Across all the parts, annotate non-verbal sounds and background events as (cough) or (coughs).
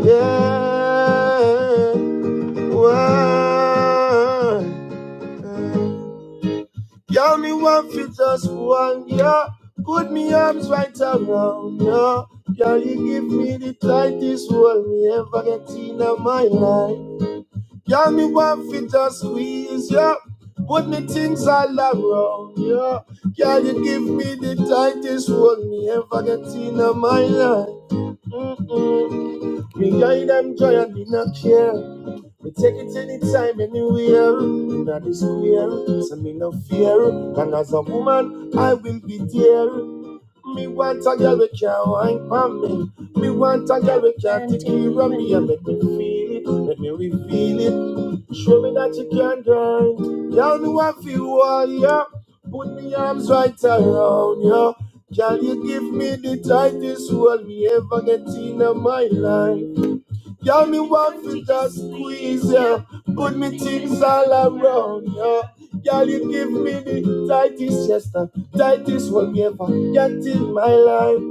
Yeah, why? Y'all me one fit us one, yeah. Put me arms right around, yeah. Y'all you give me the tightest hold me ever get in my life. Y'all me one fit us squeeze, yeah. Put me things all around, yeah. Y'all you give me the tightest hold me ever get in my life. Mm-mm. Me guide them joy and be not care. We take it anytime, anywhere. Inna the square, so me no fear. And as a woman, I will be there. Me want a girl we can wine for me. Me want a girl we can take care me and make me feel it, make me reveal it. Show me that you can, girl. Girl, me want feel all ya. Put me arms right around you, Can you give me the tightest hold me ever get in my life? you me want to just squeeze ya, put me things all around ya. Girl, you give me the tightest chest, uh, tightest one ever get in my life.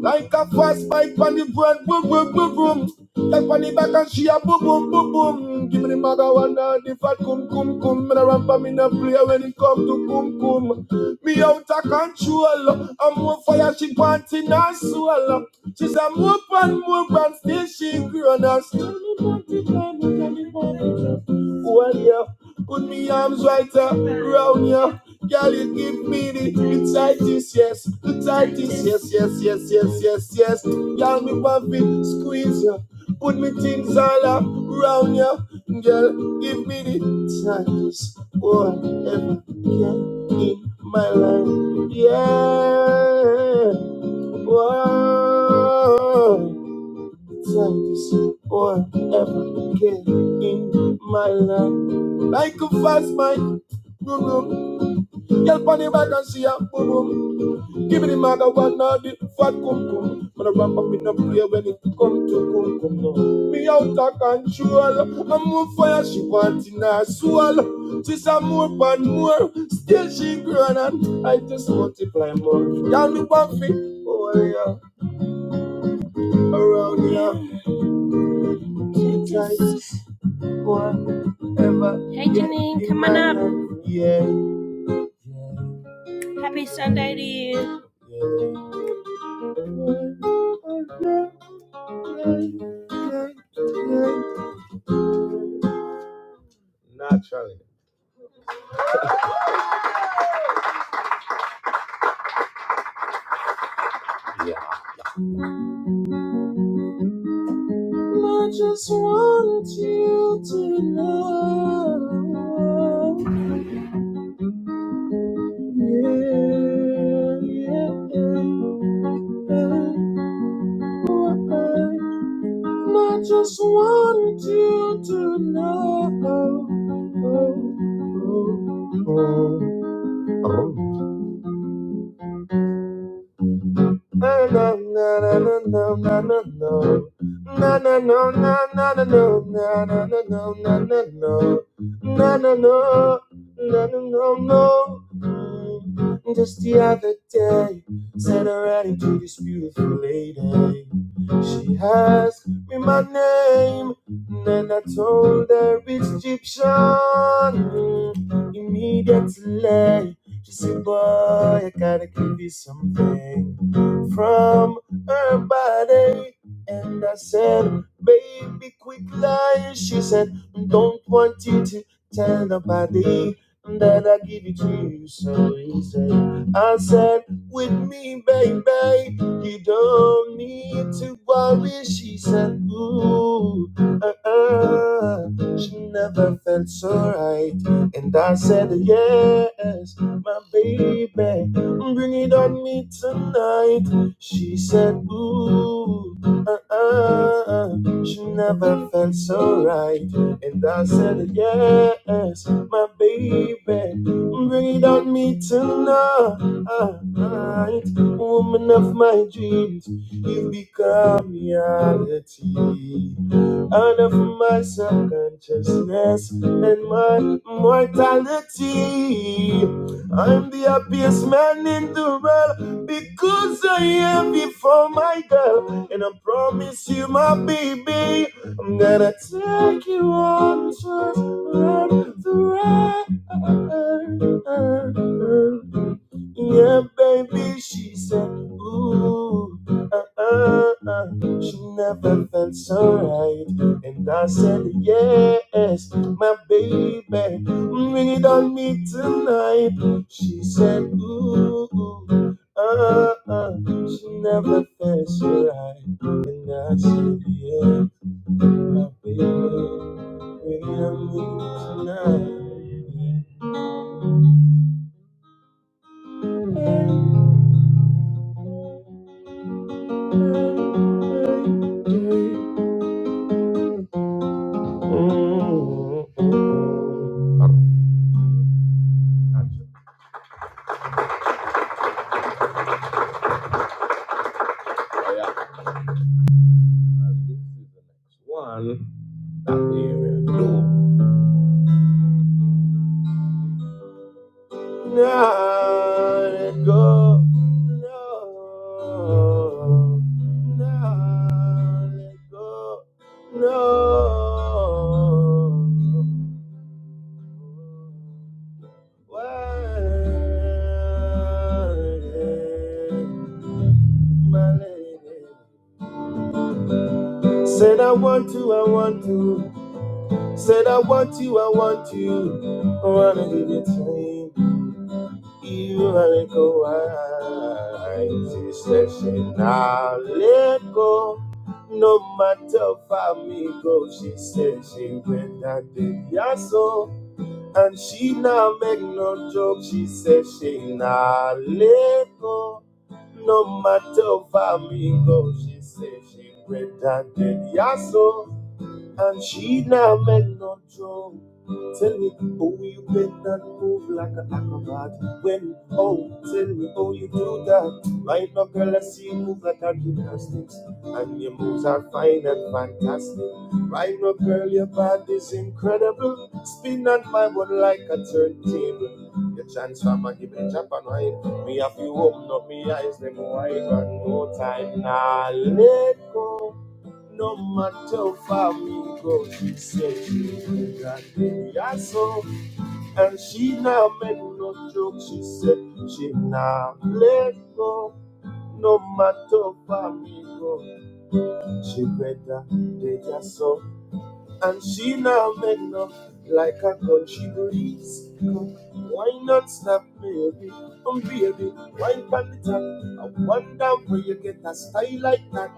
Like a fast bike on the brand, boom, boom, boom, boom. Take on the back and she a boom, boom, boom, boom. Give me the maga one and the fat cum, cum, cum. Me a ramp and me no player, when it come to cum, cum. Me out of control. I'm more fire, she panting and swallow. She's a more, and more, and still she grown and still me panting and me panting. Well, yeah. Put me arms right up round ya. Girl, you give me the, the tightest, yes. The tightest, yes, yes, yes, yes, yes, yes. Girl, me want to squeeze ya. Put me things all up round ya. Girl, give me the tightest one ever can in my life. Yeah. Whoa like this or ever again in my life. Like a fast mic, boom boom. Yell on the back and see ya, boom boom. Give me the maga one now, the fat cum cum. When I rap up in a prayer when it come to cum cum. No. Me out of control, I'm on fire, she wanting her soul. She say more and more, still she growing and I just multiply more. Y'all me one thing, oh yeah, around here. Yeah. She tries. boy, Hey, Janine, come on up. Yeah. Happy Sunday to you. Naturally. Yeah. I just want you to know. Yeah, yeah, yeah. I just want you to know. Oh, oh, oh, oh. Na na na na na no na na no na na no na na na no na na na no na na no na na no na na no no Mm. Just the other day said I ran into this beautiful lady She asked me my name Then I told her it's Egyptian Mm. Immediately she said boy I gotta give you something from her body. And I said, baby, quit lying." She said, don't want you to tell nobody that I give it to you so easy. I said, with me, baby, you don't need to worry. She said, ooh, uh-uh. She never felt so right. And I said, yes, my baby, bring it on me tonight. She said, Ooh, uh, uh, uh, she never felt so right. And I said, Yes, my baby, bring it on me tonight. Woman of my dreams, you become reality. Out of my subconsciousness and my mortality. I'm the happiest man in the world. Because I am before my girl, and I promise you, my baby, I'm gonna take you on a tour the world. Yeah, baby, she said, ooh, uh, uh, uh. She never felt so right. And I said, yes, my baby, bring it on me tonight. She said, ooh, uh, uh. She never felt so right. And I said, yeah, my baby, bring it on me tonight. Mm, mm, mm. yeah. And this is the next one. That area. No. Now let go. No. Now let go. No. Why? My lady. Said I want to, I want to. Said I want you, I want you. I wanna give you time. You are let go. wine. She said she now let go. No matter for me go, she said she went and did ya so. And she now make no joke, she said she now let go. No matter for me go, she said she went and did ya so. And she now make no joke. Tell me, oh, you bend and move like an acrobat. When, oh, tell me, oh, you do that. Right now, girl, I see you move like a gymnastics. And your moves are fine and fantastic. Right now, girl, your body's incredible. Spin on my one like a turntable. Your transformer, give me chop and wine. Me have you open up me eyes, them wide Got no time. Now nah, let go. No matter far we go, she said she will grant me a song. And she now made no joke, she said she now let go. No matter far we go, she better take a song. And she now make love like a country breeze. Why not stop, baby? Come, baby, wine on the top. I wonder where you get a style like that.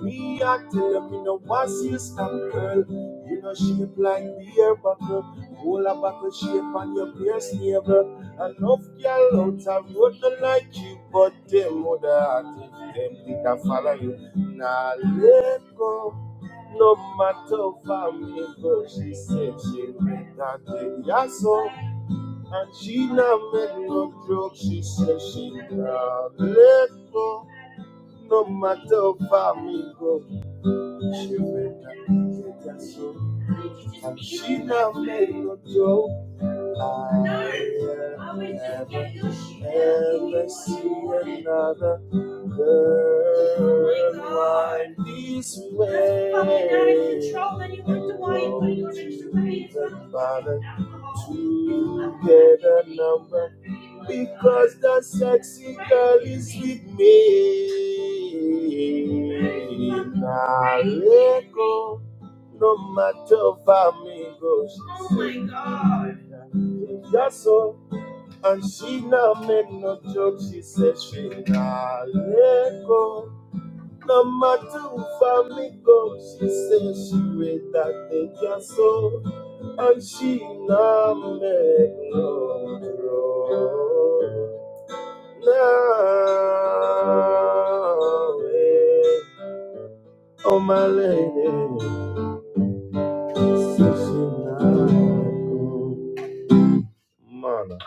Me, I tell you, me no want see you stop, girl. You know shape like beer bottle, whole a bottle shape on your pierce navel. Enough girl out a road no like you, but them woulda had it. Them did a follow you. Now let go. No matter for me, but she said she read that in Yaso. And she now made no joke, she said she now let go. No matter for me, but she read that in Yaso. And she now made no joke. No, I would just get your shit out see another Oh girl my god. wind this That's fucking out of way? control. Then you wonder why you're putting on extra weight. to get a number? Because the sexy girl is with me. fucking Now, crazy. no matter how me goes. Oh Yes, so and she now make no joke. She said she nah let go. No matter who find me go, she said she read that they just so and she now make no joke. Now, eh, oh my lady, said she nah let go. Man.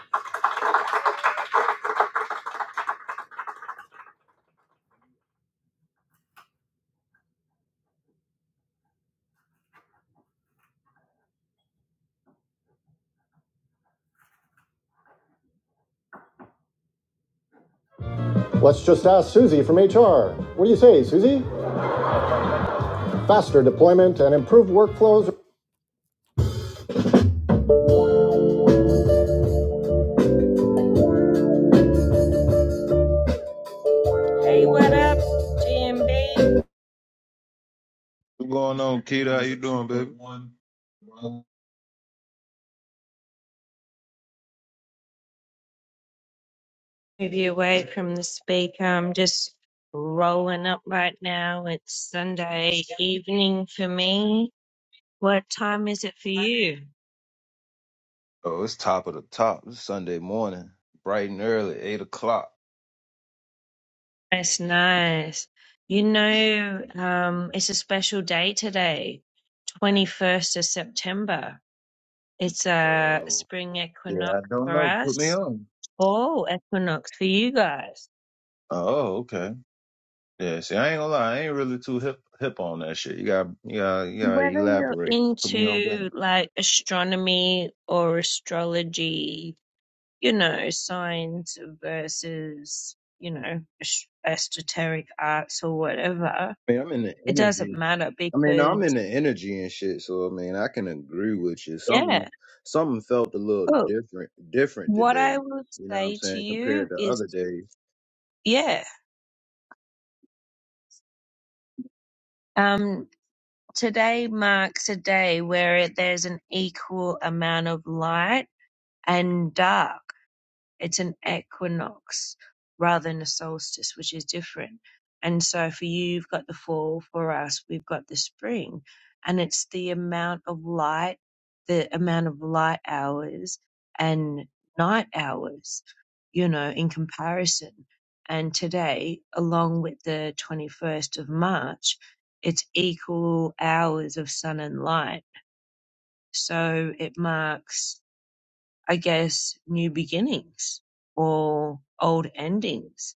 Let's just ask Susie from HR. What do you say, Susie? Faster deployment and improved workflows. Hey, what up, GMB? What's going on, Keita? How you doing, baby? Move you away from the speaker. I'm just rolling up right now. It's Sunday evening for me. What time is it for you? Oh, it's top of the top. It's Sunday morning, bright and early, eight o'clock. That's nice. You know, um, it's a special day today, 21st of September. It's a Uh, spring yeah, equinox I don't for know. Put me us. on. Oh, equinox for you guys. Oh, okay. Yeah, see, I ain't gonna lie, I ain't really too hip hip on that shit. You got, you got, you got to Whether you're elaborate. Put me on into game. like astronomy or astrology, you know, science versus, you know, es- esoteric arts or whatever, I mean, I'm in the it doesn't energy. matter I mean, I'm in because, the energy and shit. So I mean, I can agree with you. Something, yeah. something felt a little Oh, different, different what today. I would You know what I'm say to saying compared you to is, other days. yeah, um, today marks a day where it, there's an equal amount of light and dark. It's an equinox rather than a solstice, which is different. And so for you, you've got the fall. For us, we've got the spring. And it's the amount of light, the amount of light hours and night hours, you know, in comparison. And today, along with the 21st of March, it's equal hours of sun and light. So it marks I guess, new beginnings or old endings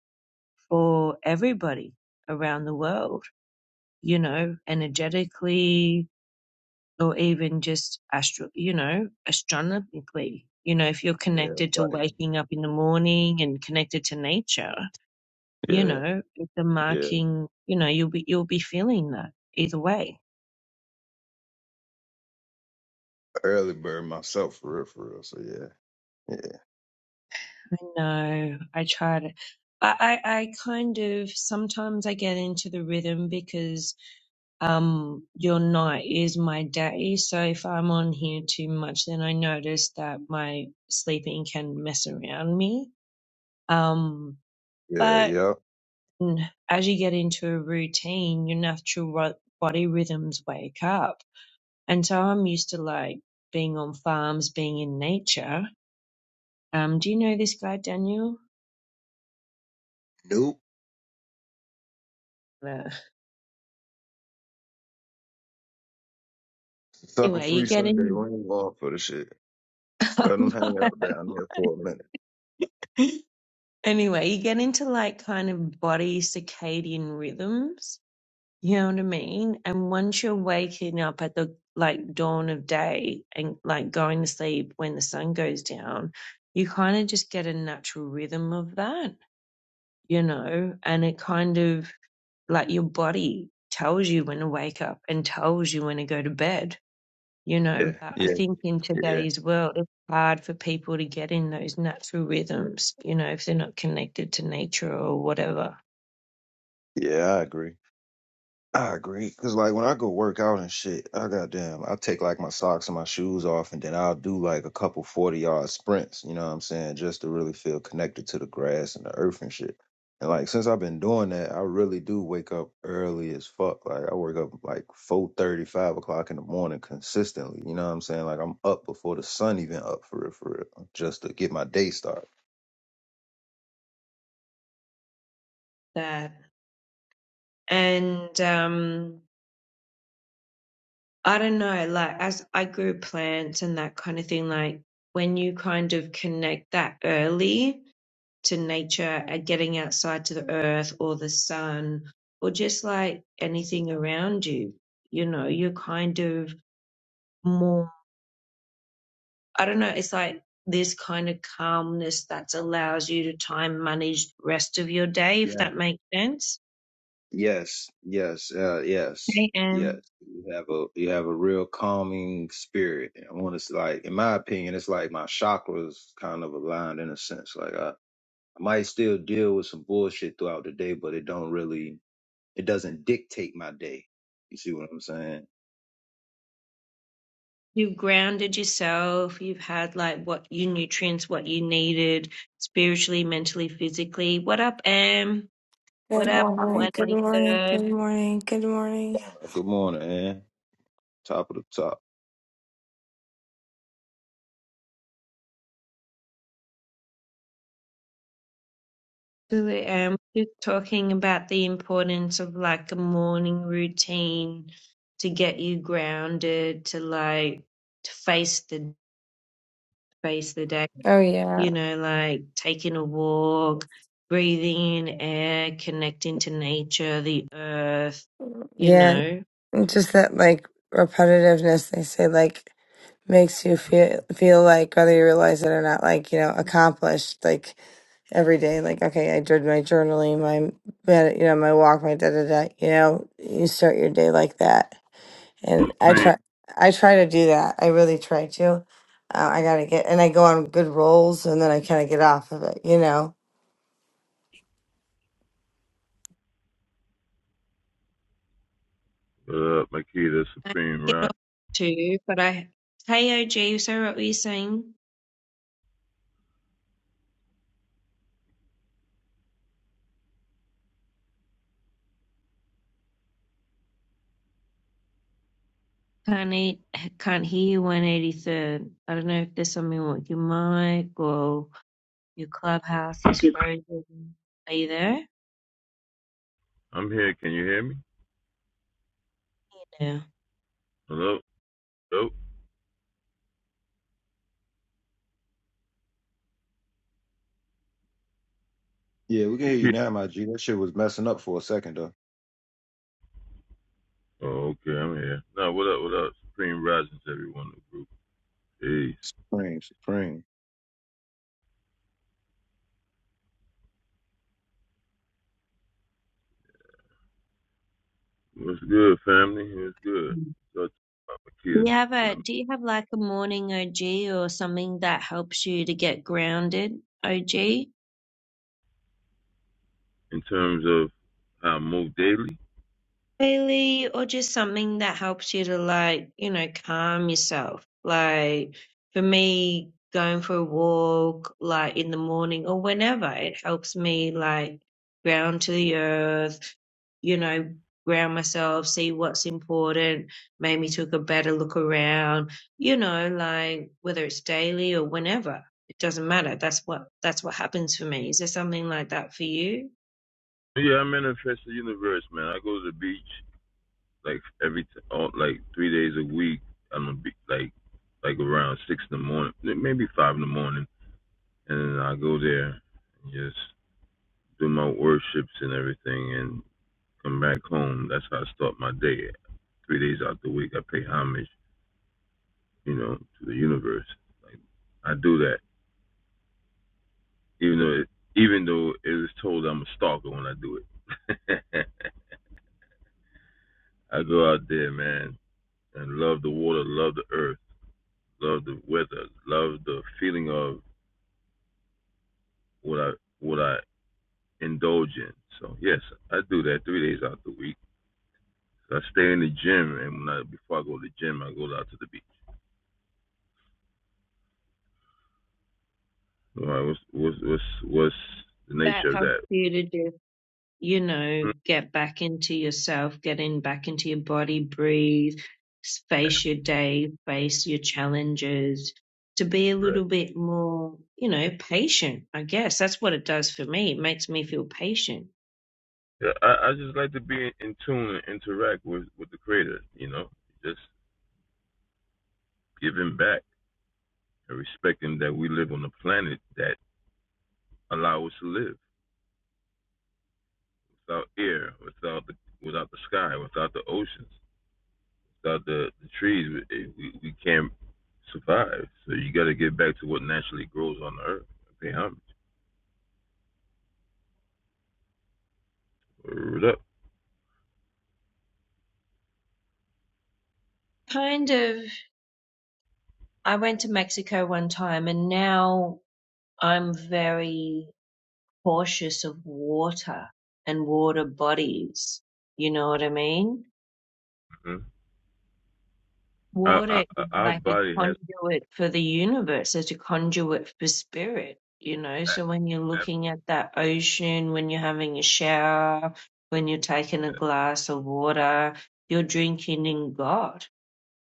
for everybody around the world, you know, energetically or even just astro, you know, astronomically. You know, if you're Yeah, connected to right. waking up in the morning and connected to nature, you Yeah. know, it's a Yeah. marking, you know, you'll be, you'll be feeling that either way. Early bird myself, for real, for real. So yeah. Yeah, I know. I try to, I, I, I kind of, sometimes I get into the rhythm because. um your night is my day so if i'm on here too much then i notice that my sleeping can mess around me um yeah, yeah. but yup. mm, as you get into a routine your natural ro- body rhythms wake up and so i'm used to like being on farms being in nature um do you know this guy daniel Nope. no. Sucker anyway you free get Sunday. in We ain't going for the shit. Let them (laughs) hang out down there for a minute. anyway you get into like kind of body circadian rhythms You know what I mean? And once you're waking up at the like dawn of day and like going to sleep when the sun goes down, you kind of just get a natural rhythm of that, you know? And it kind of like your body tells you when to wake up and tells you when to go to bed, you know. Yeah, But I yeah, think in yeah. today's world, it's hard for people to get in those natural rhythms, you know, if they're not connected to nature or whatever. Yeah, I agree. I agree. Cause like when I go work out and shit, I goddamn, I take like my socks and my shoes off, and then I'll do like a couple forty yard sprints. You know what I'm saying? Just to really feel connected to the grass and the earth and shit. And like since I've been doing that, I really do wake up early as fuck. Like I wake up like four thirty, five o'clock in the morning consistently. You know what I'm saying? Like I'm up before the sun even up for real, for real, just to get my day started. That and um I don't know, like as I grew plants and that kind of thing, like when you kind of connect that early to nature and getting outside to the earth or the sun or just like anything around you, you know, you're kind of more, I don't know, it's like this kind of calmness that allows you to time manage the rest of your day, if that makes sense. Yes, yes, uh, yes, Right. And yes. You have a you have a real calming spirit. I want to like, in my opinion, it's like my chakras kind of aligned in a sense. Like I, I might still deal with some bullshit throughout the day, but it don't really, it doesn't dictate my day. You see what I'm saying? You've grounded yourself. You've had like what you nutrients, what you needed spiritually, mentally, physically. What up, Am? What Good up, morning, good morning, 183rd? good morning, good morning. Uh, Good morning, man. Top of the top. Absolutely, Am. Just talking about the importance of like a morning routine to get you grounded, to like to face the face the day. Oh You yeah. know, like taking a walk, breathing in air, connecting to nature, the earth. You Yeah, know. just that like repetitiveness they say like makes you feel feel like whether you realize it or not like, you know, accomplished like every day like okay, I did my journaling, my med- you know, my walk, my da da da, you know, you start your day like that. And I Supreme. try I try to do that. I really try to. Uh, I got to get and I go on good rolls and then I kind of get off of it, you know What up, Makita Supreme Rock? too, but I Hey OG, sorry what were you saying? Can't eat, can't hear you 183rd. I don't know if there's something with your mic or your clubhouse is frozen. Are you there? I'm here. Can you hear me? Yeah. Hello? Hello? Yeah, we can hear you Makita? now, my G. That shit was messing up for a second though. Oh, okay. I'm here. No, what up, what up? Supreme Risings, everyone in the group. Peace. Supreme, supreme. What's good, family? What's good? Mm. So, uh, Do Makita, you have been a do a- you have like a morning OG or something that helps you to get grounded, OG? in terms of how I move daily. daily or just something that helps you to like, you know, calm yourself. Like for me, going for a walk like in the morning or whenever, it helps me like ground to the earth, you know, ground myself, see what's important, made me took a better look around, you know, like whether it's daily or whenever. It doesn't matter. That's what that's what happens for me. Is there something like that for you? Yeah, I manifest the universe, man. I go to the beach like every t- all, like three days a week. I'm a be- like like around six in the morning, maybe five in the morning, and I go there and just do my worships and everything and come back home. That's how I start my day. Three days out the week, I pay homage, you know, to the universe. Like I do that, even though it, even though it was told I'm a stalker when I do it. (laughs) I go out there, man, and love the water, love the earth, love the weather, love the feeling of what I what I indulge in. So yes, I do that three days out the week. So I stay in the gym, and when I before I go to the gym, I go out to the beach. All right, what's what's what's what's the That nature of helps that? you to do you know, Hmm, get back into yourself, get in back into your body, breathe, face your day, face your challenges, to be a Right. little bit more, you know, patient, I guess. That's what it does for me. It makes me feel patient. Yeah, I, I just like to be in, tune and interact with with the creator. You know, just giving back and respecting that we live on a planet that allow us to live without air, without the without the sky, without the oceans, without the, the trees. We, eh, we we can't survive. So you got to get back to what naturally grows on the earth. Pay homage. Word up. Kind of, I went to Mexico one time and now I'm very cautious of water and water bodies. You know what I mean? Mhm. Our, our, Water is our like a body has. conduit for the universe, it's a conduit for spirit, you know. So when you're looking at that ocean, when you're having a shower, when you're taking a glass of water, you're drinking in God,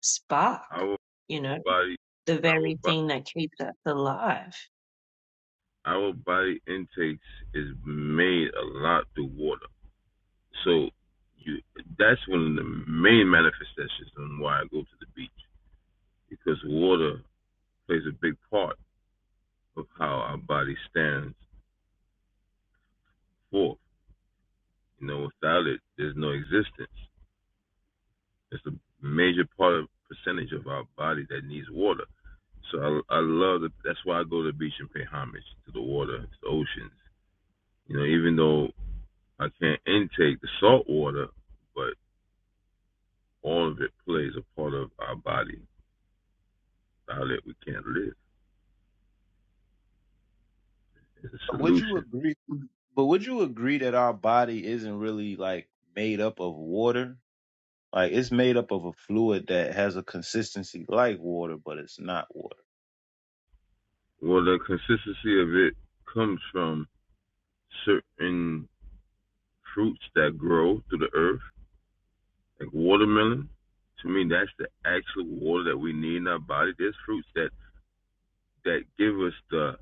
spark, our you know, body the our very body, thing that keeps us alive. our body intakes is made a lot through water. So you that's one of the main manifestations on why I go to the beach because water plays a big part of how our body stands forth. You know, without it, there's no existence. It's a major part of percentage of our body that needs water. So I, I love that. That's why I go to the beach and pay homage to the water, to the oceans. You know, even though I can't intake the salt water, but all of it plays a part of our body, Without it, we can't live. It's a Would you solution. agree? But would you agree that our body isn't really like made up of water? Like it's made up of a fluid that has a consistency like water, but it's not water. Well, the consistency of it comes from certain fruits that grow through the earth, like watermelon. To me, that's the actual water that we need in our body. There's fruits that, that give us the,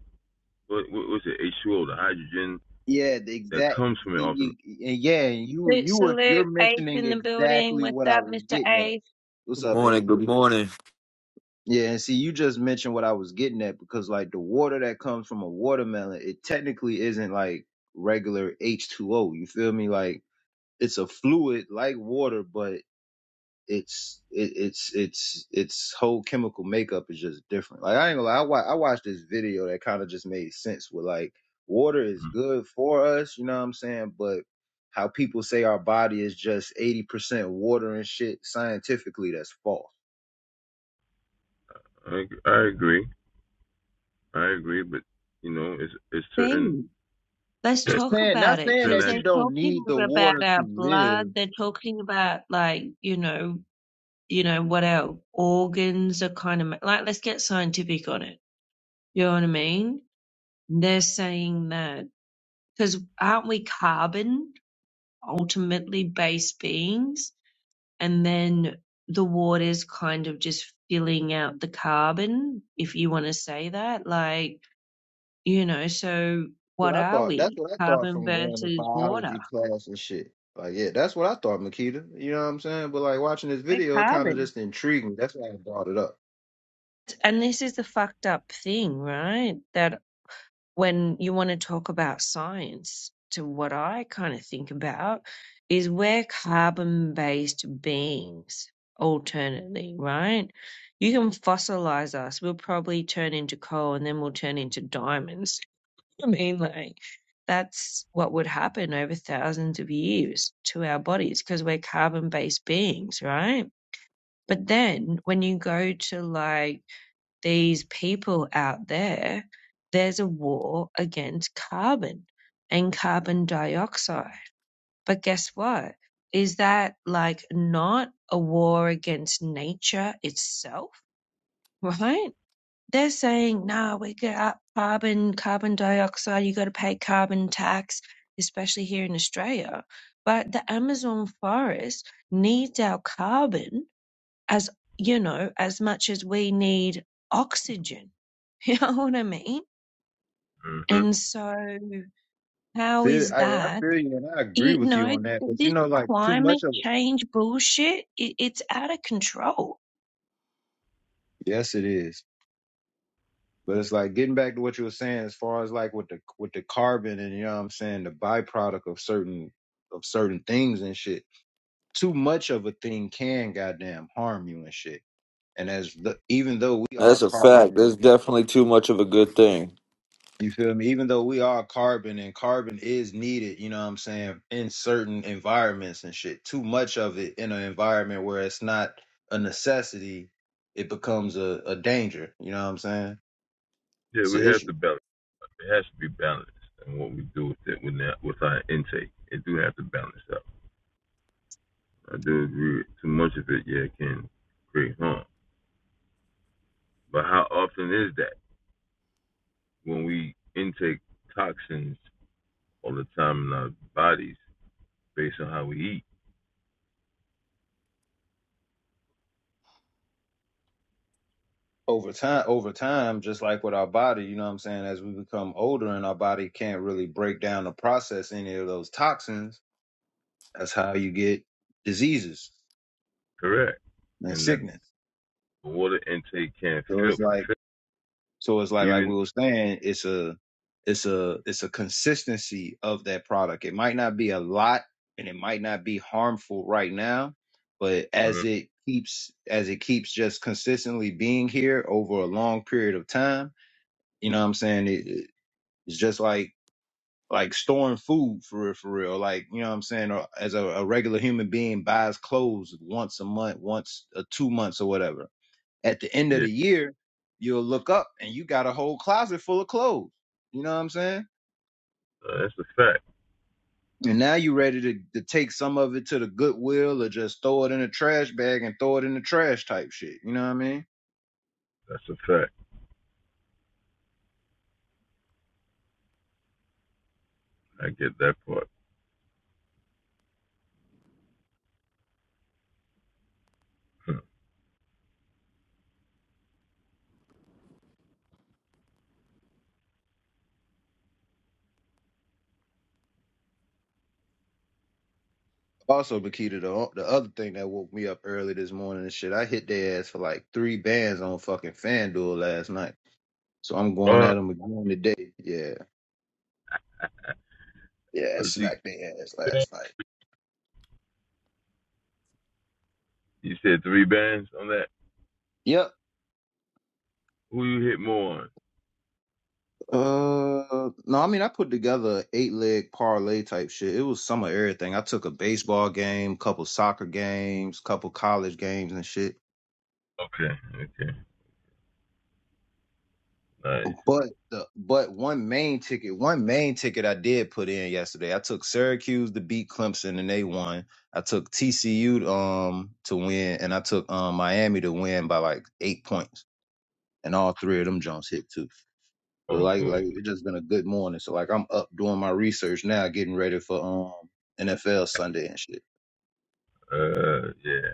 what, what was it, H2O, the hydrogen Yeah, the that exact. comes from it see, off the you- and Yeah, you Salute, you were you're salute, Ace mentioning in the building. exactly What's what I up, was Mr. getting at. Ace? What's Good up, Ace? morning. Good morning. Yeah, and see, you just mentioned what I was getting at because like the water that comes from a watermelon, it technically isn't like regular H2O. You feel me? Like it's a fluid like water, but it's it, it's it's its whole chemical makeup is just different. Like I ain't gonna lie, I, wa- I watched this video that kind of just made sense. With like water is good for us, you know what I'm saying? But how people say our body is just 80% water and shit scientifically that's false. land. I, I agree. I agree, but, you know, it's, it's certain B. Let's talk Saying not about it (coughs) saying because that certain they're you don't talking need the about water to our live. blood. They're talking about, like, you know, you know, what else? Organs are kind of like, let's get scientific on it. You know what I mean? They're saying that because aren't we carbon ultimately based beings? And then the water's kind of just filling out the carbon, if you want to say that. Like, you know, so what What I are thought that's we? what I thought Carbon from going to versus water. biology class and shit. Like yeah, that's what I thought, Makita. You know what I'm saying? But like watching this We're video, it kind of carbon. just intriguing. That's why I brought it up. And this is the fucked up thing, right? That. when you want to talk about science, to what I kind of think about is we're carbon based beings, alternately, right? You can fossilize us. We'll probably turn into coal and then we'll turn into diamonds. (laughs) I mean, like, that's what would happen over thousands of years to our bodies because we're carbon based beings, right? But then when you go to like, these people out there, there's a war against carbon and carbon dioxide. But guess what? Is that like not a war against nature itself, (laughs) right? They're saying, no, we got carbon, carbon dioxide, you got to pay carbon tax, especially here in Australia. But the Amazon forest needs our carbon as you know, as much as we need oxygen. (laughs) You know what I mean? hmm And so, how See, is I, I that? feel you and I agree You with you know, on that, but you this know, like too much climate of it. change bullshit, it, it's out of control. Yes, it is. But it's like getting back to what you were saying as far as like with the with the carbon and you know what I'm saying, the byproduct of certain of certain things and shit. Too much of a thing can goddamn harm you and shit. And as the, even though we That's are a fact. carbon That's definitely too much of a good thing. You feel me? Even though we are carbon and carbon is needed, you know what I'm saying, in certain environments and shit. Too much of it in an environment where it's not a necessity, it becomes a, a danger, you know what I'm saying? Yeah, It's an we have to issue. balance. It has to be balanced, and what we do with it with that, with our intake, it do have to balance out. I do agree. Too much of it, yeah, can create harm. But how often is that when we intake toxins all the time in our bodies based on how we eat? Over time over time, just like with our body, you know what I'm saying, as we become older and our body can't really break down or process any of those toxins, that's how you get diseases Correct. and And that sickness. the water intake can't So fill it's for like fill. So it's like like we Even were saying, it's a it's a it's a consistency of that product. It might not be a lot and it might not be harmful right now, but mhm. as it keeps as it keeps just consistently being here over a long period of time, you know what I'm saying? It, it- it's just like like storing food for real, for real. Like, you know what I'm saying? Or as a, a regular human being buys clothes once a month, once a two months or whatever at the end of yeah, the year, you'll look up and you got a whole closet full of clothes. You know what I'm saying? Uh, that's a fact. And now you're ready to, to take some of it to the Goodwill or just throw it in a trash bag and throw it in the trash type shit. You know what I mean? That's a fact. I get that part. (laughs) Hmm. Also, Bakita, the, the other thing that woke me up early this morning and shit, I hit their ass for like three bands on fucking FanDuel last night. So I'm going Uh, at them again today. Yeah. Yeah, I but you, smacked their ass last night. you said three bands on that. Yep. Who you hit more on? Uh, no, I mean I put together eight leg parlay type shit. It was some of everything. I took a baseball game, couple soccer games, couple college games and shit. Okay, okay, nice. But the but one main ticket, one main ticket I did put in yesterday. I took Syracuse to beat Clemson and they won. I took TCU um to win, and I took um Miami to win by like eight points, and all three of them Jones hit too. So Oh, like like it's oh, just been a good morning. So like I'm up doing my research now, getting ready for um NFL Sunday and shit. uh, yeah,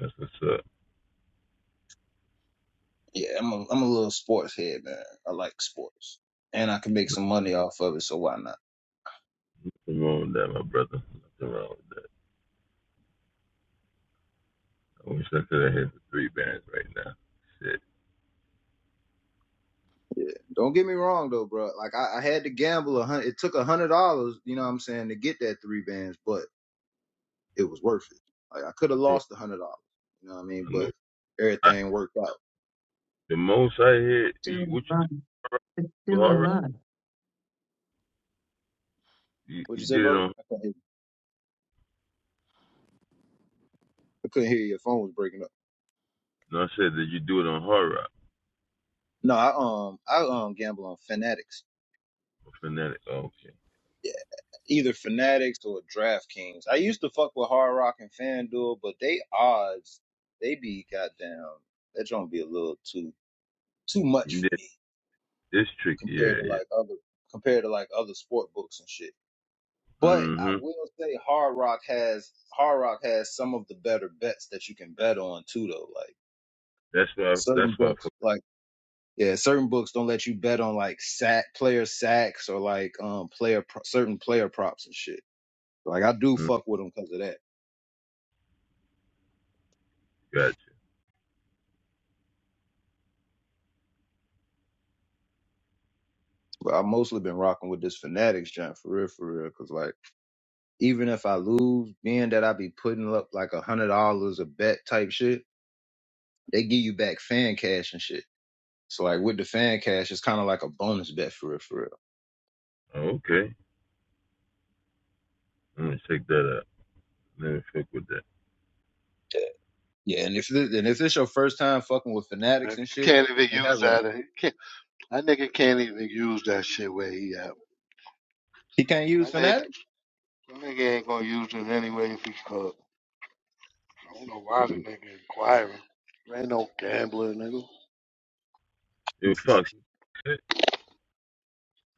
that's what's up. Yeah, I'm a I'm a little sports head, man. I like sports. And I can make some money off of it, so why not? Nothing wrong with that, my brother. Nothing wrong with that. I wish I could have hit the three bands right now. Shit. Don't get me wrong though, bro. Like I, I had to gamble a hundred it took a hundred dollars, you know what I'm saying, to get that three bands, but it was worth it. Like I could have Oh, lost a hundred dollars. You know what I mean? I know. But I, everything worked out. the most I hit, Still you, what you do? alive. Hard It's rock? still Hard rock? alive. You, What'd you you say, did it brother? on, I couldn't hear you. I couldn't hear you. Your phone was breaking up. no, I said that you do it on hard rock. No, I um I um gamble on fanatics. or Fanatic. Oh, okay. either Fanatics or DraftKings. I used to fuck with Hard Rock and FanDuel, but they odds they be goddamn that don't be a little too too much for Yeah, me this tricky. compared yeah, to yeah. like other compared to like other sport books and shit. But I Mm-hmm. will say Hard Rock has Hard Rock has some of the better bets that you can bet on too though. Like That's why, certain that's why I books fuck. like yeah, certain books don't let you bet on like sack player sacks or like um player pro- certain player props and shit. Like I do Mm, fuck with them because of that. gotcha. But I've mostly been rocking with this fanatics joint for real, for real. Cause like, even if I lose, being that I be putting up like a hundred dollars a bet type shit, they give you back fan cash and shit. So like with the fan cash, it's kind of like a bonus bet for real, for real. Oh, okay. I'm gonna check that out. Let me fuck with that. Yeah, yeah. And if this, and if it's your first time fucking with Nigga, fanatics and You shit, can't even it use has a that. You Can't, that nigga can't even use that shit where he at. he can't use That nigga, fanatics. that nigga ain't gonna use it anyway if he could. I don't know why (laughs) the nigga inquiring. There ain't no gambler, nigga. Yo, Fox, Hey,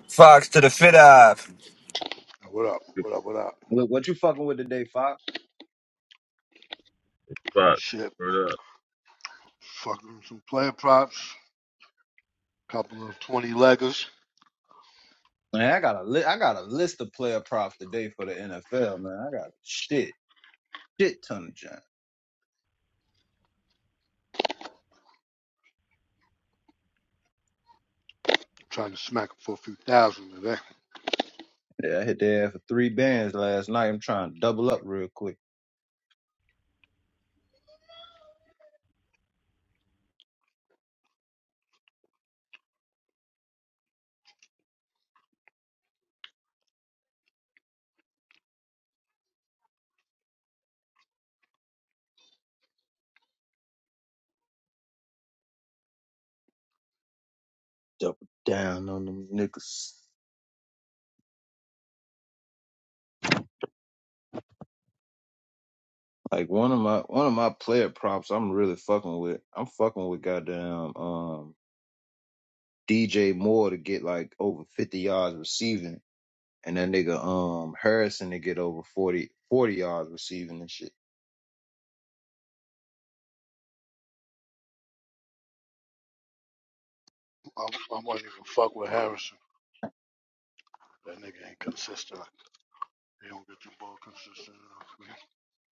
Fox to the fit eye. Now, What up? the What up? What up? Look what you fucking with today, Fox. Fox, Shit. what up? Fucking some player props. Couple of 20 leggers. Man, I got a li- I got a list of player props today for the NFL. Man, I got shit, shit ton of junk. Trying to smack him for a few thousand today. Yeah, I hit their ass for three bands last night. I'm trying to double up real quick. Double down on them niggas. Like one of my one of my player props I'm really fucking with. I'm fucking with goddamn um DJ Moore to get like over fifty yards receiving and that nigga um Harrison to get over 40, 40 yards receiving and shit. I, I wasn't even fuck with Harrison. That nigga ain't consistent. They don't get the ball consistent enough.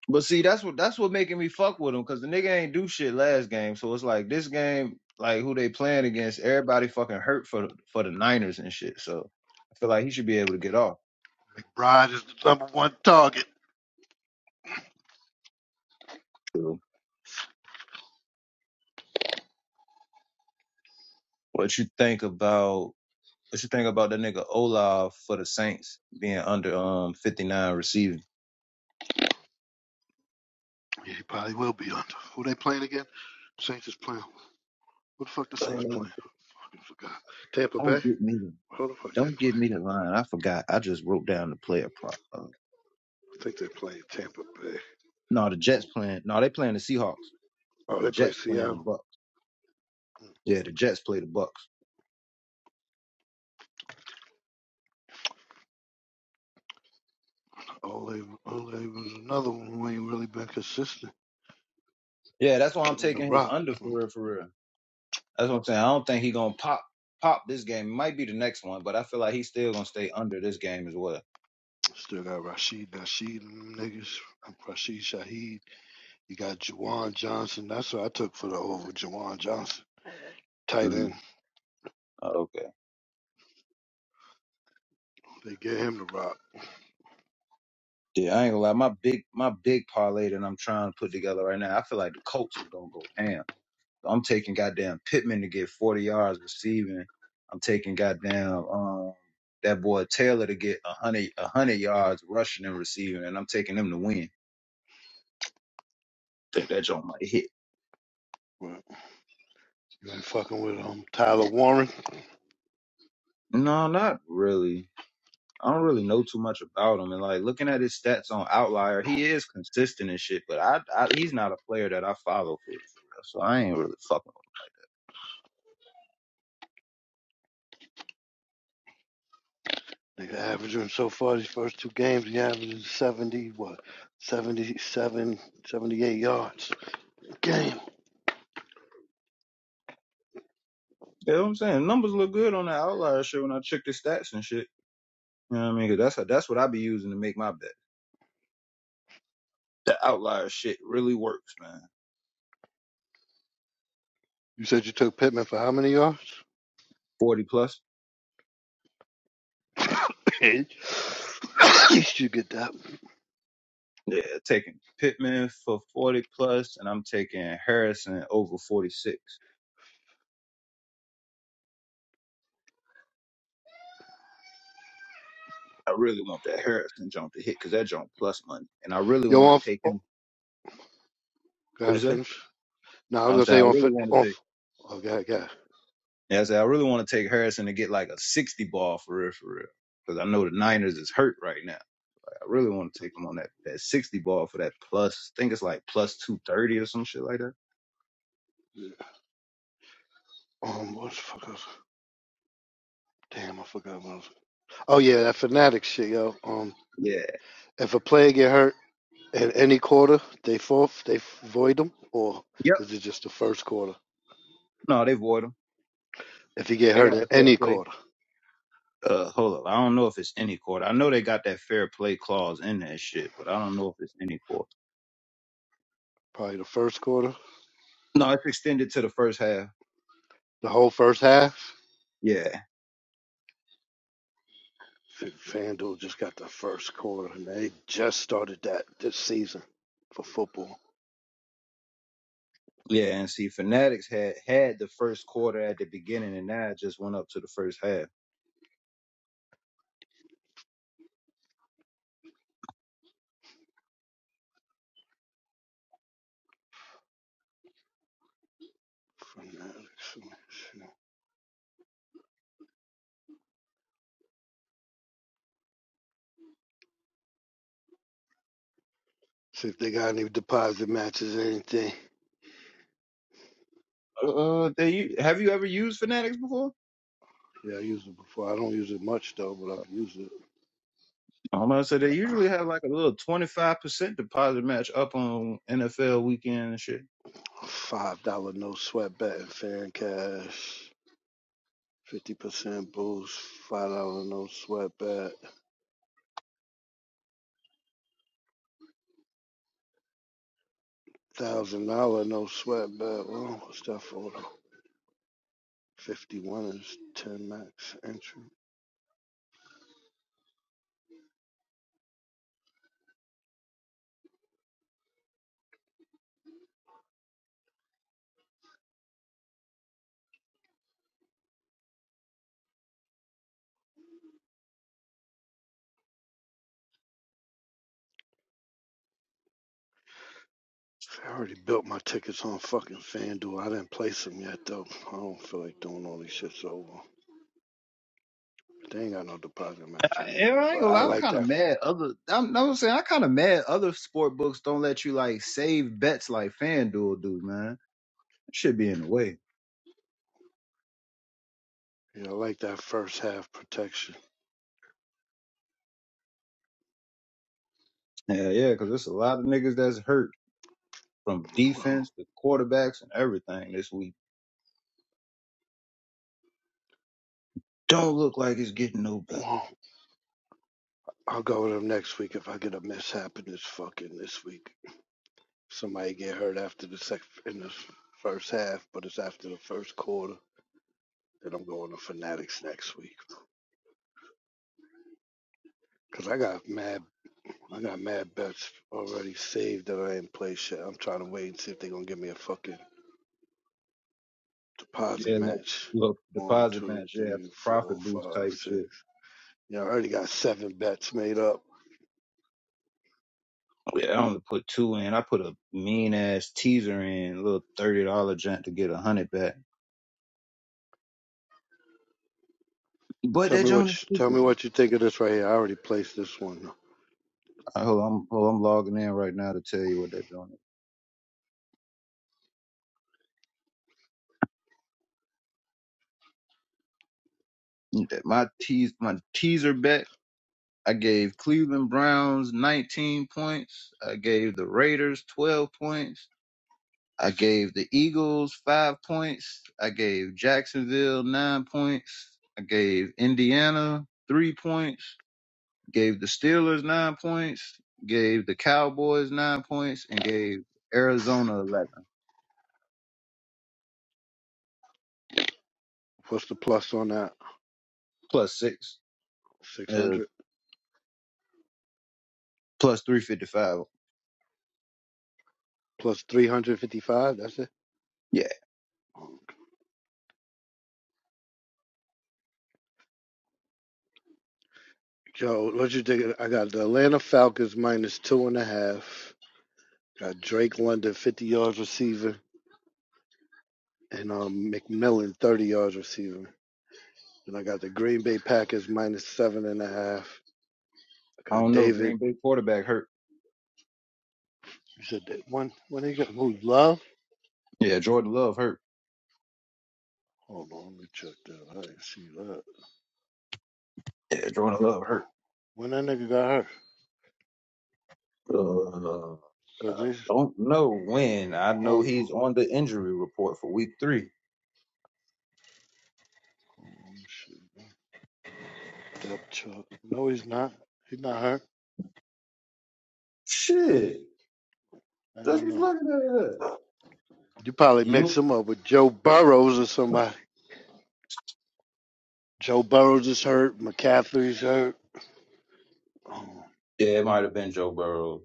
But see, that's what that's what making me fuck with him because the nigga ain't do shit last game. So it's like this game, like who they playing against, everybody fucking hurt for for the Niners and shit. So I feel like he should be able to get off. McBride is the number one target. So What you think about what you think about that nigga Olaf for the Saints being under um fifty nine receiving? Yeah, he probably will be under. Who they playing again? Saints is playing. What the fuck the Uh, Saints playing? I fucking forgot. Tampa don't Bay? get me the Who the fuck they don't get me playing? the line. I forgot. I just wrote down the player prop. Uh, I think they playing Tampa Bay. no, the Jets Oh, playing. No, they playing the Seahawks. oh, The they play Jets playing the Seattle. Bucks. Yeah, the Jets play the Bucks. Oh, they, oh, they was another one who ain't really been consistent. Yeah, that's why I'm Getting the taking his rock. under Mm, for real, for real. That's what I'm saying. I don't think he gonna pop pop this game. It might be the next one, but I feel like he's still gonna stay under this game as well. Still got Rashid Nasheed and them niggas. And Rashid Shaheed. You got Jawan Johnson. That's what I took for the over. Jawan Johnson. Tight hmm end. Oh, okay. They get him the rock. Yeah, I ain't gonna lie. My big my big parlay that I'm trying to put together right now. I feel like the Colts is gonna go ham. I'm taking goddamn Pittman to get 40 yards receiving. I'm taking goddamn um that boy Taylor to get 100 a 100 yards rushing and receiving, and I'm taking him to win. Think that joint might hit? But you ain't fucking with um Tyler Warren. No, not really. I don't really know too much about him. And like looking at his stats on Outlier, he is consistent and shit. But I, I he's not a player that I follow for, real. for real. So I ain't really fucking. With He's averaging so far these first two games, he averages 70, what, 77, 78 yards a game. him. You know what I'm saying? Numbers look good on the Outlier shit when I check the stats and shit. You know what I mean? 'Cause that's how, that's what I be using to make my bet. The Outlier shit really works, man. You said you took Pittman for how many yards? Forty plus. (laughs) At least (coughs) you get that. Yeah, taking Pittman for forty plus, and I'm taking Harrison over forty six. I really want that Harrison jump to hit because that jump plus money, and I really Yo, want to off. take Oh, him. go What you ahead, say? finish. No, I I was was going to saying say I on. really fi- want to take. Oh, go ahead, go ahead. Yeah, I said I really want to take Harrison to get like a sixty ball for real, for real. Because I know the Niners is hurt right now. I really want to take him on that that sixty ball for that plus. I think it's like plus two thirty or some shit like that. Yeah. Um, what the fuck was? Damn, I forgot what I was. Oh, yeah, that fanatic shit, yo. Um, Yeah. if a player get hurt in any quarter, they forfeit, they void them, or Yep. is it just the first quarter? No, they void him. If he get They hurt got the in fair any play. quarter. Uh, hold up. I don't know if it's any quarter. I know they got that fair play clause in that shit, but I don't know if it's any quarter. Probably the first quarter, No, it's extended to the first half. the whole first half. Yeah. FanDuel just got the first quarter, and they just started that this season for football. Yeah. And see, Fanatics had had the first quarter at the beginning, and now it just went up to the first half. Fanatics, yeah. See if they got any deposit matches or anything. Uh, they u- have you ever used Fanatics before? Yeah, I used it before. I don't use it much though, but I've used it. I'm about to say they usually have like a little 25% deposit match up on NFL weekend and shit. Five dollar no sweat bet in fan cash. Fifty percent boost. Five dollar no sweat bet. Thousand dollar no sweat bet. Well, what's that for? Fifty one is ten max entry. I already built my tickets on fucking FanDuel. I didn't place them yet though. I don't feel like doing all these shits over. They ain't got no deposit match I, and anyway. I ain't But gonna I lie, I'm like kind of that. mad. Other, I'm, I'm saying I kind of mad. Other sport books don't let you like save bets like FanDuel do, man. That Should be in the way. Yeah, I like that first half protection. Yeah, yeah, because there's a lot of niggas that's hurt from Well, defense to quarterbacks and everything this week. Don't look like it's getting no better. well, I'll go with them next week if I get a mishap in this fucking this week. Somebody get hurt after the sec in the first half, but it's after the first quarter. Then I'm going to Fanatics next week. Cause I got mad, I got mad bets already saved that I ain't play shit. I'm trying to wait and see if they gonna give me a fucking deposit Yeah, look, match. look, One, deposit two, match, yeah, three, four, profit boost five, type six. shit. Yeah, I already got seven bets made up. Yeah, I only put two in. I put a mean ass teaser in, a little thirty dollar junk to get a hundred back. But Tell that me what joint is you tell stupid me though. what you think of this right here. I already placed this one. Uh, hold on, hold on, I'm logging in right now to tell you what that joint is. That- My teas my teaser bet. I gave Cleveland Browns 19 points. I gave the Raiders 12 points. I gave the Eagles five points. I gave Jacksonville nine points. I gave Indiana three points. gave the Steelers nine points, gave the Cowboys nine points, and gave Arizona eleven What's the plus on that? plus six, Six uh, hundred plus three fifty five. plus three hundred fifty five. That's it. Yeah, Joe, what you think? of- I got the Atlanta Falcons minus two and a half. Got Drake London fifty yards receiver and um McMillan thirty yards receiver. And I got the Green Bay Packers minus seven and a half. I I got don't know. David. Green Bay quarterback hurt. You said that one when they got who love? Yeah, Jordan Love hurt. Hold on, let me check that. I didn't see that. Yeah, Jordan Love Well, hurt. when that nigga got hurt, Uh, cause I this don't know when. I know hold on, he's on the injury report for week three. hold on, let me see. Depth chart. No, he's not. He's not hurt. Shit, I that's don't what's know. looking at. it. You probably mixed You? him up with Joe Burrows or somebody. Joe Burrows is hurt. McCaffrey's hurt. Um, Yeah, it might have been Joe Burrow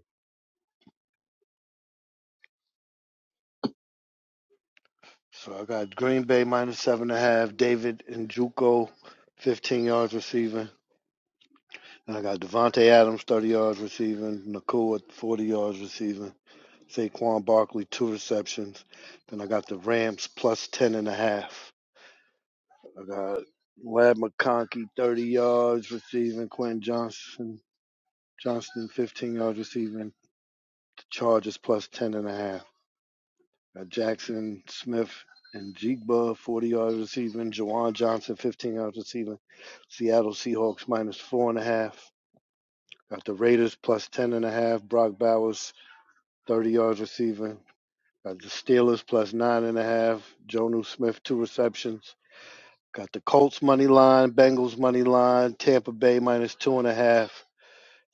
So I got Green Bay minus seven and a half. David and Juco, fifteen yards receiving. And I got Devontae Adams, thirty yards receiving. Nakua, forty yards receiving. Saquon Barkley, two receptions. Then I got the Rams plus plus 10 and a half. I got Lad McConkey, 30 yards receiving. Quentin Johnson, Johnston, 15 yards receiving. The Chargers plus 10 and a half. Got Jackson Smith and Jigba, 40 yards receiving. Jawan Johnson, 15 yards receiving. Seattle Seahawks minus four and a half. Got the Raiders plus plus 10 and a half. Brock Bowers, 30 yards receiving. Got the Steelers plus nine and a half. Jonu Smith, two receptions. Got the Colts money line, Bengals money line, Tampa Bay minus two and a half.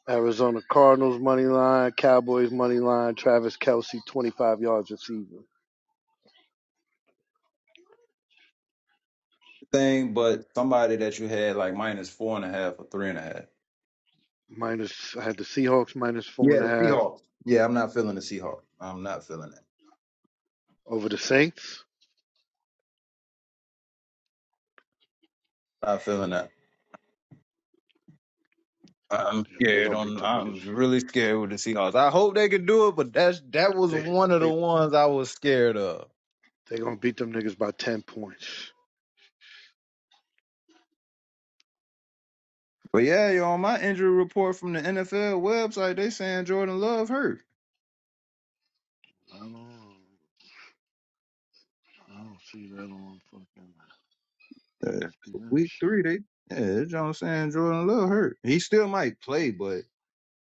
Arizona Cardinals money line, Cowboys money line, Travis Kelsey, 25 yards receiver. thing, but somebody that you had like minus four and a half or three and a half. Minus, I had the Seahawks minus four Yeah, and a the half Seahawks. Yeah, I'm not feeling the Seahawks. I'm not feeling it. over the Saints. Not feeling that. I'm They're scared. going to beat On them niggas. I'm really scared with the Seahawks. I hope they can do it, but that's that was They, one of the they, ones I was scared of. they going to beat them niggas by 10 points. But yeah, yo, on my injury report from the NFL website, they saying Jordan Love hurt. I don't, I don't see that on fucking Yeah, for ESPN week shit. three, they yeah, they John saying Jordan Love hurt. He still might play, but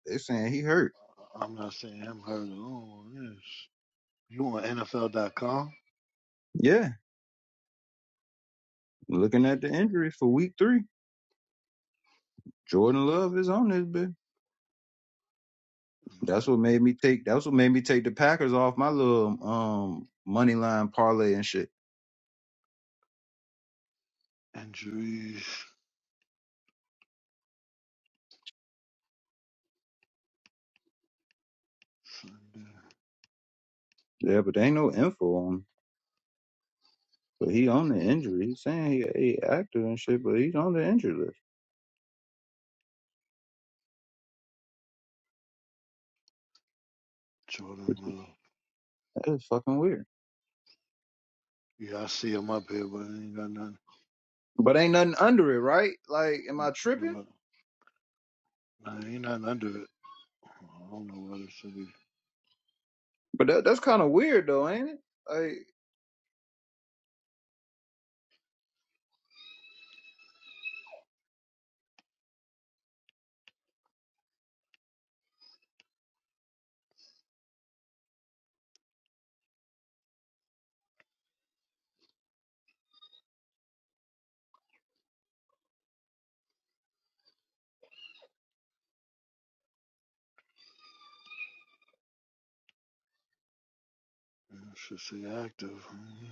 they saying he hurt. I'm not saying I'm heard alone on this. You on NFL.com? Yeah, looking Let's at the injuries for week three, Jordan Love is on this bitch. That's see. what made me NFL.com. take. That's what made me take the Packers off my little um money line parlay and shit. Injuries. Sunday. Yeah, but there ain't no info on. him. But he on the injury. He's saying he he active and shit, but he's on the injury list, Jordan which is Love. that is fucking weird. Yeah, I see him up here, but I ain't got nothing. But ain't nothing under it, right? Like, am I tripping? Well, nah, ain't nothing under it. I don't know what it should be. It But that, that's kind of weird though, ain't it? Like, should say active. Mhm.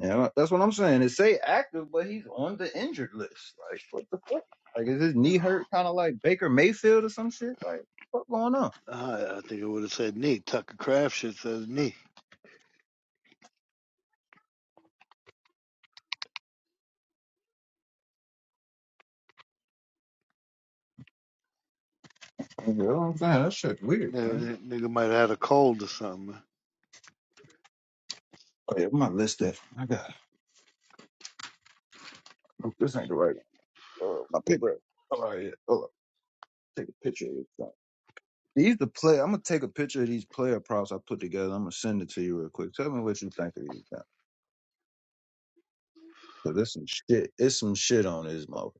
yeah, that's what I'm saying. It say active, but he's on the injured list. Like, what the fuck? Like, is his knee Yeah. hurt? Kind of like Baker Mayfield or some shit? Like, what going on? I, I think it would have said knee. Tucker Craft shit says knee. You know what I'm saying? That shit weird, Yeah, man. that nigga might have had a cold or something. Oh yeah, where my list at? I got oh, this ain't the right one. Uh, my paper. Oh right, yeah. Hold on. Take a picture of this thing. These the play. I'm gonna take a picture of these player props I put together. I'm gonna send it to you real quick. Tell me what you think of these. Things. Cause there's some shit. It's some shit on this motherfucker.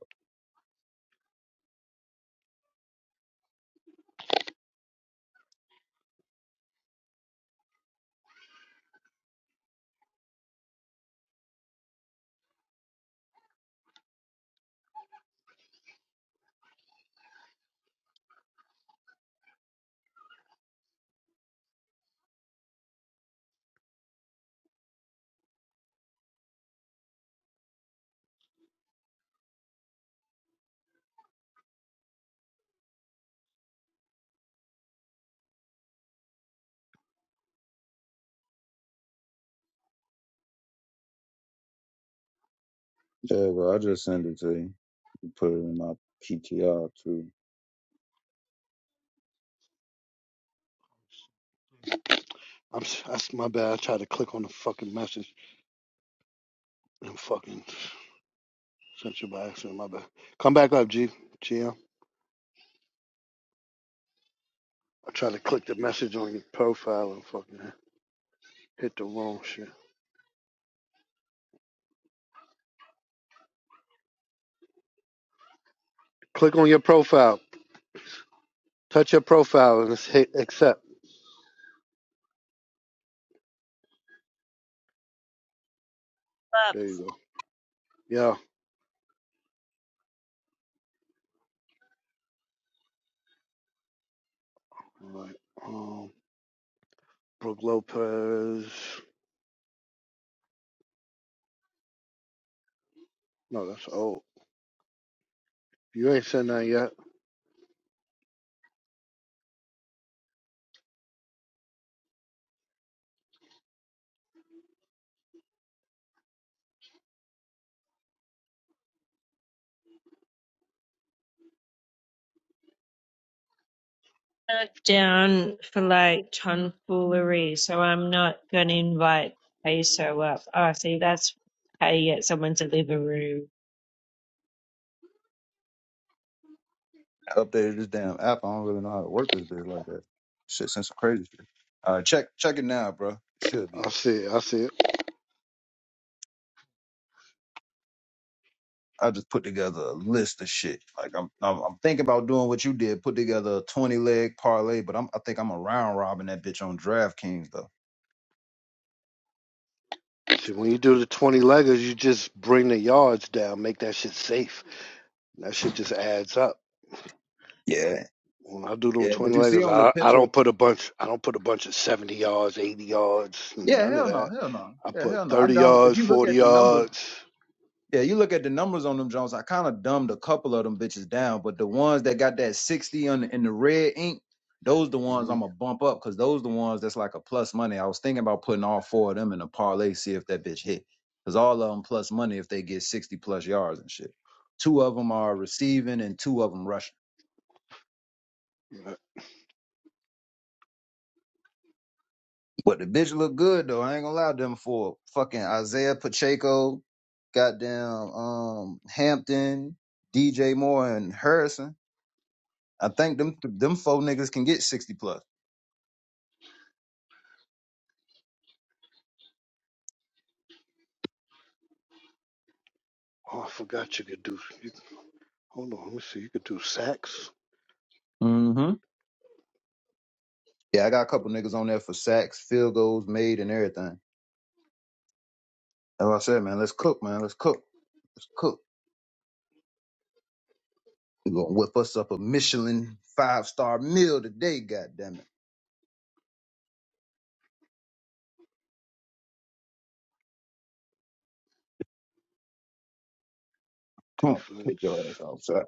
Yeah, well, I just send it to you. You put it in my PTR too. I'm, that's my bad. I tried to click on the fucking message and fucking. Sent you by accident, my bad. Come back up, G. GM. I tried to click the message on your profile and fucking hit the wrong shit. Click on your profile. Touch your profile and just hit accept. But There you go. Yeah. All right. Um, Brooke Lopez. No, that's old. You ain't sent that yet. not down for like tomfoolery, so I'm not going to invite Peso up. Oh, see, that's how you get someone to leave a room. I updated this damn app. I don't really know how to work this bitch like that. Shit, sent some crazy shit. All right, check check it now, bro. It should be there. I see it. I see it. I just put together a list of shit. Like I'm, I'm, I'm thinking about doing what you did, put together a twenty leg parlay. But I'm, I think I'm a round robin that bitch on DraftKings though. See, when you do the 20 leggers, you just bring the yards down, make that shit safe. That shit just adds up. Yeah, When I do them yeah. twin But you see leggers, on the I, I picture, don't put a bunch. I don't put a bunch of seventy yards, eighty yards, yeah, none of hell no, that. hell no, I yeah, put hell no. I thirty dumb. If yards, you look forty at the numbers. yards. Yeah, you look at the numbers on them Jones. I kind of dumbed a couple of them bitches down, but the ones that got that sixty on in the red ink, those the ones I'm Mhm. gonna bump up because those the ones that's like a plus money. I was thinking about putting all four of them in a parlay, see if that bitch hit, because all of them plus money if they get sixty plus yards and shit. Two of them are receiving and two of them rushing. Uh, But the bitch look good though. I ain't gonna lie, them for fucking Isaiah Pacheco, goddamn um Hampton, DJ Moore, and Harrison. I think them them four niggas can get sixty plus. Oh, I forgot you could do. You, hold on, let me see. You could do sacks, Mm-hmm. Yeah, I got a couple niggas on there for sacks, field goals made, and everything. That's what I said, man. Let's cook, man. Let's cook. Let's cook. We are gonna whip us up a Michelin five star meal today. God damn it! Come on, defense. take your ass outside.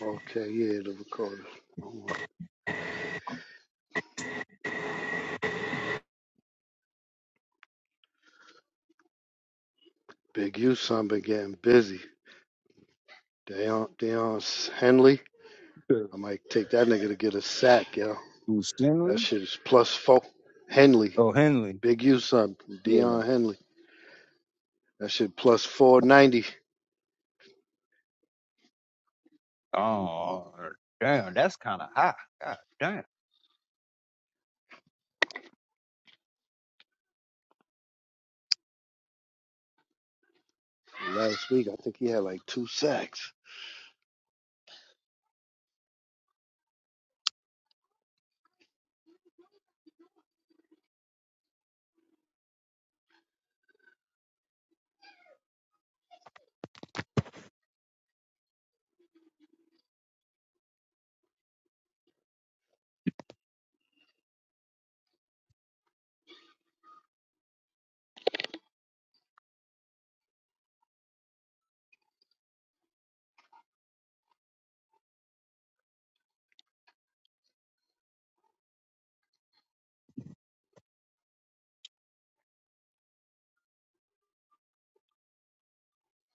Okay, yeah, the recorder. Oh, Big U, son, been getting busy. Deion, Deion Henley. I might take that nigga to get a sack, yo. Who's Henry? That shit is plus four. Henley, Oh, Henley. Big U, son, Yeah. Deion Henley. That shit plus 490. Oh, damn. That's kind of high. God damn. Last week, I think he had like two sacks.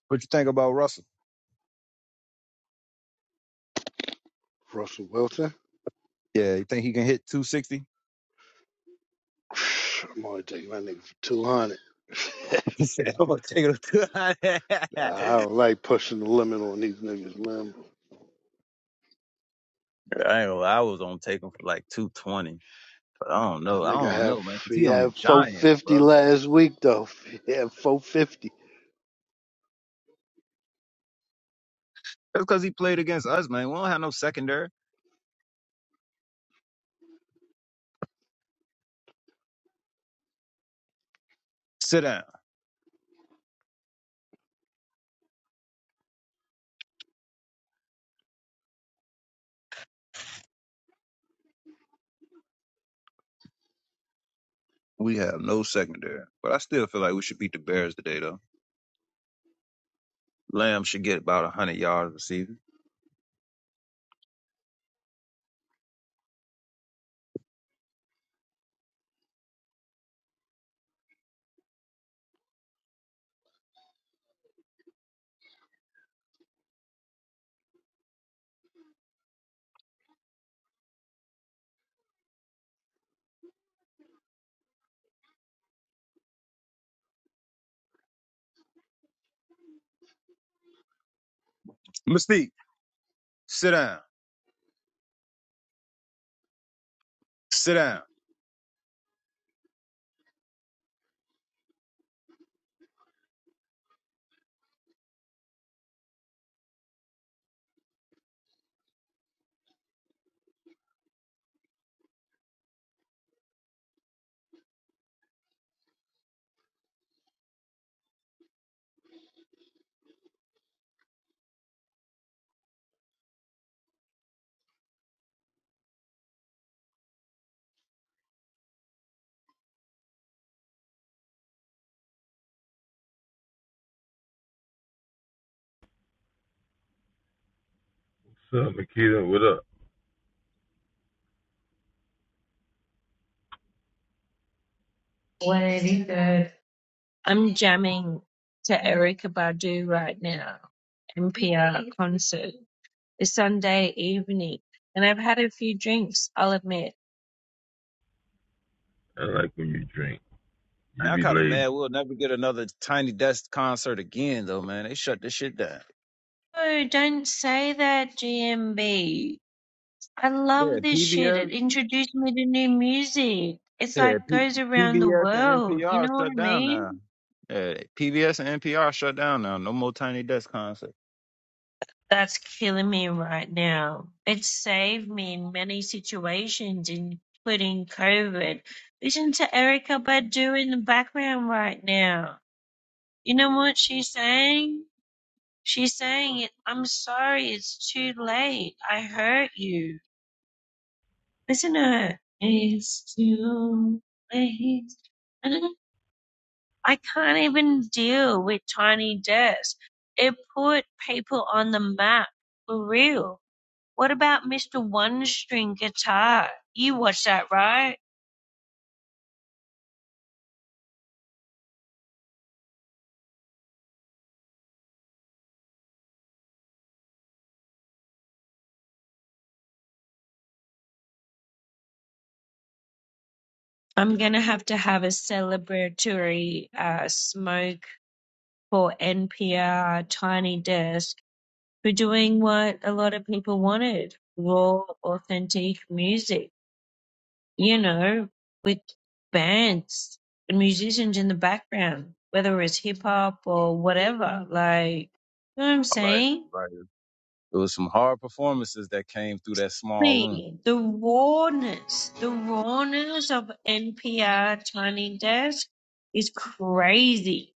What you think about Russell? Russell Wilson. Yeah. You think he can hit two sixty? (sighs) I'm only taking my nigga for 200. (laughs) (laughs) I'm gonna take a look. I (laughs) don't like pushing the limit on these niggas, man. I ain't gonna lie, I was on take him for like 220. But I don't The know. I nigga don't have know, man. 'cause he he on the had Giants, 450 bro. last week though. He had 450. That's because he played against us, man. We don't have no secondary. Sit down. We have no secondary. But I still feel like we should beat the Bears today, though. Lamb should get about 100 yards receiving. Mystique. Sit down. Sit down. What's up, Makita? What up? one eighty-third I'm jamming to Erica Badu right now, NPR concert. It's Sunday evening, and I've had a few drinks, I'll admit. I like when you drink. You Man, I'm be kind of laid. mad. We'll never get another Tiny Desk concert again, though, man. They shut this shit down. Oh, don't say that, GMB. I Yeah, love this shit. PBS. It introduced me to new music. It's Yeah, like P- goes around the PBS and world. You NPR know what shut I down mean? now. Yeah, PBS and NPR shut down now. No more Tiny Desk concert. That's killing me right now. It saved me in many situations, including COVID. Listen to Erica Badu in the background right now. You know what she's saying? She's saying it. I'm sorry, it's too late. I hurt you. Listen to her. It's too late. (laughs) And I can't even deal with Tiny Desk. It put people on the map for real What about Mr. One String Guitar? You watch that, right? I'm gonna have to have a celebratory uh, smoke for NPR Tiny Desk for doing what a lot of people wanted raw, authentic music, you know, with bands and musicians in the background, whether it's hip hop or whatever. Like, you know what I'm Like, saying? like it was some hard performances that came through that small room. me the rawness, the rawness of NPR Tiny Desk is crazy.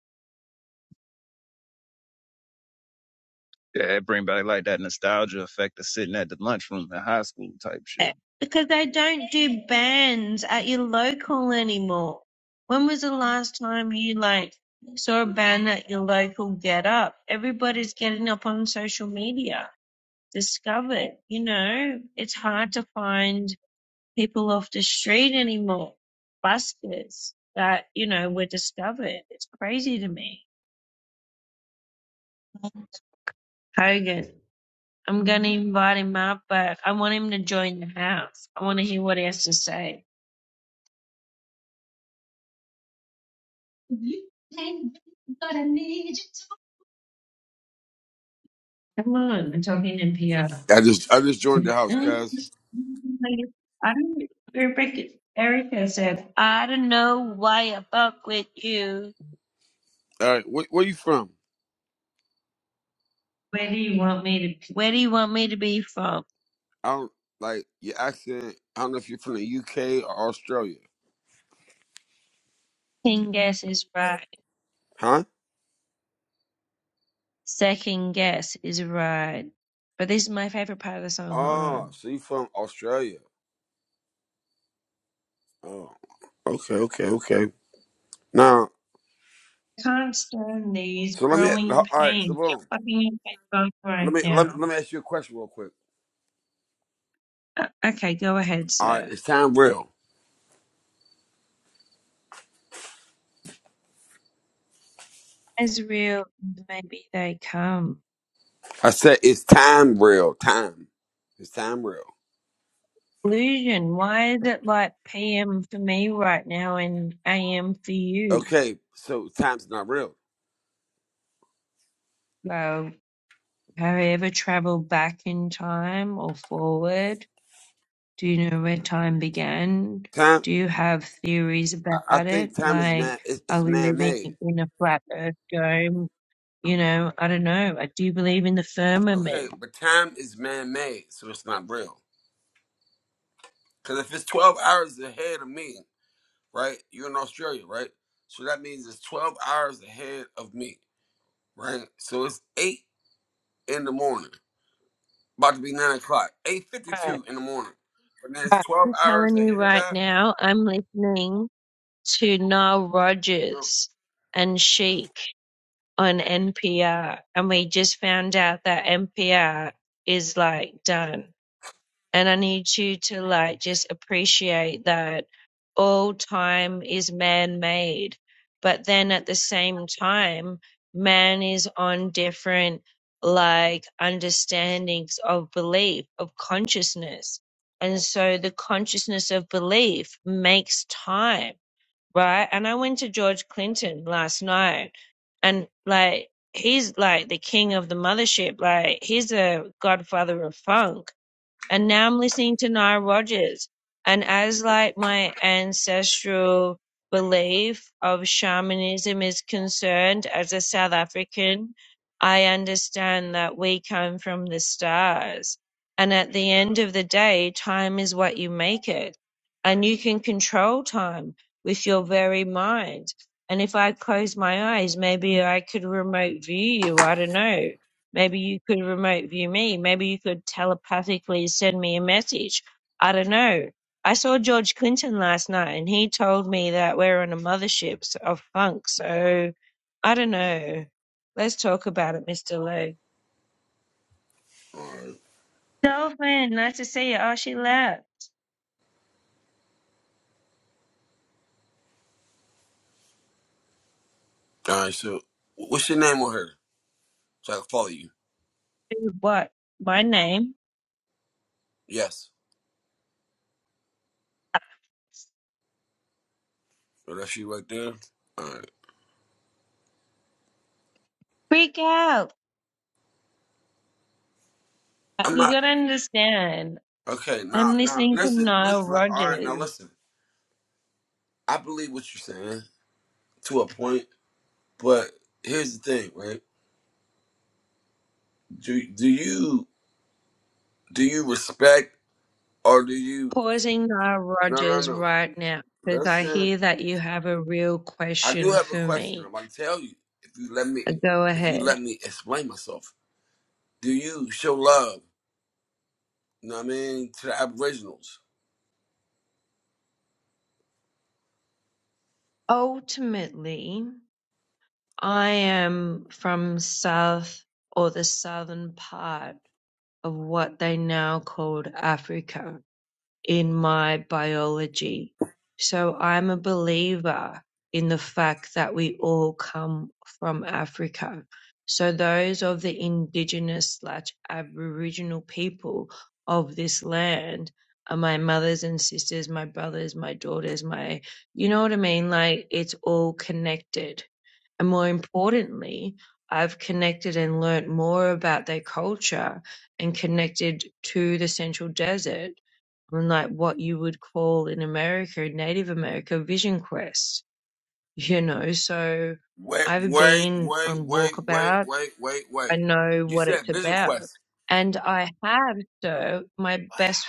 Yeah, it bring back like that nostalgia effect of sitting at the lunchroom in high school type shit. Eh, Because they don't do bands at your local anymore. When was the last time you like saw a band at your local get up? Everybody's getting up on social media. Discovered, you know, it's hard to find people off the street anymore. Buskers that, you know, were discovered. It's crazy to me. Hogan, I'm gonna invite him up, but I want him to join the house. I want to hear what he has to say. Come on, I'm talking NPR. I just I just joined the I house, don't. guys. Rebecca, Erica said, "I don't know why I fuck with you. All right, where, where you from? Where do you want me to? Where do you want me to be from? I don't like your accent. I don't know if you're from the UK or Australia, Second guess is right. huh? Second guess is right. But this is my favorite part of the song. Hold Oh, on. so you from Australia? Oh, okay, okay, okay. Now, can't stand these so let me. growing All right, so pains. You're boom. fucking your head both Let right me let me, now. let me ask you a question real quick. Uh, okay, go ahead, All right, sir. it's time real. As real as maybe they come. I said it's time real. Time, it's time real. Illusion, why is it like PM for me right now and AM for you? Okay, so time's not real. Well, have I ever traveled back in time or forward? Do you know where time began? Time, Do you have theories I, I about it? think time is man. Like, It's, are it's we man living made. in a flat earth dome You know, I don't know. I do believe in the Okay, firmament. but time is man made, so it's not real. Because if it's 12 hours ahead of me, right? You're in Australia, right? So that means it's 12 hours ahead of me, right? So it's 8 in the morning, about to be 9 o'clock, Right. 8.52 in the morning. But then it's But 12 I'm hours telling you ahead of right that? now, I'm listening to Nile No. Rodgers and Chic on NPR, and we just found out that NPR is like done. and I need you to like just appreciate that all time is man made, but then at the same time, man is on different like understandings of belief, of consciousness. And so the consciousness of belief makes time, right? And I went to George Clinton last night and like, he's like the king of the mothership. Like, he's a godfather of funk and now I'm listening to Nile Rodgers. And as like my ancestral belief of shamanism is concerned, as a South African, I understand that we come from the stars. And at the end of the day, time is what you make it. And you can control time with your very mind. And if I close my eyes, maybe I could remote view you. I don't know Maybe you could remote view me. Maybe you could telepathically send me a message. I don't know. I saw George Clinton last night and he told me that we're on a mothership s- of funk. So I don't know. Let's talk about it, Mr. Lowe. All right, Dolphin, nice to see you. Oh, she left. All right, so what's your name on her? So I can follow you. Dude, What? My name? Yes. So that's you right there? All right. Freak out. Uh, I'm You not. gotta understand. Okay, now, I'm now, listening to listen, Nile listen. All right, Rodgers. now listen. I believe what you're saying. to a point, but here's the thing, right? Do do you do you respect or do you pausing Nile no no Rodgers no. right now because I Listen, hear that you have a real I do question have a for question. me. I'm gonna tell you if you let me Go if you ahead. let me explain myself. Do you show love, you know what I mean, to the aboriginals? Ultimately, I am from South or the southern part of what they now called Africa. in my biology. So I'm a believer in the fact that we all come from Africa. So those of the indigenous slash Aboriginal people of this land are my mothers and sisters, my brothers, my daughters, my, you know what I mean? Like it's all connected. And more importantly, I've connected and learnt more about their culture and connected to the Central Desert on Like what you would call in America, Native America, Vision Quest, you know. So Wait, I've wait, been wait, on wait, wait, walkabout. wait, wait, wait. I know You what it's said vision about. quest. And I have, so my Wow. best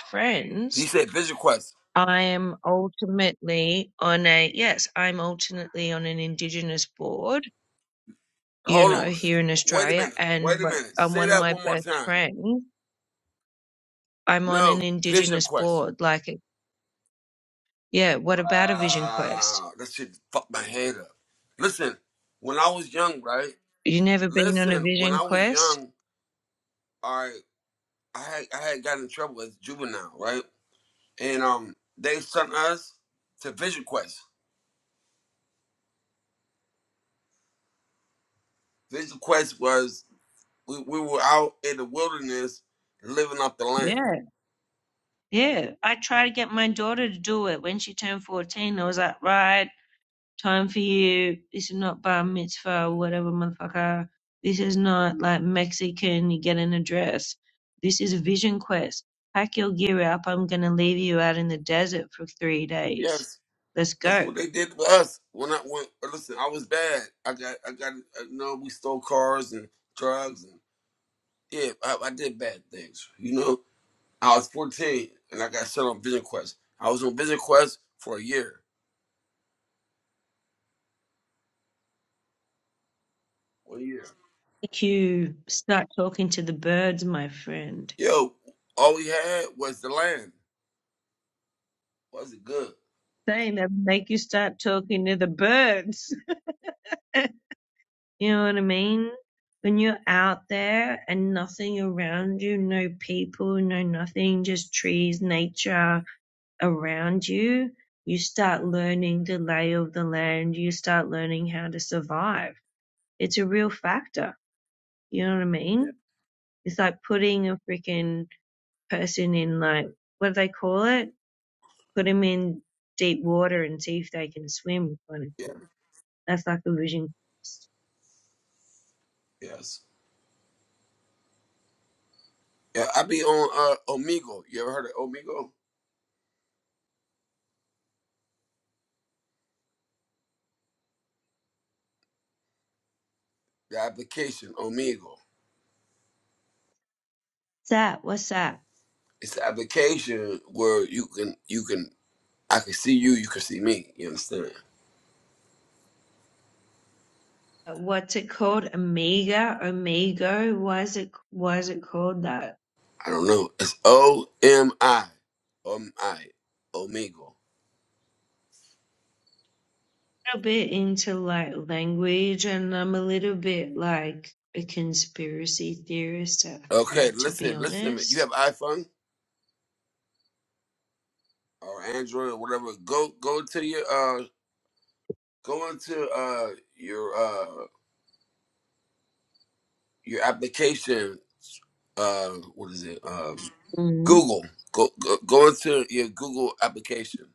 You friends, said vision quest. I am ultimately on a, yes, I'm ultimately on an Indigenous board, you Hold know, on. here in Wait a Australia. minute. And Wait a what- minute. I'm Say one of that my one more best time. friends. I'm on an No, vision Indigenous quest. board. Like, yeah, what about a Vision Quest? Wow, that shit fucked my head up. Listen, when I was young, right? You never been on a Listen, when vision I was quest? young, all right, I had I had gotten in trouble as a juvenile, right? And um, they sent us to Vision Quest. Vision Quest was we, we were out in the wilderness living off the land. Yeah, yeah. I tried to get my daughter to do it when she turned 14. I was like, right, time for you. This is not bar mitzvah or whatever, motherfucker. This is not like Mexican, you get in a dress. This is a vision quest. Pack your gear up. I'm going to leave you out in the desert for three days. Yes, Let's that's go. what they did to us. When I went, listen, I was bad. I got I got you know we stole cars and drugs and yeah, I, I did bad things, you know. I was 14 and I got set on Vision Quest. I was on Vision Quest for a year. One year? Make you start talking to the birds, my friend. Yo, all we had was the land. Was it good? Saying that make you start talking to the birds. (laughs) You know what I mean? When you're out there and nothing around you, no people, no nothing, just trees, nature around you, you start learning the lay of the land. You start learning how to survive. It's a real factor. You know what I Yeah. mean? It's like putting a freaking person in like, what do they call it? Put them in deep water and see if they can swim kind of Yeah, thing. That's like a vision. What's yes. Yeah, I be on uh, Omigo. You ever heard of Omigo? The application, Omigo. that? What's that? It's the application where you can you can I can see you, you can see me. You understand? what's it called? Omega, Omego. Why is it why is it called that? I don't know. It's O M I. O M I. Omigo. A bit into like language, and I'm a little bit like a conspiracy theorist at Okay, heart, to be listen, listen to me. You honest. have iPhone? or Android or whatever, go go to your uh go into uh your uh your application uh what is it um Mm. Google go go, go into your Google application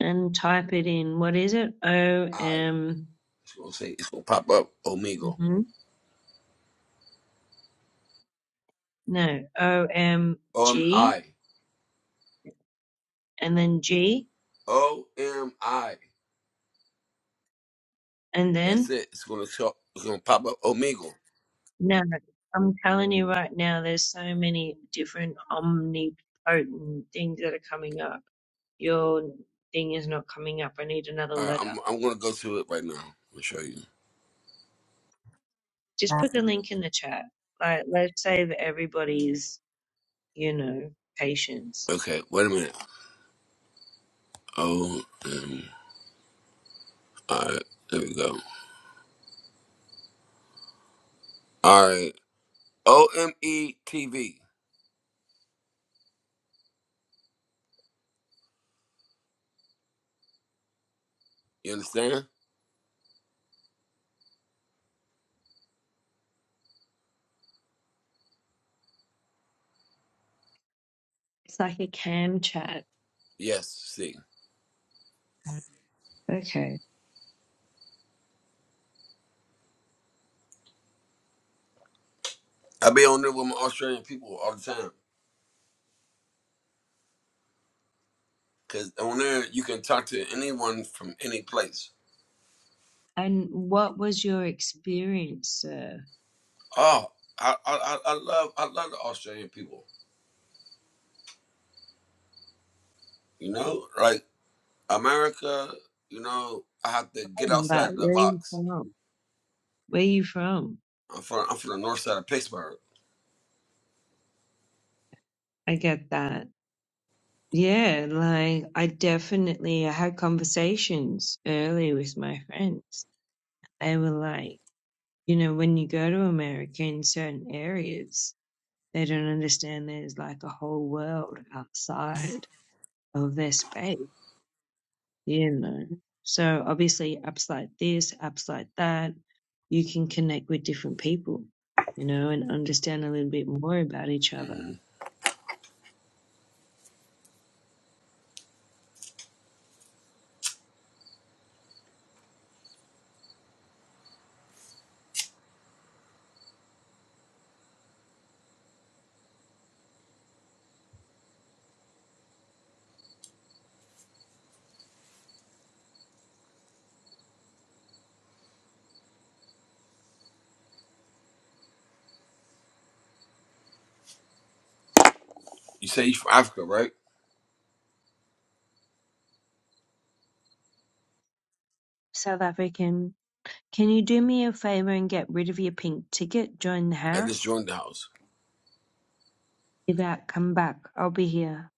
And type it in. What is it? O I M. it's gonna say it's gonna pop up Omigo mhm, No, O M O M G, I and then G, O M I and that's then. it it's gonna show, it's gonna pop up Omigo No, I'm telling you right now, there's so many different omnipotent things that are coming up. Your thing is not coming up. I need another All right, letter. I'm I'm gonna go to it right now I'll show you Just put the link in the chat. Like, let's save everybody's, you know, patience. okay wait a minute O M I there we go all right O M E T V. You understand? It's like a cam chat. Yes. See, Okay. I be on there with my Australian people all the time because on there you can talk to anyone from any place. And what was your experience, sir? Oh, I I, I I love I love the Australian people. You know, like America. You know, I have to get But outside the where are you box. from? Where are you from? I'm from I'm from the north side of Pittsburgh. I get that. Yeah, like I definitely I had conversations early with my friends. They were like, you know, when you go to America in certain areas, they don't understand there's like a whole world outside of their space, you know. So obviously apps like this, apps like that, you can connect with different people, you know, and understand a little bit more about each other. hmm You say you from Africa, right? South African Can you do me a favor and get rid of your pink ticket? Join the I just house? joined the house. Leave out, come back. I'll be here.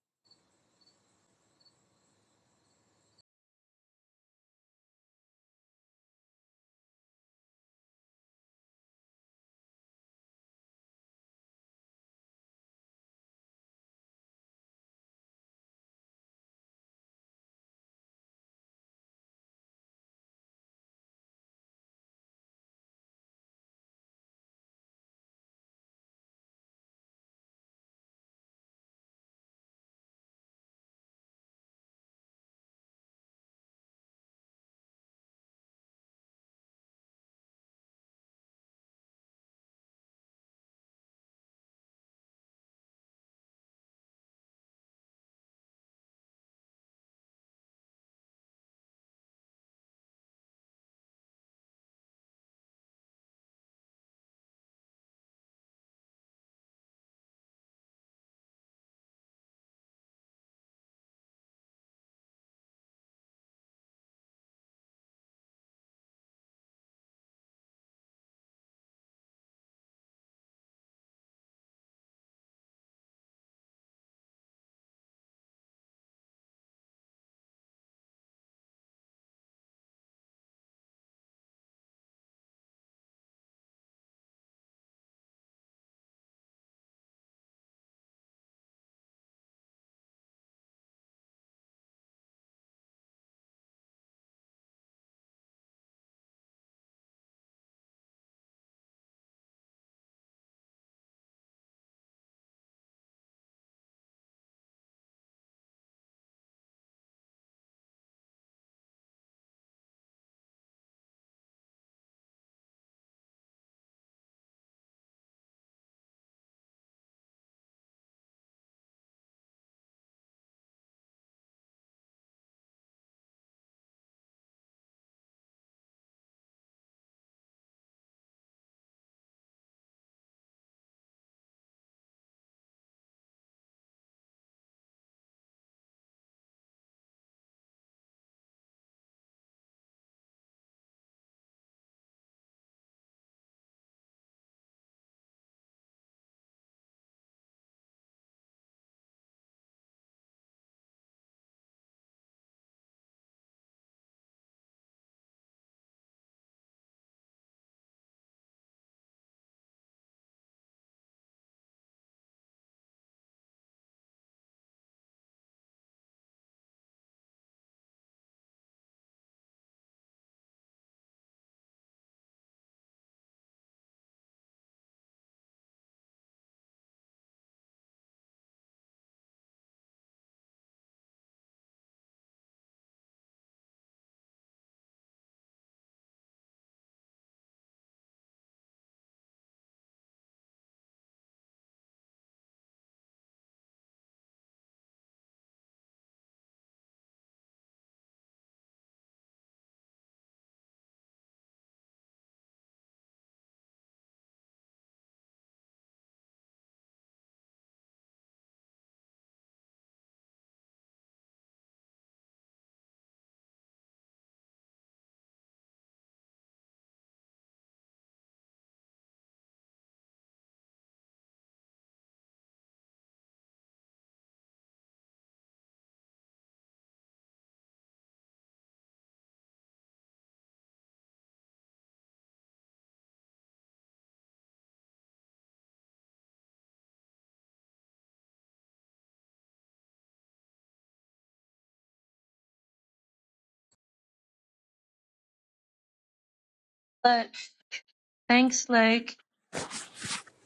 Thanks, Luke.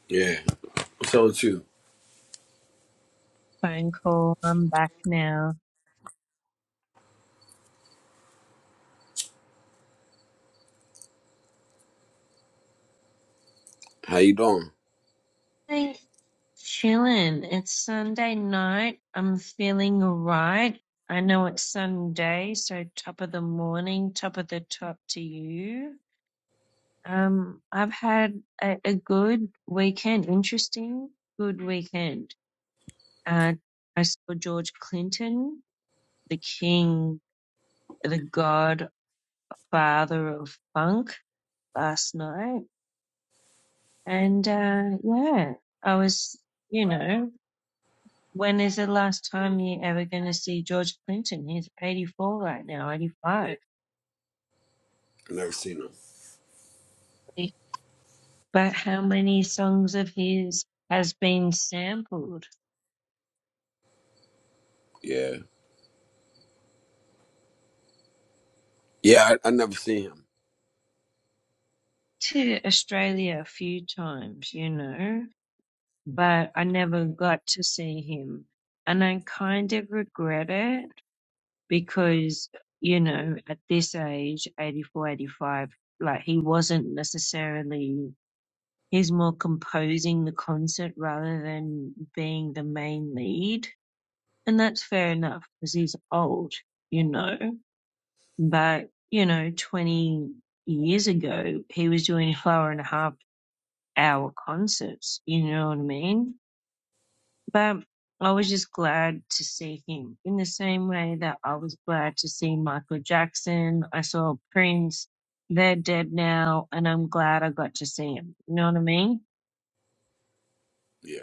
Yeah. What's up with you? Phone call. I'm back now. How you doing? Thanks, chillin'. It's Sunday night. I'm feeling alright. I know it's Sunday, so top of the morning, top of the top to you. Um, I've had a, a good weekend, interesting, good weekend. Uh, I saw George Clinton, the king the Godfather of Funk last night, and uh, yeah, I was, you know, when is the last time you ever going to see George Clinton? He's 84 right now, 85. I never seen him. But how many songs of his has been sampled Yeah. Yeah, I, I never seen him. to Australia a few times, you know? But I never got to see him, and I kind of regret it because you know at this age 84, 85, like he wasn't necessarily he's more composing the concert rather than being the main lead and that's fair enough because he's old you know but you know 20 years ago he was doing four and a half hour concerts you know what i mean But I was just glad to see him in the same way that I was glad to see Michael Jackson. I saw Prince. They're dead now, and I'm glad I got to see him. You know what I mean? Yeah.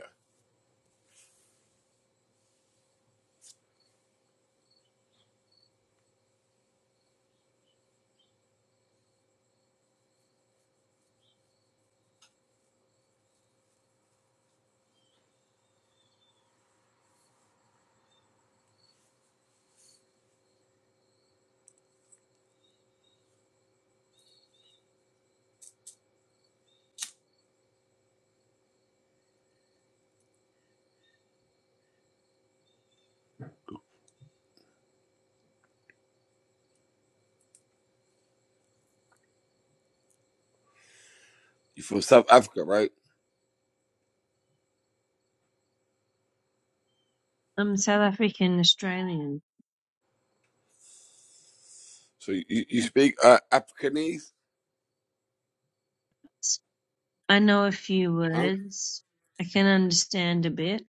You from South Africa, right? I'm South African Australian. So you, you speak uh, Afrikanese, I know a few huh? words. I can understand a bit.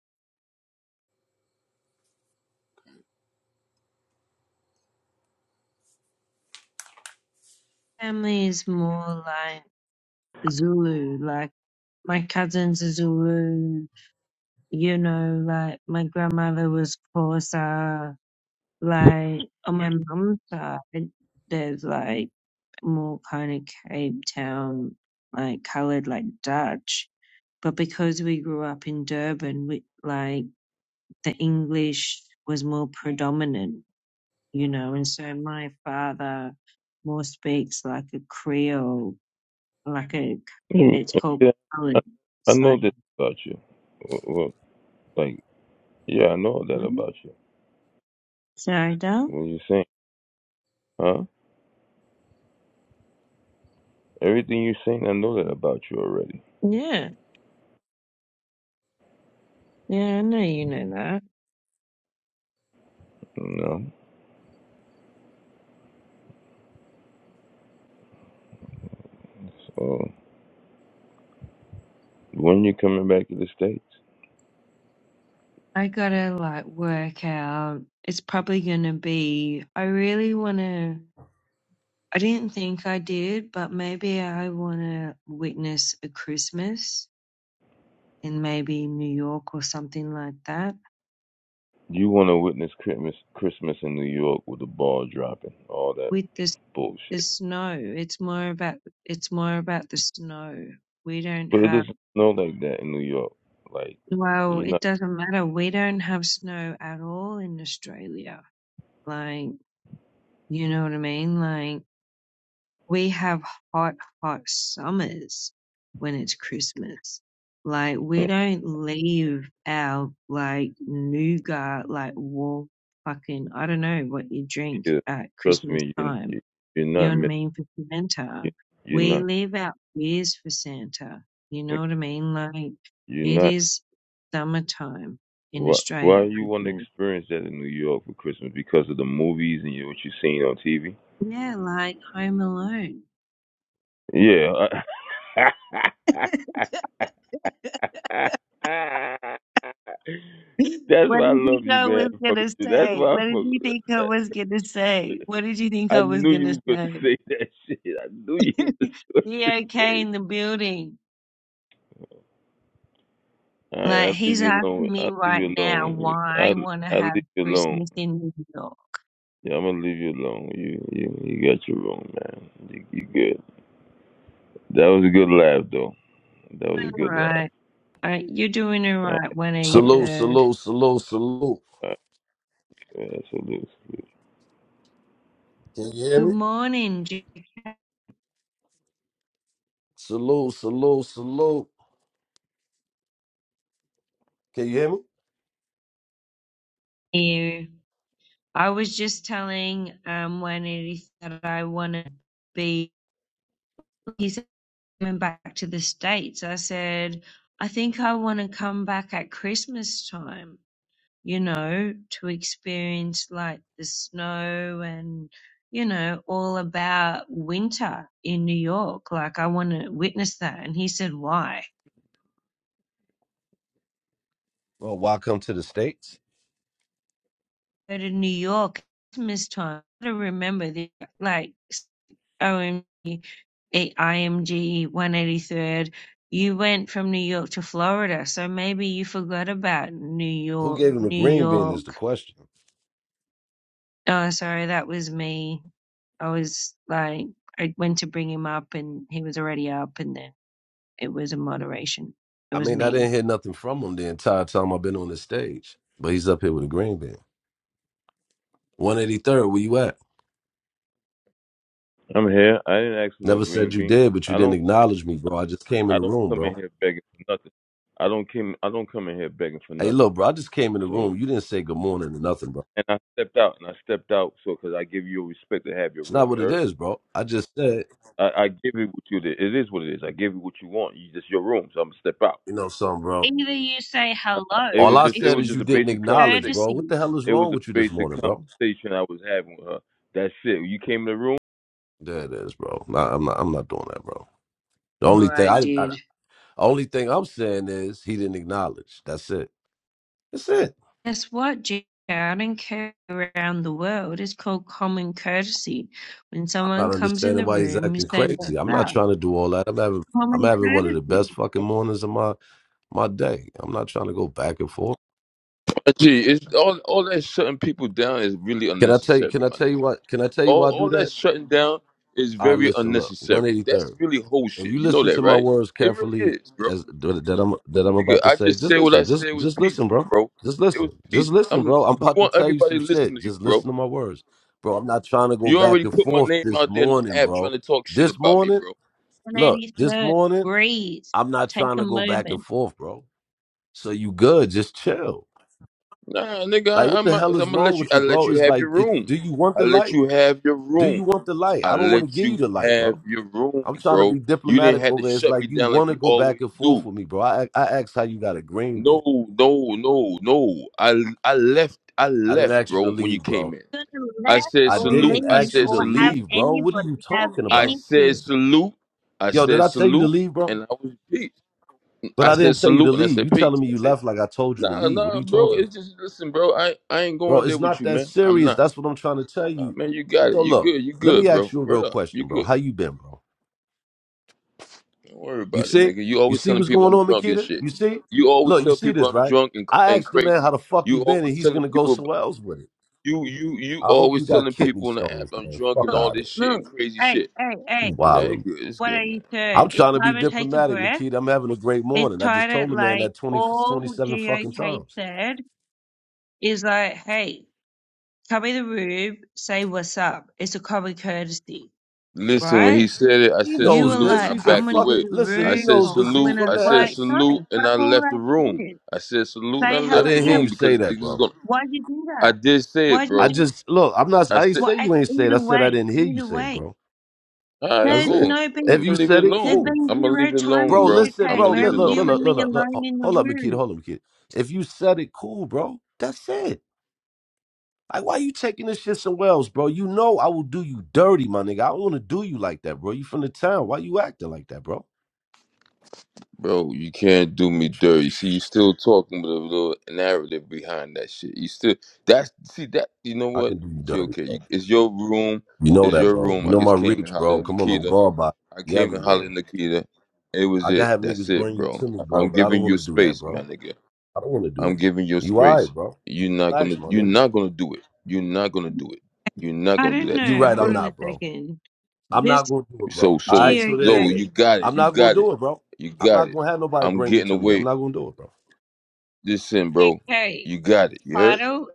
Family is more like Zulu. Like my cousins are Zulu. You know, like my grandmother was Xhosa Like on my mom's side, there's like more kind of Cape Town, like coloured like Dutch. But because we grew up in Durban, we like the English was more predominant, you know. And so my father more speaks like a Creole, like a Mm, it's called Yeah, I, coloured I know this slang. about you. Well, well, like, yeah, I know that Mhm. about you. Sorry, Dal. What you saying, huh? Everything you saying, I know that about you already. Yeah, yeah, I know you know that. You know. So when you coming back to the states, I gotta like work out. It's probably gonna be. I really wanna. I didn't think I did, but maybe I wanna witness a Christmas in maybe New York or something like that you want to witness Christmas, Christmas in New York with the ball dropping, all that with this the bullshit. snow. It's more about it's more about the snow. We don't But it have doesn't snow like that in New York. Like, well, you're it not. doesn't matter. We don't have snow at all in Australia. Like, you know what I mean? Like We have hot, hot summers when it's Christmas. Like we don't leave our like nougat, like warm fucking I don't know what you drink kid. at Trust Christmas me, you, time. you you're You not know what I mi- mean? For you, Santa. you're We not leave out beers for Santa. You mi- know what I mean? Like you're it not. is summertime in Why Australia why at you want to Christmas. experience that in New York for Christmas? Because of the movies and you, what you've seen on TV. Yeah, like Home Alone. Yeah. uh, (laughs) That's What why I did he love think you, I man. was Fuck with gonna you. That's say? why I What fuck did with you that. think I that- was gonna say? What did you think I I was knew you gonna was going to (laughs) say? say that shit. I knew you (laughs) (laughs) was going Be to say okay it. in the building. All right, Like I'll leave he's you asking alone. me I'll leave right you now alone. why I I'll, wanna I'll have leave you alone. Christmas in New York. Yeah, I'm gonna leave you alone. You you you got your room, man. You, you good. That was a good laugh, though. That was a I'm all good laugh. right. All right, you're doing all All right, one eighty right. Salute, third. salute, salute, salute. All right. Yeah, salute, salute. Can you hear Good me? morning, Salute, salute, salute. Can you hear me? you. I was just telling um one eighty that I wanna be. He said coming back to the States, I said, I think I want to come back at Christmas time, you know, to experience like the snow and, you know, all about winter in New York. Like, I want to witness that. And he said, Why? Well, welcome to the States. Go to New York Christmas time. I gotta remember the like OMG i- IMG 183rd, you went from New York to Florida, so maybe you forgot about New Who York, gave him a New green bean is the York. question. Oh, sorry, that was me. I was like, I went to bring him up and he was already up and then it was a moderation. It I was mean, I me. didn't hear nothing from him the entire time I've been on the stage, but he's up here with a green bean. 183rd, where you at? I'm here. I didn't ask for no Never said green you bean. did, but I you didn't don't. acknowledge me, bro. I just came in I the don't room, come in bro. here begging for nothing. I don't come. I don't come in here begging for Hey, look, nothing. bro, I just came in the So, room. You didn't say good morning or nothing, bro. and I stepped out, and I stepped out, so because I give you respect to have your It's room. not You what it heard? is, bro. I just said, I, I give it what you. did. It is what it is. I give you what you want. You just your room. So I'm gonna step out. you know something, bro. Either you say Uh, hello, It All was I just. It it's said was is just an, you a like didn't basic a conversation. acknowledge, bro. What courtesy. the hell is It was wrong a with you this basic morning, bro? conversation I was having with her. That's it. You came in the room. There it is, bro. Nah, I'm not. I'm not doing that, bro. The only Or thing I I, I did. only thing I'm saying is he didn't acknowledge. That's it. That's it. Guess what, Jay? I do around the world. is called common courtesy. When I'm someone not comes in understanding the why he's room, you acting say, What's crazy. I'm not up? trying to do all that. I'm having I'm Common having one of the courtesy. best fucking mornings of my my day. I'm not trying to go back and forth. Gee, it's all all that shutting people down is really Can I tell you? unnecessary, Can I my tell you nigga. what? Can I tell you All why I do all that that? shutting down is All right, very listen. Look, unnecessary. That's 183rd. really whole if shit. you You know listen that, to my right? words It really carefully is, bro. as that I'm that I'm Nigga, about to I say, just just said what I listen, just said was just listen, peaceful, bro. bro. Just It listen. was Just peace. listen, I'm. bro. I'm You about to want tell you everybody some to listen shit. to you, Just bro. listen to my words. Bro, I'm not trying to go You back already and put my forth name this out there in the morning, app trying bro. to talk shit This about me, morning, bro. look, this 183rd, morning, breathe. I'm not Take trying a to go back and moment. forth, bro. So you good, just chill. Nah, nigga, Like I, what I'm, the I'm hell is gonna wrong let you. with I you, let bro? you It's have your like it, room. do you want I the let light? you have your Do room. you want the light? I I don't want to let give you you the light, bro. have your room, I'm trying to bro. be You didn't diplomatic have to over it. It's shut me like you down like want to you go back always and forth do. with me, bro. I I asked how you got agreement. No, no, no, no. I I left. I I didn't left, ask you to bro. When you leave, came bro. in, You're Gonna I left said I or salute. didn't I leave ask you said to or have salute. leave, bro. What are anybody you have talking I about? said anything. salute. I Yo, did said I tell you to salute, leave, bro? and I was peace. But I I said didn't tell you to salute, and I leave. said You telling peace. me you That's it. left like I told you to Nah, leave. What are nah, you bro. talking about? It's just listen, bro. I I ain't Bro, going there it's with not you, that man. I'm serious. not. That's what I'm trying to tell Nah, you. man, you got it. So You look, good. You let me good, ask bro. you a Word real up. You question, bro. good. How you been, bro? Don't worry You about it, man. see? 'Cause You You always see telling what's people going I'm on, drunk and Makita? shit. You see? You always Look, you tell see people this, I'm right? drunk and I and asked the man how crazy. the fuck he You been, and always he's telling gonna go people somewhere else with it. you you you I hope you always got telling kidney people on the app stones, I'm man. drunk and Fuck Look, all out of this it. shit and look, crazy hey, shit. hey, You hey, Nah, it's wildin'. good. It's good, man. 183rd. I'm It's trying It's to be time good. to take a diplomatic, breath. Makita. I'm having a great It's morning. I just time told to, the man like, that 20 all 27 fucking GOK times. said is like, hey, come in the room, say what's up. It's a common courtesy, Listen, when he right? said it, I He said You knows were salute and this. I like, He's a I'm backed gonna give fuck. away. you a Listen, I he room, said knows or this. I'm He's salute. gonna from I the said like, X. no, salute and fuck I all left the that room. shit. I said salute and I Say I hello. left the didn't hear Yeah, you room say because that, niggas is bro. gonna. why'd you do I that? did say it, Why'd you I bro. do? just look. I'm not. I I ain't said. What? say ac- you ain't say it. I Either said I way, didn't hear you either say it, way, bro. All right, That's there's it. cool. no been, I'm If you gonna leave it said it, there's alone. cool, been I'm gonna leave zero it time alone, bro. being bro. Listen, I'm okay. bro. gonna Where leave Look, it was look, you look, alone, and look, look, me bro. look. alone look. in the Hold up, Makita. room? Hold up, Makita. If you said it, cool, bro. That's it. Like, why you taking this shit some wells, bro? You know I will do you dirty, my nigga. I don't want to do you like that, bro. You from the town. Why you acting like that, bro? Bro, you can't do me dirty. See, you still talking with a little narrative behind that shit. You still that's see that you know I what? can do you You dirty, okay? bro. You, it's your room. You know It's that, your bro. room. You I know my just came and reach, hollered bro. at Come on, I'm Nikita. gone by I you came and everywhere. hollered at Nikita. It was I gotta it. have That's niggas it, bring you bro. to me, I- bro, I'm but I don't giving want you to do that, space, my bro. nigga. I don't want to do I'm that. giving you You all space. right, bro? You're not Relax, gonna. my You're nigga. not gonna do it. You're not gonna do it. You're not I gonna do don't that to You know. me, right, Hold I'm bro. on a not, bro. second. I'm This not gonna do it, So bro. All so right, GOK, so there it yo, is. you got I'm it. You not gonna got it. do it, bro. You I'm got not it. gonna have nobody I'm bring you getting to me. I'm away. not gonna do it, bro. Listen, bro. okay, You got it. You heard? title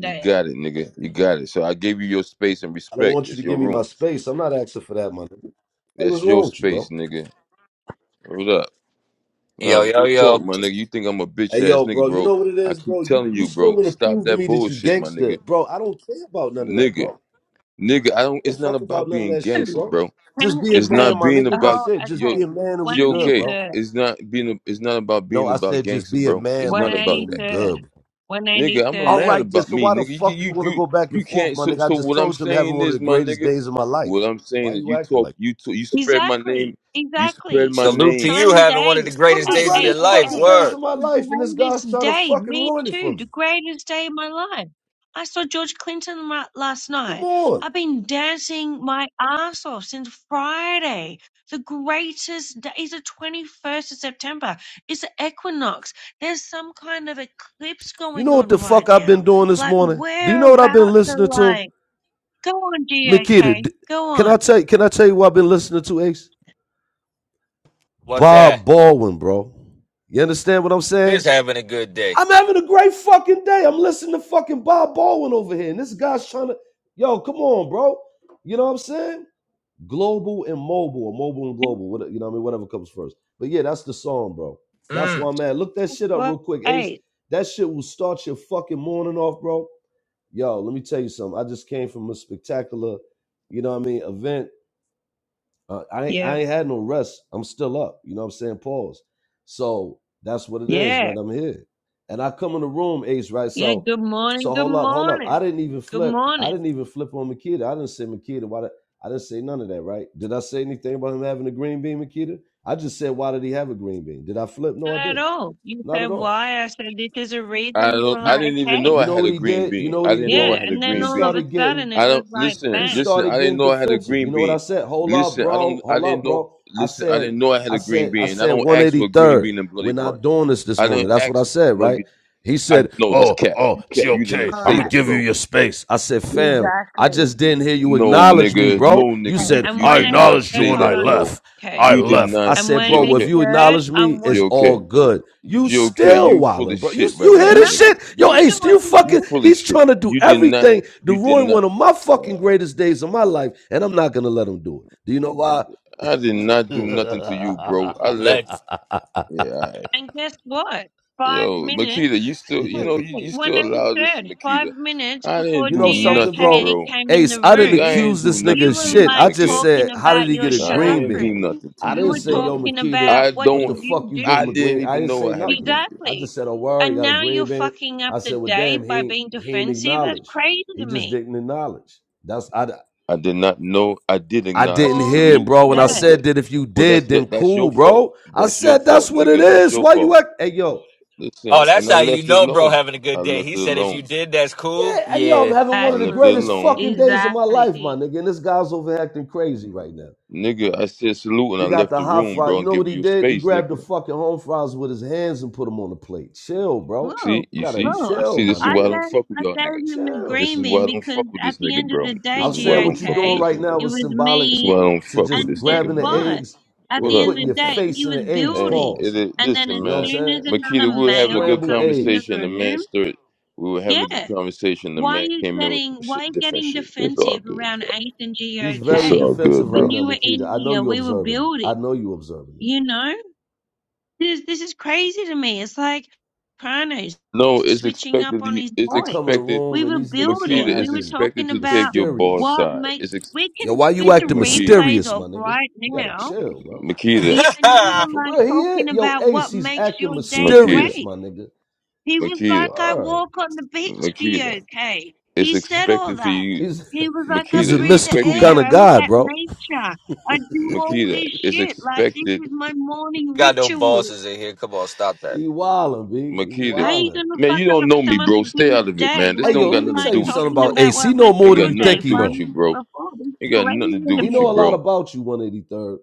You got it, nigga. You got it. So I gave you your space and I don't respect. want you It's to your give me my rooms. space. I'm not asking for that, my nigga. What's That's your wrong with you, space, bro? nigga. Hold up. Yo, Nah, yo, real talk, yo. my nigga. You think I'm a bitch Hey, ass yo, nigga, bro, you bro. know what it I is, keep bro? You telling you you, still bro. want to Stop prove to that me that you bullshit, my gangster, nigga. bro? I don't care about none of that, Nigga. bro. Nigga, I don't You don't it's not fuck about about none of being that shit, gangster, bro. bro. Can Just you, be a It's okay, man, not my being the nigga. about That's whole, it. Just yo, be a okay, man and we good, GOK. bro. 183rd, It's not being. It's not about No, being I about said just gangster, be a bro. It's man, my not nigga, about and we that, 183rd, good. Bro. nigga. I'm a All 183rd. man right, then. about So me, why the nigga. You can, fuck you you want to you go back you and forth, can't. my So nigga? so I just what I'm told you I'm having saying one of is, the my greatest nigga. days of my life. What I'm saying Why is, you you acting talk. like You talk, you spread my Exactly, name. You spread exactly. my It's Salute to name. you having one Sunday. of the one of greatest the Hey, days of hey, your greatest hey, life. fucking hey. days Word. of my The life, and this guy's greatest trying to day. fucking Me ruin it for too. me? The greatest day of my life. I saw George Clinton la- last Come night. on. I've been dancing my ass off since Friday. The greatest day is the 21st of September. It's the equinox. There's some kind of eclipse You going know what on the fuck right I've now. been doing this Like, morning? Do you we're know what I've been about to, listening to? like, go on, Makita? GOK. d- Go can I on. tell you, can I tell you what I've been listening to, Ace? What's that? Bob Baldwin, bro. You understand what I'm Is saying? having a good day. I'm having a great fucking day. I'm listening to fucking Bob Baldwin over here. And this guy's trying to, yo, come on, bro. You know what I'm saying? Global and mobile, or mobile and (laughs) global, whatever, you know what I mean? Whatever comes first. But yeah, that's the song, bro. That's why Mm. I'm at. Look that shit up Well, real quick, Ace. hey, That shit will start your fucking morning off, bro yo, let me tell you something. I just came from a spectacular, you know what I mean, event. Uh, I ain't- Yeah. I ain't had no rest. I'm still up. You know what I'm saying? Pause. So that's what it is, Yeah. man. I'm here, and I come in the room, Ace. Right. Yeah. So, Good morning. so Good hold up, hold up. I morning. didn't even Good flip. I morning. didn't even flip on Makita. I didn't say Makita. Why? Did, I didn't say none of that. Right? Did I say anything about him having a green bean, Makita? I just said, why did he have a green bean? Did I flip? No, I Not at didn't. all. You Not said at all. why? I said this is a reason. I You don't. were You, I like, didn't even okay. know you I know had what a he green did? You bean. know what I he didn't know I did? Yeah. had a And then He green all bean. of a started getting sudden it I was don't like, listen. he bang. Listen, started I didn't getting know I had a defensive. green You know what I bean. said? Hold up, Listen, I don't. bro. I Hold up, didn't know. bro. I Listen, I said, didn't know I had I a green said, I bean. And I said don't ask for a green 183rd. bean and bloody We're not bunch. doing this this I do morning. not That's what I ask. said, No, right? you. He I said, no. That's Oh, cap. oh, You cap. You did not GOK, All I'm say going right. to that, give you bro. your space. I said, Fam, I Exactly. just didn't hear you No, acknowledge me, nigga. No, bro. You nigga. Okay. You said, And you I one did eighty not acknowledged you third, say when hold I that, on. left. bro. I Okay. You did left. I not. And said, one bro, well, eighty if GOK. you third, acknowledge I me, want, it's all GOK. good. You GOK. still You full wildin', of bro. You shit right you hear now, this no. nigga. shit? You You Yo, know Ace, you do what you you fucking this is? full of he's shit. trying to do You did not. everything to You did ruin not. one of my fucking Uh, greatest days of my life, and I'm not gonna let him do it. Do you know why? I did not do nothing to you, bro. I left. Let's. Yeah, all right. And guess what? Five Yo, minutes. Makita, you still, you (laughs) Wait, know, you, wait, you one still and allow a this, third, five Makita. minutes I before didn't You do know DOK something, nothing, bro? bro. came in Ace, the I didn't Nigga, I room, ain't accuse do this nigga you nothing of to were shit. you, I like just nigga. talking said, how about did he your get a I green ain't bean? do chakras. nothing to I You didn't you, were say, yo, bro. talking Makita, about I what what do the don't, you fuck you give I him a do? green? didn't I even didn't know say I had a nothing. green bean. I Exactly. just said, oh, word, he And got a now you're green bean. fucking up I the said, well, day damn, he by ain't, being he ain't defensive. That's acknowledge. crazy to He just me. didn't acknowledge. That's I. I did not know. I did I not. I didn't said All hear, it, he salutes, bro. When and I I. said, said let- that, if you Well, that's did, then that, that's cool, your fault. bro. I That's your said that's fault, what it nigga. That's is. your Why you fault. act? Hey, yo, Oh, Listen, that's and I how you left it know, bro, alone. having a I good day. left He it said if you alone. did, that's cool. yeah, hey, yo, I'm Yeah. having I one of the left exactly, it greatest alone. fucking days of my life, my exactly. nigga. And this guy's over acting crazy right now. Nigga, I said salute and I We got left the the hot room, fries. bro, You and know give what he you did? He space, nigga. grabbed the fucking home fries with his hands and put them on the plate. Chill, bro. You Whoa, see, You you gotta see, whoa. you chill, see, my this is I why I nigga. don't gave, fuck with I y'all gotta niggas. gave him a chill. This is green why bean I don't because fuck with at this the nigga, end of bro. the day, This I'm is why I saying don't what you fuck with doing GOK, this right nigga. now it was was symbolic This is why me. I don't to fuck with just And this guess nigga, grabbing my the nigga. what? eggs At What and the up, end of putting the your man? day, face he in was the eggs. Hey, building. it Pause. is, And then listen, as You know what I'm man. soon as saying? another Makita, we were having a male good Scramble comes in the eggs. conversation. The man room, stirred. We were having a good yeah. conversation. The Why are man you came in with getting, some why are shit, you different getting shit. It's all defensive good, around bro. Ace and He's It's very GOK? all good, defensive When right bro. now, you were Makita. in I know here, you we were observing it. building, I know you observing it. you know? This, this is crazy to me. It's like Chronos No, it's switching up expected. on You, his it's I come in voice. the expected room We and were these niggas Makita start building. We is were acting expected talking to about take your ball mysterious. what side. makes. It's ex- We Yo, can why you switch the acting Makita, replays mysterious, my off nigga? right You gotta now. chill, bro. Makita, Yeah, and you (laughs) were For like real, he is. talking Yo, about Ace, what he's makes acting your day Makita, mysterious, my great. nigga. He was Makita, like, I Word. walk on the beach Do you, Makita. okay?" It's He said all expected to that. you. He's (laughs) He was like, I Makita he's a is breathe the mystical expected. You, kind air. of I look guy, at bro. nature. I do all Makita this is shit. Like, this expected. is my morning Got no ritual. bosses in here. Come on, stop that. He wildin', B. He How Makita, are you wildin'. gonna man, fuck you don't up know me, some other bro. Stay out dude's of it, day man. This Hey, when don't yo, got let you me nothing to like tell do you with you, something talking about bro. about Ace. what He know makes more Ain't than got your you nothing to day think he do five with know. you, minutes bro. before? This is Ain't got nothing to crazy do to He with you, know a me. lot bro. about you, 183rd.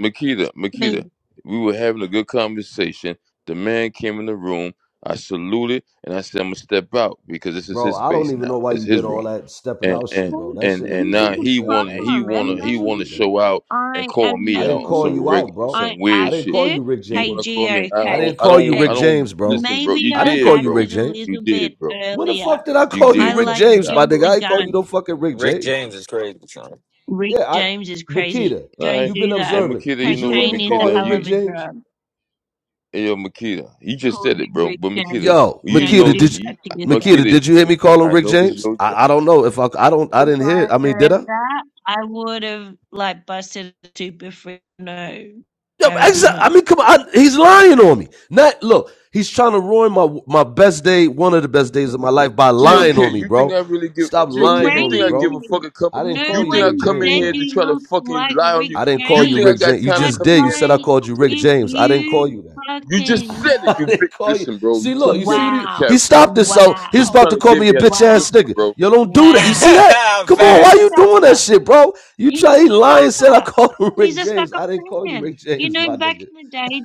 Makita, Makita, Me. we were having a good conversation. The man came in the room. I saluted and I said, I'm gonna step out because this is Bro, his I space don't even now. know why It's you his did all room. that stepping And out and shit, bro. That and shit This didn't and is even now make no the he sense. I wanna ain't, he problem. I wanna And didn't he ask you to wanna do that. maybe show out and I call and me I out didn't on call some maybe you reg out, bro. I some I weird didn't shit. call acted you Rick You hey wanna James. call G me? I I don't okay. didn't I call you don't Hey, Rick I don't James, bro. listen, bro. maybe You I I didn't call did, you Rick bro. acted a James. You little bit did, bro. When the earlier. fuck did I You call I you did Rick call like me James, out, my jumped nigga? bro. the I ain't call you no gun. fucking Rick Rick James. James is crazy, son. Rick Yeah, I James is crazy. Makita, All Don't right. you've been do that. And observing. Makita, you Did you know what, hear Cocaine me is a call Makita, him hell Rick of you a James? drug. Hey, yo, Makita, you just said it, Cody bro. Rick But Makita, James. Yo, you Don't Makita, know, do did you you, that to yourself. Makita, Makita, did you hear me call him I Rick know it's James? your I, I job. don't know if I I don't I If didn't hear. I it. had I mean, did heard I? that, I would have like busted a super free. No, Yeah, I did exactly. I not. mean, come on. I- he's lying on me. Not look. He's trying to ruin my my best day, one of the best days of my life, by (laughs) This She lying okay? on is me, You think bro. I really give? Stop She okay? lying You on me, think I give a bro. Crazy. fucking come? I didn't No call You you think I Rick one come in James, said here bro. to you try to looked fucking like lie on you? Rick I didn't call You you think I Rick James, got James. You time but to just come in did. You here? said I like, She called you okay? Rick if James. I didn't call you you that. You just fucking said (laughs) it, I you bitch. didn't call you. Listen, bro, you See, trying look. to You get see me what out he of wow, he character stopped right this. now. So You He's wow, about trying to to call get me a me out of bitch wow, ass listen, nigga. bro. Yo, don't do (laughs) that. You wow, see that? Come on. Why you you Facts. doing look that shit, bro? You He's try. a He lying. Said I (laughs) sucker. called him He's Rick a James. sucker I didn't call you fan. Rick You James, know, my back nigga. in the day,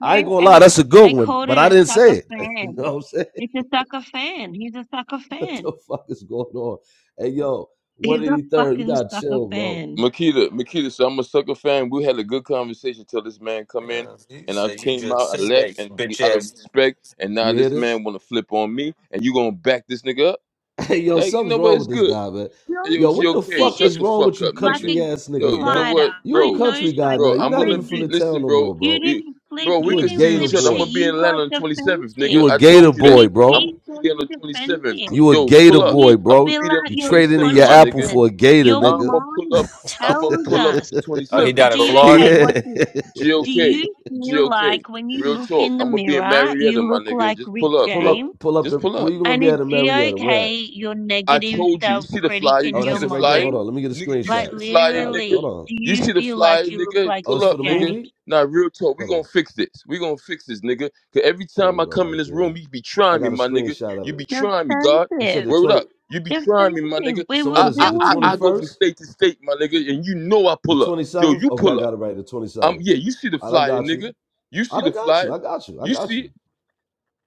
I ain't gonna lie, that's a good they one, called but it I a didn't sucker say it. (laughs) you know fan. what I'm saying? It's a sucker fan. He's a sucker (laughs) what the fan. fuck is going on? Hey yo, one He's a eighty third, you fucking gotta sucker chill, bro. fan. Makita, Makita, so I'm a sucker fan. We had a good conversation till this man come in, Yeah, he and I said you came just out, I said that, left, you and we- bitch out of ass respect, and now You hear this this? man want to flip on me, and you gonna back this nigga up? (laughs) Hey yo, Like, you something's know what? wrong It's with this good. guy, man. No, Hey, Yo, Yo, what the GOK, you fuck shut is just the wrong fuck with you up, like nigga. country a ass Yo, niggas, you know bro? glider. what, You I a bro? know country guy now. Bro, You're I'm not gonna even from be. the psychology. town Listen, no bro, more, You bro. we- didn't flip. bro, we You He a could didn't see gator flip each other. I'm shit. boy. gonna be in You got Atlanta on the 27th, nigga. You a I defensive, gator told you and that. boy, you I'm gonna bro. keep be there on the getting 27th. defensive. You a Yo, gator pull Then up. you boy, I'm gonna bro. spill be there on out You the your trading in 27th, your my apple nigga. consciousness. for a gator, Your I'm nigga. gonna pull up. mind I'm gonna tells pull up us. on the (laughs) Oh, he Look, 27th, down in bro. G.O.K. Florida. Watch this. yeah. (laughs) Do GOK, you feel GOK. like when you Real look talk. in the I'm gonna be in mirror, Marietta, you my look nigga. like Just Rick pull up, Pull bro. James? up, pull up Just the. pull up. Where you gonna And be is at in Marietta? Where? At? G.O.K. your I negative told you. You see the self-critic flyer. You in Oh, see your that's the it right there. flyer, Hold on, mind? let me get a nigga. You see Like screenshot. the flyer, Nah, nigga. Hold literally, on. do You you see the feel flyer, like you look nigga. like Oh, Pull it's Rick for up, the nigga. James? movie. Now, real talk. We Hold gonna on. fix this. We gonna fix this, nigga. Cause every There time we I go, come in right this there. room, you be I trying me, got a my nigga. screenshot of You be it. trying me, God. You Defensive said the Word up. twenty. You be trying me, my Definitely. nigga. We So were what I is it? I The I, twenty I building. go from first, state to state, my nigga, and you know I the pull up. twenty Yo, seventh. you Okay, I pull up. got it right. The twenty Um, seventh. yeah. You see the I done flyer, got you. nigga. You I see the done got you. flyer. I got you. I You got you. see,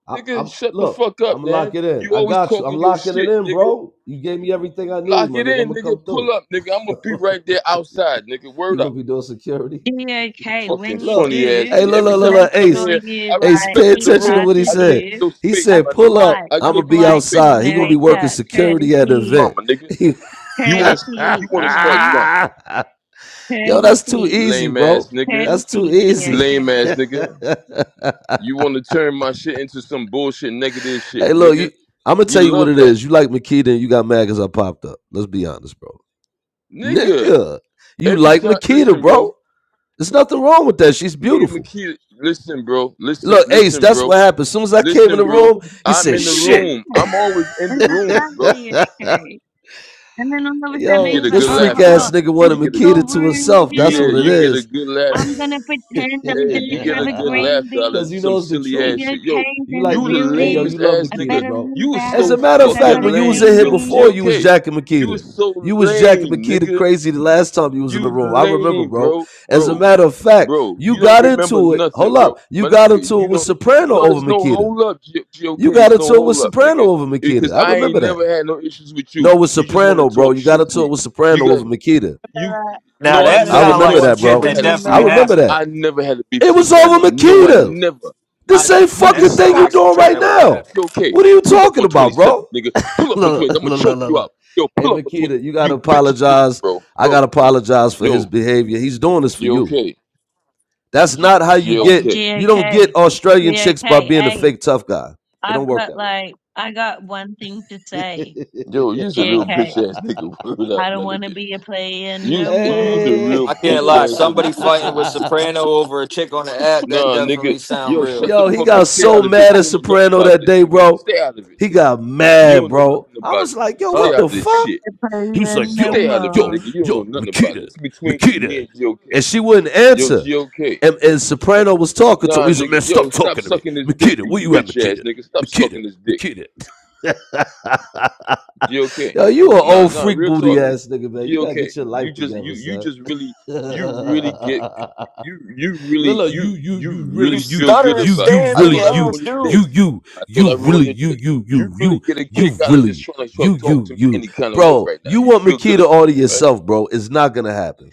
I, it. nigga. I'm Shut the look. fuck I'm up, gonna man. lock it in. You I always got you. I'm talking your locking it shit, in, nigga. bro. You gave me everything I need, Lock my it nigga. I'm in, gonna nigga. come Pull through. up, nigga. I'm gonna be (laughs) right there outside, nigga. Word you up. gonna be doing security? DOK, Fucking when you Look, funny ass, do, hey, nigga. look, Every look, look, time I make look, come in sure Ace, here, you I Ace, like, pay respected he the attention to room. passes what he I gave said. you you your He space, a said, my "Pull nigga. up, flight, I I'm a gave gonna you be your flight to space, and outside. you He gonna wanna be come working in America, and start some security at the fucking courtesy, event." drama, nigga. You wanna st- you courtesy, you wanna start know, drama, (laughs) Yo, that's too courtesy, easy, lame ass bro. nigga, That's too courtesy, easy. lame (laughs) DOK. ass hey, nigga. You wanna turn my shit into some bullshit, negative shit, look, nigga. you. I'm gonna You tell you what love it that, is. You like Makita, and you got mad because I popped up. Let's be honest, bro. nigga. Nigga, you Every like time, Makita, listen, bro. bro. There's nothing wrong with that. She's Me and beautiful. Makita, listen, bro. Listen, Look, Ace, listen, that's bro. what happened. As soon as I came in Listen, the bro, room, he I'm said, in It's the a shit. room. (laughs) fact. I'm always in the It's a rooms, fact, bro. Hey, DOK. And then all of a sudden You he Yo, get was a like, this good oh, oh, freak laughter, oh, huh? ass nigga this You wanted is get a your good, Makita to room, this himself. is you That's your what get it you room. get a is. good laughter. I'm gonna pretend I Hey, you don't get have a a good (laughs) green laughter out bean of Cause you some knows the silly truth. ass Dia shit. Yo, K's You in the like you the Mak- hey yo, building. you lamest love ass I nigga. Makita, better bro. You leave was As out so a matter because of I fact, fucking got a when you was lame, in green here yo. bean. before, you was GOK. jacking You Makita. was so You was jacking lame, Makita nigga. crazy the last time you was in the You room. I remember, lame, bro. bro. As a Bro. matter of fact, Bro, you you don't got remember into it. nothing, Hold bro. up. You My got nigga, into you it with don't. Soprano No, over it's no Makita. hold up, G- GOK. You got It's no into it with hold up, Soprano nigga. over Makita. Because I I remember ain't that. never had no issues with you. No, with You just want to Soprano, bro. talk You got shit to into it me. with You Soprano over got Makita. you. I Now No, I that I remember never. sounds that. like remember No, I some that, I shit never bro. that had a remember I definitely beef. that. remember happened. that. I never had a beef It with was over Soprano. No, I Makita. never. The I same nigga, That fucking thing sounds you like stop. some doing shit fuck, right that would now. have happened. GOK, What are you pull up talking on about, bro? 27, nigga. Pull (laughs) up on look, 20. I'm gonna look, look, choke look, you look. out. Yo, Hey, pull up on 20. Makita, you gotta You bitch. Listen, apologize. bro, I bro. gotta apologize for his Yo, behavior. He's doing this for you. GOK, That's not how you G- Hey, get. GOK. You don't GAK. get Australian GAK. chicks by being a Hey, fake tough guy. It don't I've work got that like, I got one thing to way. say. Yo, you's a real bitch GAK. ass nigga. (laughs) Word up, I don't my want to nigga. be a player You's no you's a more. real I (laughs) hey, can't bitch lie. ass nigga. Somebody fighting GOK. with (laughs) Soprano over a chick on the app. That Nah, nigga. definitely sound Yo, real. shut the Yo, he fuck up. got Stay so out of it. mad You at don't know nothing Soprano about that this, day, nigga. bro. Stay out of it, He nigga. got You mad, don't know bro. nothing I about was it, like, nigga. yo, Stay what Oh, out the of this fuck? shit. A He was player You like, no yo, stay out of it, yo, more. nigga. You don't know yo, nothing about it. Makita, It's between me Makita. and GOK. And she wouldn't Yo, answer. GOK. And, and Soprano was talking to him. Nah, He's like, nigga. man, Yo, stop stop talking to me. sucking this dick, Makita, you where you at, bitch ass Makita? nigga. Stop Makita, sucking this dick. Makita. (laughs) GOK. yo, you an Nah, old nah. freak Real talk. booty ass nigga, man. You gotta GOK, get your you life just you together, you son. just really you really get (laughs) you you really Lilo, you you you you you you really really you feel good stuttering you about. It. you I really Stanley thought I you ass ruined your day. dude. you you I thought you I ruined really your you day. you You you really you get a you kick out of just really trying to you talk, talk you to me you any kind of way bro. right now. You You want feel good Makita all about to that, right? yourself, bro. It's not gonna happen.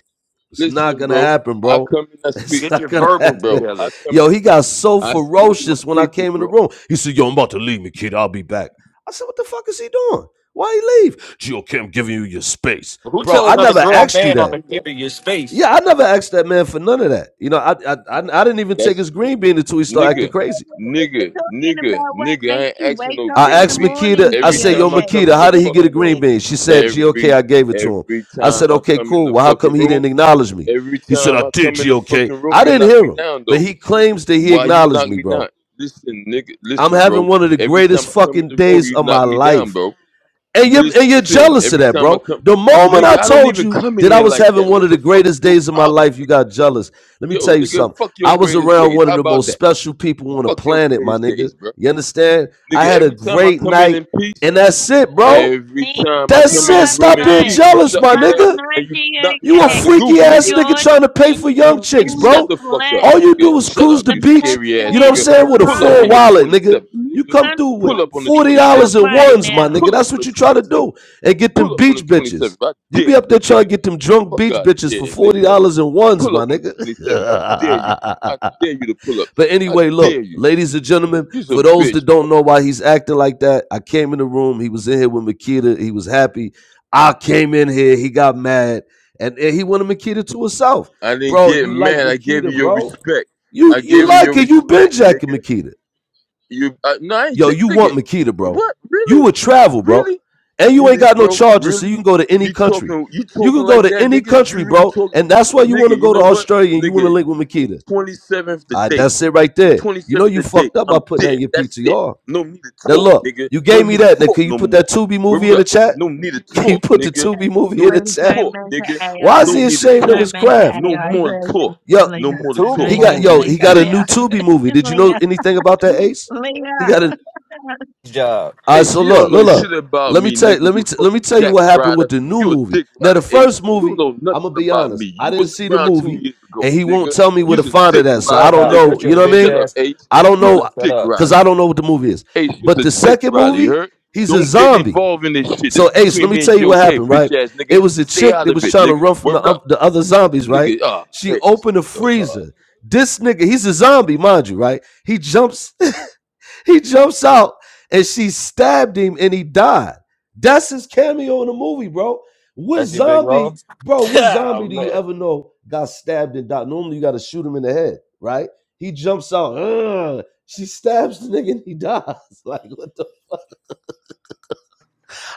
It's not Listen, gonna bro. happen, I bro. (laughs) come in, I speak, It's Get not your gonna verbals happen. bro. I together. come Yo, in, he got so I speak to my ferocious when I people, came in the bro. room. He said, Yo, I'm about to leave Makita. I'll be back. I said, What the fuck is he doing? Why he leave? Gee, okay, I'm giving you your space. Who Bro, tell I another never grown asked you man I'm that. gonna give you your space? Yeah, I never asked that man for none of that. You know, I I, I, I didn't even take That's his green bean until he started Well, acting Nigga, crazy. nigga, We're talking nigga, about what nigga, I makes ain't you asking wake no up in I green the asked bean. Makita, morning, I Every said, Yo, time GOK. I Like, come Makita, in the how did he get a fucking green room, literally. bean? She said, GOK, every I gave it to him. every I time said, I Okay, come in cool. the Well, how fucking come he room, didn't acknowledge me? every He said, time I I did, come in the GOK. fucking room, I you didn't knock hear me him, down but though. he claims that he Why you acknowledged knock me, me down? bro. Listen, nigga, I'm listen, having bro. one of the Every greatest time I come in fucking the room, days you of knock my me life. down, bro. And you're, and you're Listen, jealous of every that, time I bro. come, The moment nigga, I I don't told even you come in that I here was like having that. one What of the the fuck is greatest your days of my problem, life, you nigga? got jealous. Let me Yo, tell you nigga, something. fuck your I was greatest around days. one How of the about most that? special people on the Fuck your planet, my greatest nigga. days, bro. You understand? I Nigga, had a every time I great come in night, in peace, and that's it, bro. every Me time I too come That's in it. this last room Stop in being night. peace, you jealous, shut my me Last down nigga. night, and you knock me You a down the DOK. goo, freaky ass nigga. nigga George trying to pay for young Clinton chicks, in Nigga, the shut bro. the fuck up, flesh. All you nigga. do is Shut cruise up, the The you beach, best scary ass you know day what I'm of nigga. saying, with a Pull up my full on the life. wallet, nigga. 27th, You You nigga. come can't through with Pull fuck up on the this $40 shit 27th, up in right nigga. ones, my now. nigga. Pull up That's on what the you try to 27th. do. And get them Pull up on the beach 27th. bitches. I You dare be up you, there trying nigga. to get them drunk Fuck beach out of bitches here, for $40 nigga. in ones, Pull my up on nigga. the 27th. I dare you. (laughs) I dare you to pull up. But I anyway, look, dare you. ladies and gentlemen, You's a for those that bitch, don't know why he's acting like that, I came in the room. He was in here with Makita. He was happy. I came in here. He got mad. And, and he wanted Makita to herself, I didn't Bro, get you like mad. I gave you Makita, your bro. respect. You I you gave you your like it. You been respect, jacking nigga. Makita. You uh, no, I ain't Yo, j- you nigga. want Makita, bro. What? You Really? would travel, bro. Really? And you ain't Really, got no bro? charges, so Really? you can go to any You country. talking? You You talking can go like to that, any nigga? You country, really bro. talk, And that's why you nigga? want to You go to know what, Australia and you want to nigga? link with Makita. Twenty seventh the Ah, date. that's it right there. Twenty You know seventh you the date. fucked up by I'm putting that there. in your That's it. PTR. No need to Now talk, look, nigga. you No gave me need to that. Now talk can you no put more. that Tubi movie Word in the up. chat? No need to (laughs) Can you talk, put the nigga. Tubi movie No in the need Please to chat? don't talk, make it nigga. Why is No AI. he need to ashamed of talk. Don't his make it craft? No AI more to talk. version. Yo, Leah, No The more to I know Tubi talk. he you're got gonna yo, movie make he got a it new AI Peace. version, Tubi (laughs) movie. Did you know Leah. anything about that, Leah, Ace? He (laughs) got a it's, job. Uh, Hey, so she don't look, know look, look. shit about Let me me, tell you, nigga. let me You t- let me fucking tell you jack what happened rider. with the new You a movie. dick Now, rider, the Ace. first You movie, don't know I'm nothing gonna be about me. honest, I You didn't wasn't see the around two movie, years ago, and he won't nigga. tell me where to You's a find dick it at. So rider, I don't Clubhouse. nigga. know. Shut your You know what I bitch Shut mean? up, ass. Ace. I don't You's a Uh, know shut dick up. because rider. I don't know what the movie is. Ace, But you's a the dick second rider, you movie, heard? he's a Don't get zombie. involved in this shit. This So Ace, between let me me and tell you what GOK, happened. Right? bitch ass It nigga. was the Stay chick out that of was it, trying to nigga. run from Word the up. oth- the other zombies. Right? Nigga, ah, I She hate this opened the nigga, though. Huh. freezer. This nigga, he's a zombie, mind you. Right? He jumps he jumps out and she stabbed him and he died. That's his cameo in the movie, bro. What That's your big role. zombie, (laughs) bro, what Oh, zombie do you man. ever know got stabbed and died? Normally you gotta shoot him in the head, right? He jumps out, "Ugh." she stabs the nigga and he dies. (laughs) Like what the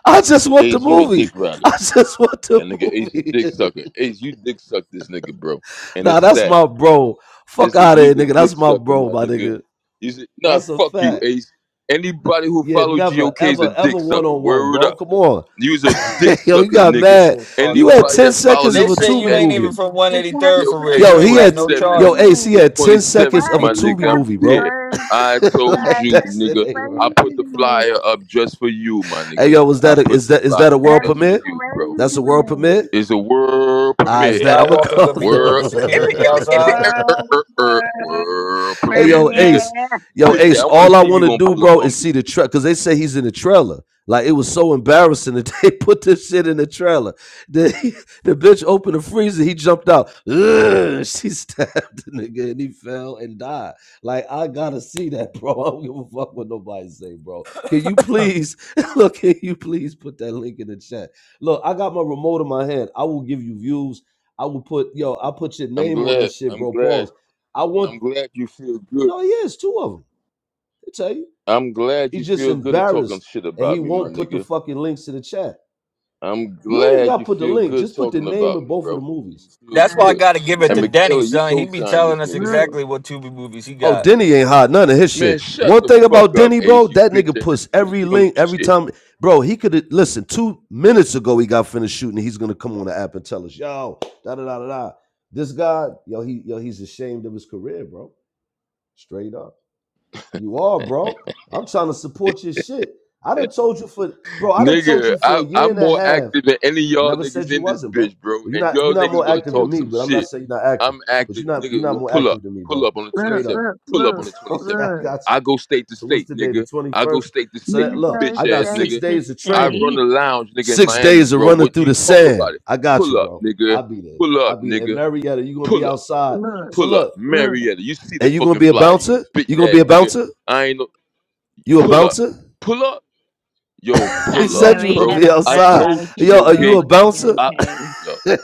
I just want the Ace, you a dick movie. rider. I (laughs) just want the That nigga Ace a movie. dick sucker. Ace, you dick suck this nigga, bro. (laughs) And nah, it's that's sad. my bro. Fuck is that out of here, you's a nigga. dick That's my sucker, bro, my my nigga. nigga. You said, nah, That's a fuck you, fact. Ace. Th- Anybody who Yeah, follow never, GOK is a ever, ever dick one sucker. on one, Word bro. up. Come on. You's a dick (laughs) yo, you sucker, got nigga. This mad. shit You fucked had up. Anybody 10 that follow seconds this They of a said bitch you Tubi ass ain't it's nigga, even movie. from it's 183rd GOK for real. the Yo, You he ain't got had no crazy 27th. to yo, charges. Ace, he me. The had 10 27th, seconds Why of a my do you Tubi nigga, have I'm movie, to bro. dead. go to I (laughs) this told like life? you, That that's is it, nigga. ain't right. I put crazy the to me. flyer up just for you, my Hey nigga. yo, was I that a, put is the that is flyer up that a world That just is for permit? you, bro crazy That's to a world permit? me. is a world You I and bet I'm gonna Skywalker call premiere. gonna be doing World, the if it, security if Uh, it, them. if (laughs) it, outside. er, er, World, er, er, world, world Hey, premiere, yo, premiere. nigga. Ace. (laughs) Yo, Bitch, I Ace, want to all I see if want you to gonna do, pull up bro, on is me. see the trailer. Because they say he's in the trailer. Like, it was so embarrassing that they (laughs) put this shit in the trailer. The, (laughs) the bitch opened the freezer. He jumped out. Ugh, she (laughs) stabbed the nigga and he fell and died. Like, I got to see that, (laughs) bro. I don't give a fuck what nobody say, bro. Can you (laughs) please, (laughs) look, can you please put that link in the chat? Look, I got my remote in my hand. I will give you views. I will put, yo, I'll put your I'm name on that glad. shit, I'm bro. glad. Pause. I want I'm glad you feel good. no, he is two of them. I tell you. I'm glad you He's just feel good at talking embarrassed shit and he about me, my won't put the nigga. fucking links to the chat. I'm You ain't even glad got to you put the feel link. good Just put the talking name about of me, both of the bro. You movies. feel That's why I good. gotta give it And to look, Denny, Michaela, you son. He be co-signed telling this us nigga, bro. look, exactly what Tubi movies he Oh, got. Denny ain't hot. None of his Man, shit. shut One the thing fuck about up, Denny, bro, Ace. You that bitch nigga ass puts nigga. every You don't know link every shit. time. Bro, he could have listen. Two minutes ago, he got finished shooting. He's gonna come on the app and tell us, yo, da da da da da. This guy, yo, he yo, he's ashamed of his career, bro. Straight up. You are, bro. I'm trying to support your shit. I done told you for bro, I done told Nigga, you for I, a year I'm and a more half. active than any of I y'all never niggas said you in this wasn't, bro. bitch, bro. Well, you're And not y'all you're not niggas more will to active than talk me, some but I'm not shit. saying you're not active. I'm But active, you're not you're nigga. not Well, more pull up, active than me, pull bro. up on the look, Straight up. 27th. (laughs) look, Pull up on look, the Okay, 27th. I look. got you. I go state to So what's state, today? The nigga. I go 21st? state to So state, that You you look, go I bitch got ass state six nigga. to days of I training, run the state. lounge, nigga, in six Miami, days of bro. running What through the you talk sand. about it? I got you, Pull up, bro. nigga. I'll be there. Pull up, I'll be there. And nigga. Marietta, you're gonna be Pull up, outside. Look, So pull up. look, look. Marietta, you see the and you gonna fucking be a flyer, you bouncer? bitch You gonna be ass a nigga. bouncer? I ain't no. You a Pull up, bouncer? pull up. Yo, (laughs) He That pull said up, you gonna bro. be Marietta, I that's outside. out told of you, Yo, are control, you GOK. a you- bouncer? I, DNK. yo, (laughs) Yo,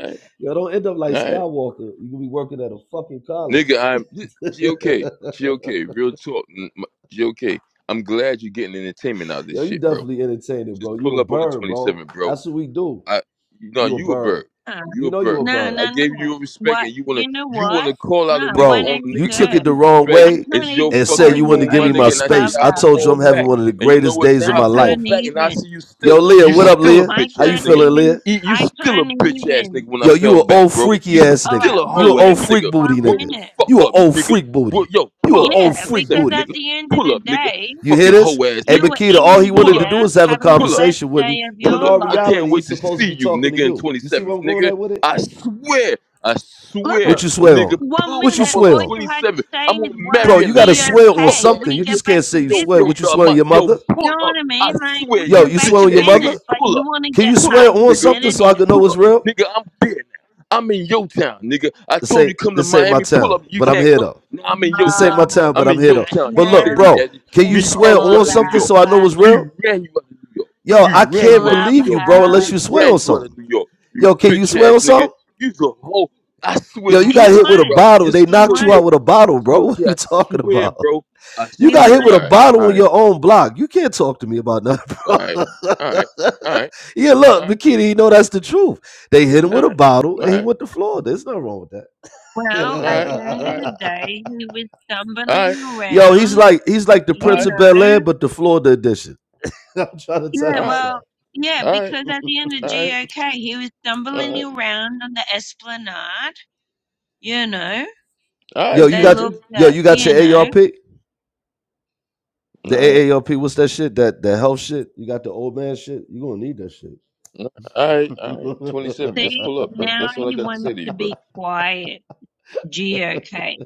alright, don't end up like alright. Skywalker. You gonna be working at a fucking college. Nigga, I'm (laughs) GOK. GOK, real talk. n- m- GOK, I'm glad you're getting entertainment out of this Yo, you shit, bro. definitely entertaining, bro. Just You a pull up on the bird, bro. 27th, bro. That's what we do. I no, You a you a bird. bird. Nah, You You a know you a bird. nah, bird. I nah. gave nah. you your respect, What? and you wanna You know you what? wanna call out a Nah, nigga Bro, on a you nigga took giving it 183rd. the you wrong respect. I way can't It's your even and said call fucking you wanted you to room, give my me my nigga. OD And I say space. yeah, I I'ma Clubhouse told you fall I'm having back. anymore. one of the And you know greatest what? days Now I of I my fall can't life. back, and I even. see you Yo, still Leah, you what up, still a Leah? I bitch How ass you can't nigga. feeling, Leah? even. You you I still a can't bitch ass nigga even. when I Yo, you fell a back, old bro. You freaky ass All nigga. right, still a You a hoe one old ass minute. freak nigga. booty One Word nigga. the minute. fuck You a up, old nigga. freak Wo- booty. yo, You a pull up Yeah, on old freak 27, because at nigga. booty. the end of Pull the up, nigga. day, You hear Fucking hoe this? ass Hey, you nigga. were Makita, all in he wanted Pull to up. here do is have a having the Pull up best conversation with me. day of When in pull your all up. I life. can't reality, wait he's to supposed to see be you, talking to nigga, in you. You see where 27th. I'm going Nigga, at with it? I swear, I swear, What Look, you swear on? nigga, one pull What you up minute, on the swear all on? you had 27th. to say I'm is, on Marietta, What Bro, up, you gotta nigga, you swear on fuck ass DOK? something. We You nigga. get just back can't to say you Yo, swear. yo, business. What you yo, swear my, on your yo, mother? You pull know what up. I I mean? Like, swear, we Yo, you get you back swear bitch to on your ass nigga, mother? business, but pull up you want to Can get you pull swear up, on nigga. something so I'm argumentative. I can know pull it's up, real? nigga. I'm there now. I'm in your town, nigga. I This told you ain't come to this ain't my Miami, pull town, up. You but I'm can't here come. though. Now I'm in your This ain't town. Uh, my time, but I'm I'm in here your though. town. You But now look, scary bro, ass. can it's you We swear ran all you on out of New something about York. so I like know it's real? We ran you out of New York. Yo, We I ran can't you out of New believe you, York, bro, nigga. unless clubhouse. Niggas you swear on ran you out something. of New York. You Yo, can you bitch swear ass on nigga. something? You the hoe. I swear. Yo, To, m- you He got hit with listen, a won. bro. bottle. They Listen, He knocked you won. out GOK. with a bottle, bro. (laughs) What GOK. are you talking swear, about? bro. I You He swear. got hit with a All won. right. bottle All on right. your own block. You can't talk to me about nothing. (laughs) All right. All right. All right. Yeah, All look, right. Bikini, you know that's the truth. They hit him All with a right. bottle all and he right. went to Florida. There's nothing wrong with Well, All at right, the end all of right, the that. day, he was all right, stumbling (laughs) Yo, he's around, like he's like the all Prince you right, of Bel Air, know. but the Florida edition. (laughs) I'm trying to tell Yeah, all you right, something. well, yeah, all right, because at the end of all right, GOK, he was all stumbling right, around on the esplanade, you know. all right, Yo, you They got Joker. looked yo, at, you got you your know. AARP? The All right, AARP, what's that shit? That the health shit? You got the old man shit? You gonna need that shit. all right, all right. Twenty-seven. Just See, pull (laughs) up, bro. now That's all I he got to say wants to to you, bro. be quiet, geocache.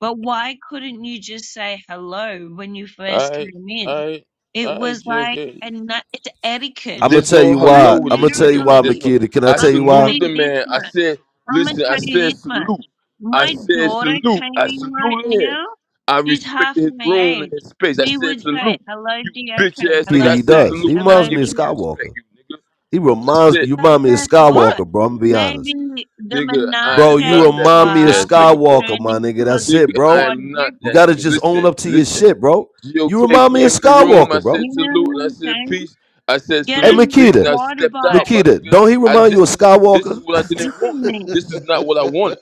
But why couldn't you just say hello when you All first right, came all in? right, It all right, was like, Joker. and it's etiquette. I'm gonna There's tell no you Like hello why. with I'm gonna this tell you nigga. why, There's literally, no. Makita. Can I I tell I'm you gonna why? tell saluted the you this man. I much. said, I'm gonna listen. I tell you said this much. salute. I My said daughter salute. came I in right saluted him. now. I She's half respected his my room and age. his space. I She said would say salute. hello, You bitch GOK, ass Makita, nigga. I hello, he said Goat, does. He salute and I hello, reminds gave me of you your Leo. respect, Skywalker. you nigga. He I said. reminds you So remind me of guess What? what? Skywalker, bro. I'm gonna be Maybe honest. the Nigga, I Bro, am menage a you not that remind me bitch of trois ass has nigga, bro. Skywalker, turned my nigga. into a That's Nigga, it, I bro. am not You that gotta quadruple. nigga. just own Listen, up to your listen. shit, bro. GOK You came remind me of in the room. I Skywalker, bro. said You know salute and what I I'm said saying? peace. I said Get Hey on salute, your peace, and Makita, I quad stepped out, bike. my Makita, nigga. don't he I remind this you of is what this Skywalker? is what I didn't Listen (laughs) want. to me. This is not what I wanted.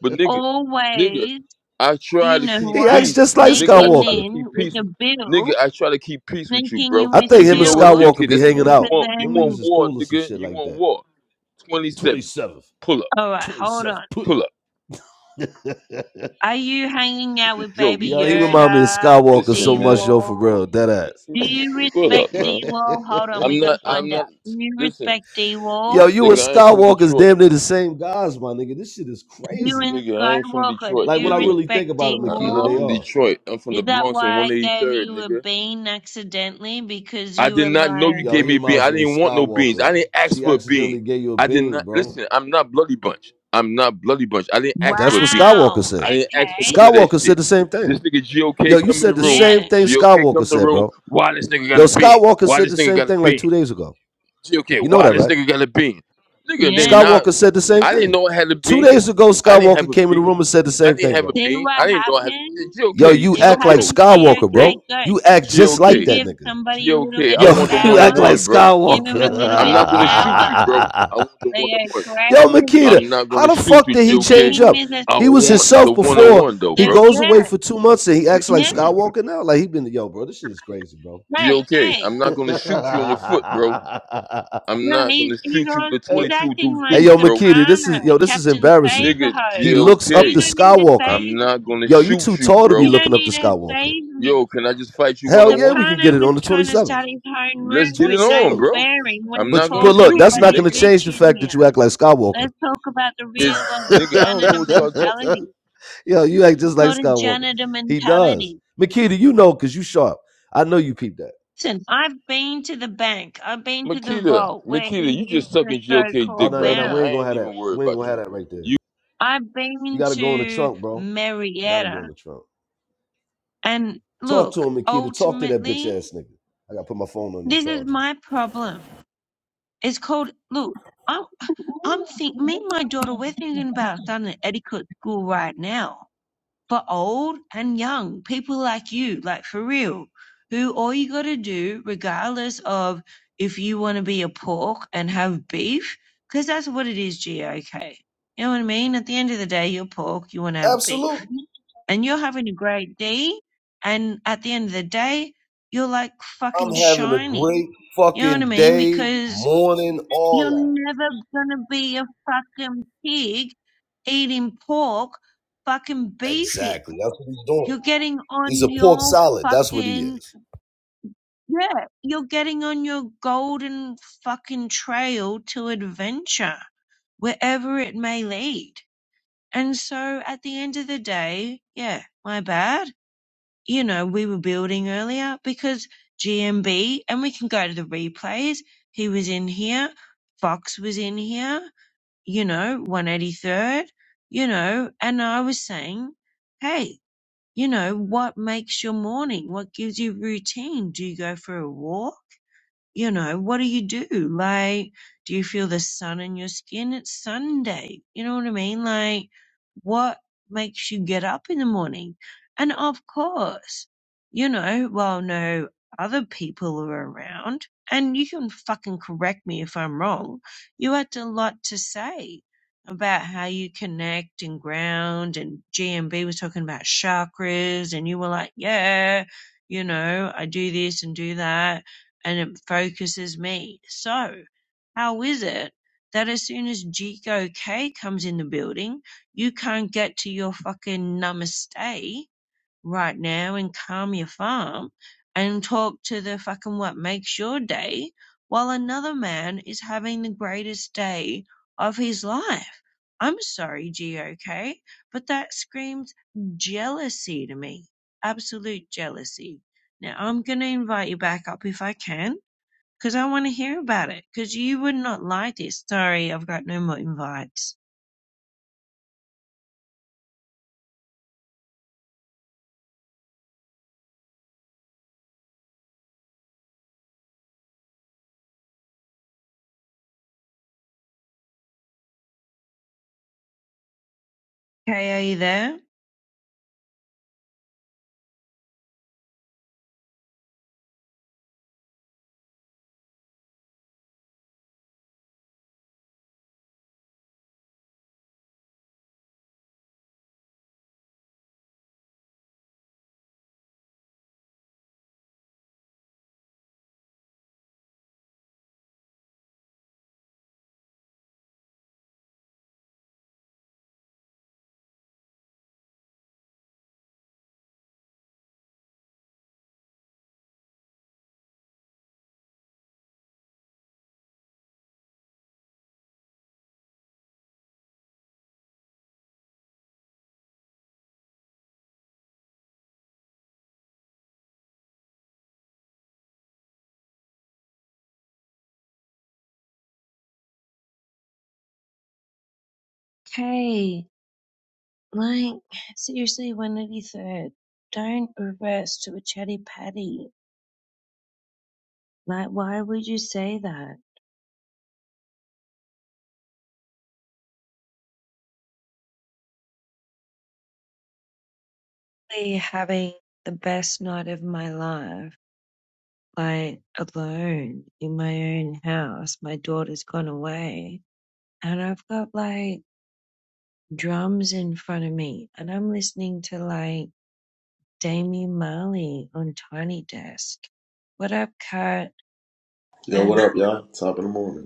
But nigga, nigga, Always, I try you to know keep he what? acts peace. just like Nigga, Scott I Sneaking try to Walker. keep in with peace. a Nigga, build, I try to keep peace with you, sneaking bro. in I with a think But you him and know what, Scott build, Walker GOK, be this is hanging what you but out. want. You Them want niggas then, is war, cool or some nigga. shit You like want that. war. 27th. 27th, Pull up. alright, hold 27th, on. Put pull up. up. (laughs) Are you hanging It's out a with joke. You Baby yo, think he this is remind me of Yoda, Skywalker so listen, man. much, yo, for D-Wall? real. Dead ass. Do you Pull respect up, man. Daywall? Hold on, we I'm gotta not (laughs) I'm find out. not Do you listen, respect yo, Daywall? you and nigga, I ain't from Skywalker's Detroit. damn near the same guys, my nigga. This shit is You crazy. and Nigga, I ain't from Skywalker, do Detroit, Like when you I nigga. really think respect about it, I'm Makita, not they Daywall? from are. Detroit. I'm from the Is that Bronx on why I gave 183rd, you a nigga. bean accidentally? Because I you did were not know you lying. Yo, gave he me a bean. reminds I me of didn't want no beans. I Skywalker. didn't ask She for a bean. accidentally gave you a I did bean, not bro. listen, I'm not bloody bunch. I'm not bloody bunch. I didn't ask for That's a what bean. Skywalker Wow. I said. didn't ask for Okay. none of that Skywalker said shit. the same thing. This nigga Yo, GOK you come in the said the room. same Yeah. thing GOK come Skywalker in the said, room. bro. Why this nigga got Yo, a bean? Skywalker Why said this the nigga same got a thing like bean? two days ago. okay, You know why that, this right? nigga got a bean? Nigga, then Yeah. now Skywalker said the same I didn't thing. know I had a Two bean. days ago, I didn't have Skywalker a came in the bean. room and said the I same didn't thing, have a bro. See bean. I what didn't know I had a happens? Yo, GOK, you you See what suck act like yo, happens to you? Skywalker, GOK, Okay, bro. good. You act just You like GOK, that give nigga. somebody a little GOK. bit I Yo, of want the (laughs) you one on power. act like one, bro. Give them a little I'm bit of not gonna shoot power. you, bro. Skywalker. (laughs) I want the They one on one. go Yo, Makita, crazy. I'm not how gonna the shoot fuck you, did The he GOK. change bean up? is a I He was thing. want the himself one on before. one though, He Yeah, bro. goes yeah, away for two months and he G- acts like yeah, Skywalker now. Like he been yo, bro. This shit is crazy, bro. right. GOK, Hey, I'm not (laughs) gonna shoot you on your foot, bro. I'm no, not he's gonna he's shoot you all, with a he's hey, 22 acting deuce Hey, like deuce, yo, bro. Makita, this is Soprano, yo, this is Captain embarrassing. Nigga, Favorho. He looks up GOK. You to don't need to Skywalker. I'm save not me. gonna Yo, you too shoot you, tall to be You bro. don't looking up need to to Skywalker. save Yo, me. can I just fight you one Hell on yeah, one? we can get Soprano it was on the twenty trying to seventh. start his own Let's rooms get Twenty it with no on, seventh. bro. swearing I'm when he not But gonna but calls look, shoot that's you, not everybody a gonna nigga. bitch change the in fact that here. you act like Skywalker. Let's talk about the It's real of the nigga, I don't know janitor what y'all talk (laughs) mentality. Yo, you act It's just like called a Skywalker. janitor He does. mentality. Makita, you know, cause you sharp. I know you peeped that. Listen, I've been to the bank. I've been to the Makita, vault where Makita, he you used just to sucking GOK Oh dick so-called no, no, right no. now. bound. We I ain't gonna ain't have that. even worried We ain't about gonna have you. that right there. You I've You been gotta go in the to trunk, bro. You gotta go Marietta, in the trunk. and Talk to look, him, Makita. Talk to that bitch ultimately, ass nigga. I gotta put my phone on the this is charger. my problem. It's called look. I'm, I'm think me and my daughter. We're thinking about starting an etiquette school right now for old and young people like you, like for real, who all you got to do, regardless of if you want to be a pork and have beef, because that's what it is. G okay, you know what I mean? At the end of the day, you're pork. You want to have beef Absolutely. and you're having a great day. And at the end of the day, you're like fucking I'm having a shiny. great You know what I fucking mean? day, Because morning, all you're that. never gonna be a fucking pig eating pork, fucking beefing. Exactly. That's what he's doing. You're getting He's on a pork your salad. That's what he fucking, is. yeah, you're getting on your golden fucking trail to adventure, wherever it may lead. And so at the end of the day, yeah, my bad you know, we were building earlier because GMB, and we can go to the replays. He was in here, Fox was in here, you know, 183rd, you know, and I was saying, hey, you know, what makes your morning? What gives you routine? Do you go for a walk? you know, what do you do? Like, do you feel the sun in your skin? It's Sunday. You know what I mean? Like, what makes you get up in the morning? And of course, you know, while no other people are around, and you can fucking correct me if I'm wrong, you had a lot to say about how you connect and ground and GMB was talking about chakras and you were like, yeah, you know, I do this and do that and it focuses me. So, how is it that as soon as Jigo comes in the building, you can't get to your fucking namaste right now and calm your farm and talk to the fucking what makes your day while another man is having the greatest day of his life? I'm sorry, GOK, but that screams jealousy to me. Absolute jealousy. Now, I'm going to invite you back up if I can because I want to hear about it. Because you would not like this. Sorry, I've got no more invites. Kay, are you there? Kay, like, seriously, 183rd. Don't reverse to a chatty patty. Like, why would you say that? Really having the best night of my life, like, alone in my own house. My daughter's gone away, and I've got like drums in front of me, and I'm listening to like Damian Marley on Tiny Desk. What up, Kat? Yo, what And up, y'all? Top of the morning.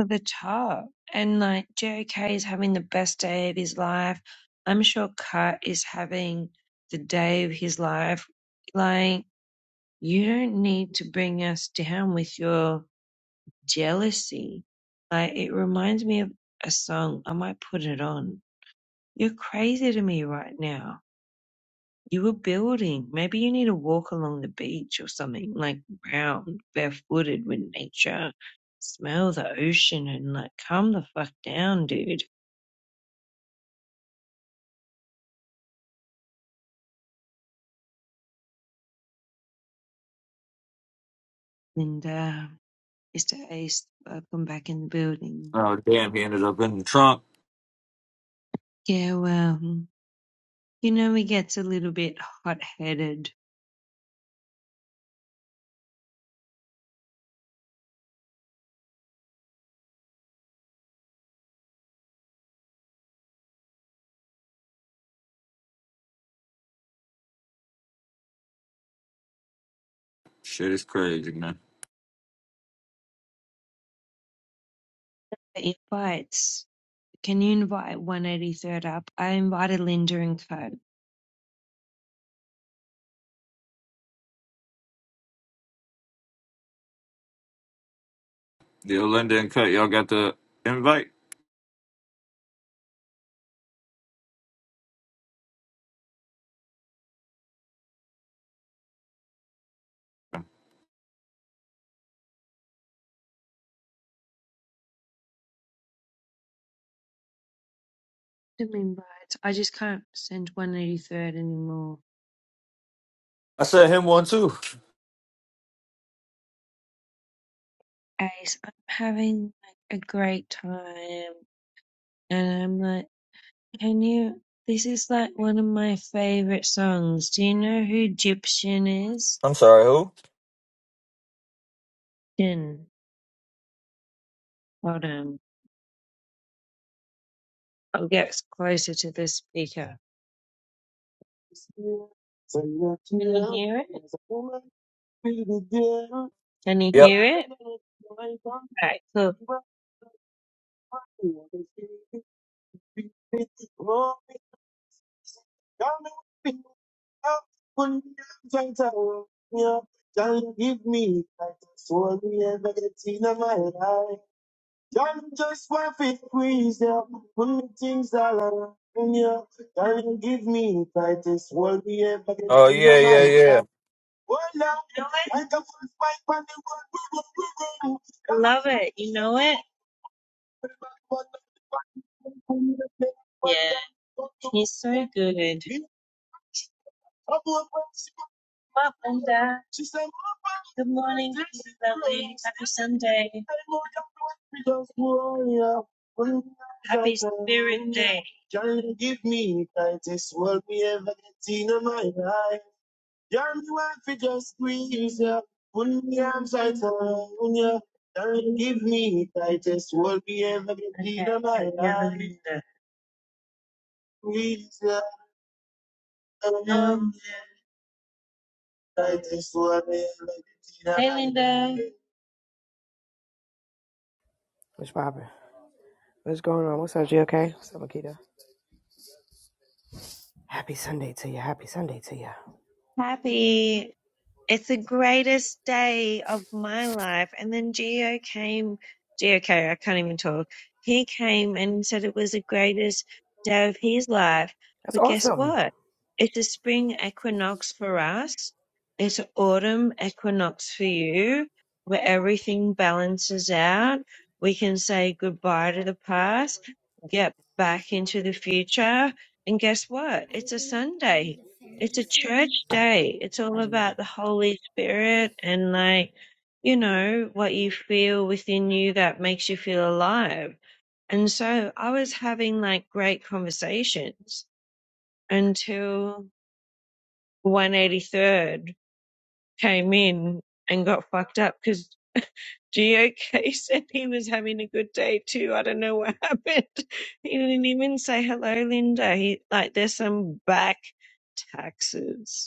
over the top. And like JK is having the best day of his life. I'm sure Kat is having the day of his life. Like, you don't need to bring us down with your jealousy. Like, it reminds me of a song. I might put it on. You're crazy to me right now. You were building. Maybe you need to walk along the beach or something, like round, barefooted with nature. Smell the ocean and like calm the fuck down, dude. And uh, Mr. Ace, welcome back in the building. Oh damn, he ended up in the trunk. Yeah, well, you know he gets a little bit hot-headed. Shit is crazy, man. The Invites. Can you invite 183rd up? I invited Linda and Co. Yo, Linda and Cut, y'all got the invite? Them invites. I just can't send 183rd anymore. I sent him one too. Ace, I'm having like a great time, and I'm like, can you? This is like one of my favorite songs. Do you know who Egyptian is? I'm sorry, who? Jin. Hold on, I'll get closer to the speaker. Can you hear it? Can you Yep. hear it? Right. cool. you up when you tell me up. you give me like a sword and a teen my life. Y'all just want to squeeze up when things all around you. Y'all give me like a sword and a Oh teen yeah, my yeah, yeah. life. Oh, Lord, like a first fight on the world. I love it. You know it? Yeah. He's so good. Welcome, Dad. Good morning, Lily. Happy Sunday. Happy Spirit Day. give give me me world world ever ever get get in in just squeeze ya. Put me arms tight around ya. Can give me this world me ever get in my life. Please, I love Hey Linda, What's poppin'? What's going on? What's up, G? Okay, What's up, Akita? Happy Sunday to you. Happy Sunday to you. Happy. it's the greatest day of my life. And then Geo came, Geo, okay, I can't even talk. He came and said it was the greatest day of his life. That's But guess awesome. what? It's a spring equinox for us. It's an autumn equinox for you, where everything balances out. We can say goodbye to the past, get back into the future. And guess what? It's a Sunday it's a church day. It's all Probably about not. the Holy Spirit and like, you know, what you feel within you that makes you feel alive. And so I was having like great conversations until 183rd came in and got fucked up because GOK (laughs) said he was having a good day too. I don't know what (laughs) happened. He didn't even say hello, Linda. He like there's some back taxes.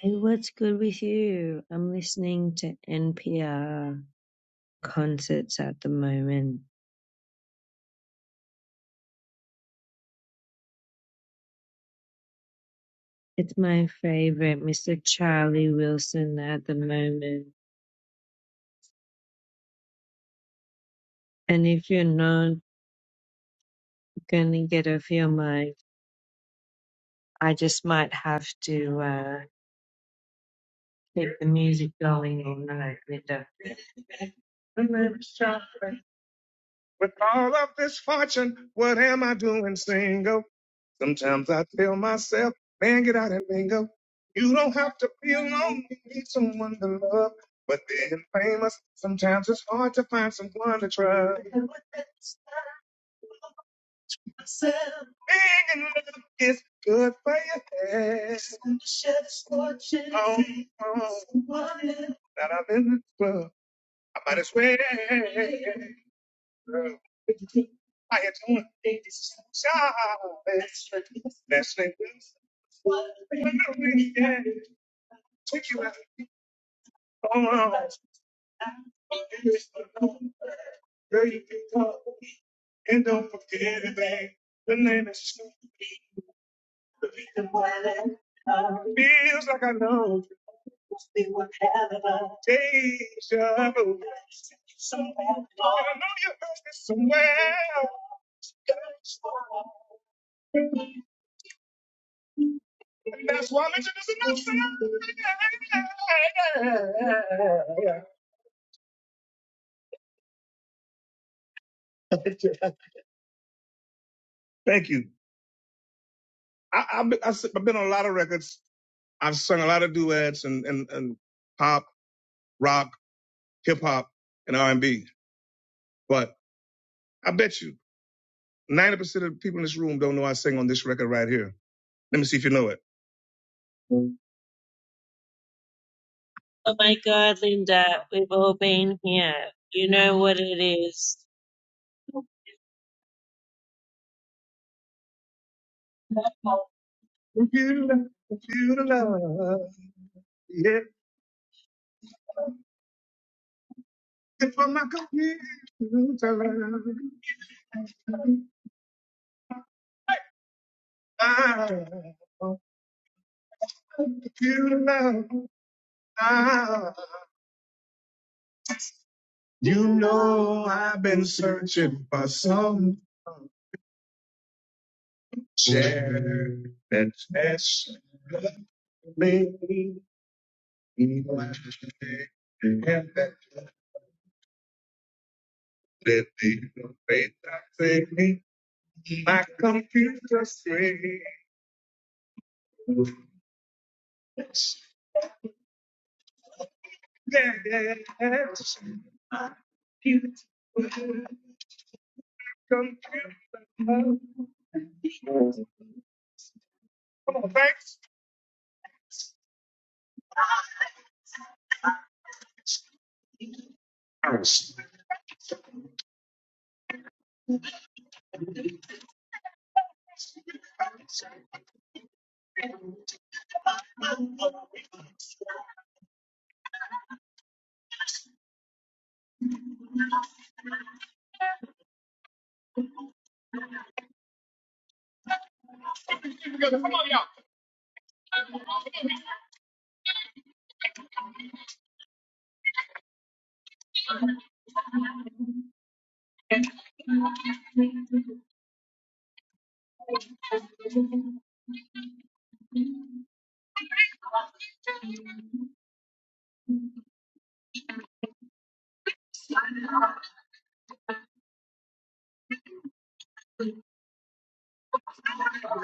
Hey, what's good with you? I'm listening to NPR concerts at the moment. It's my favorite, Mr. Charlie Wilson at the moment. And if you're not gonna get off your mic, I just might have to uh, keep the music going all night, Linda. Bingo. You don't have to be alone. You need someone to love. But being famous, sometimes it's hard to find someone to trust. Myself. Being in love is good for your head. Just want to share this fortune. Oh, oh. Someone else. That I'm in the club. I might as well. What you think? How you doing? Think this is Charlie. Leslie Wilson. When the weekend took you out. Oh, oh. Girl, you can talk. And don't forget it, babe. The name is Snoop. The reason why that I feels like I know was they were having a deja vu. Somewhere, I know you heard this somewhere. And that's why I'm introducing myself. Thank you. I, I've, been, I've been on a lot of records. I've sung a lot of duets and, and, and pop, rock, hip hop, and R&B. But I bet you. Ninety percent of the people in this room don't know I sing on this record right here. Let me see if you know it. Oh my God, Linda, we've all been here. You know what it is. Computer, computer love. It's for my computer love. Ah, computer love. Ah. You know I've been searching for some chair that's me. that the faith I say me, my computer.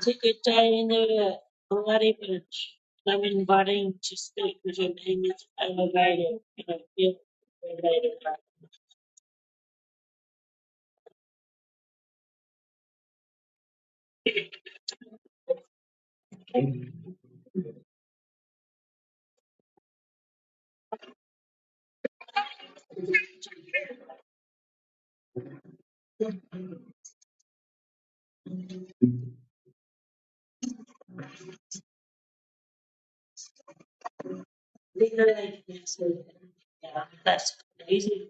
Secretary in the bloody bitch. I'm inviting to speak with your name is elevated. You know, feel elevated. Legally, yes, yeah, that's amazing.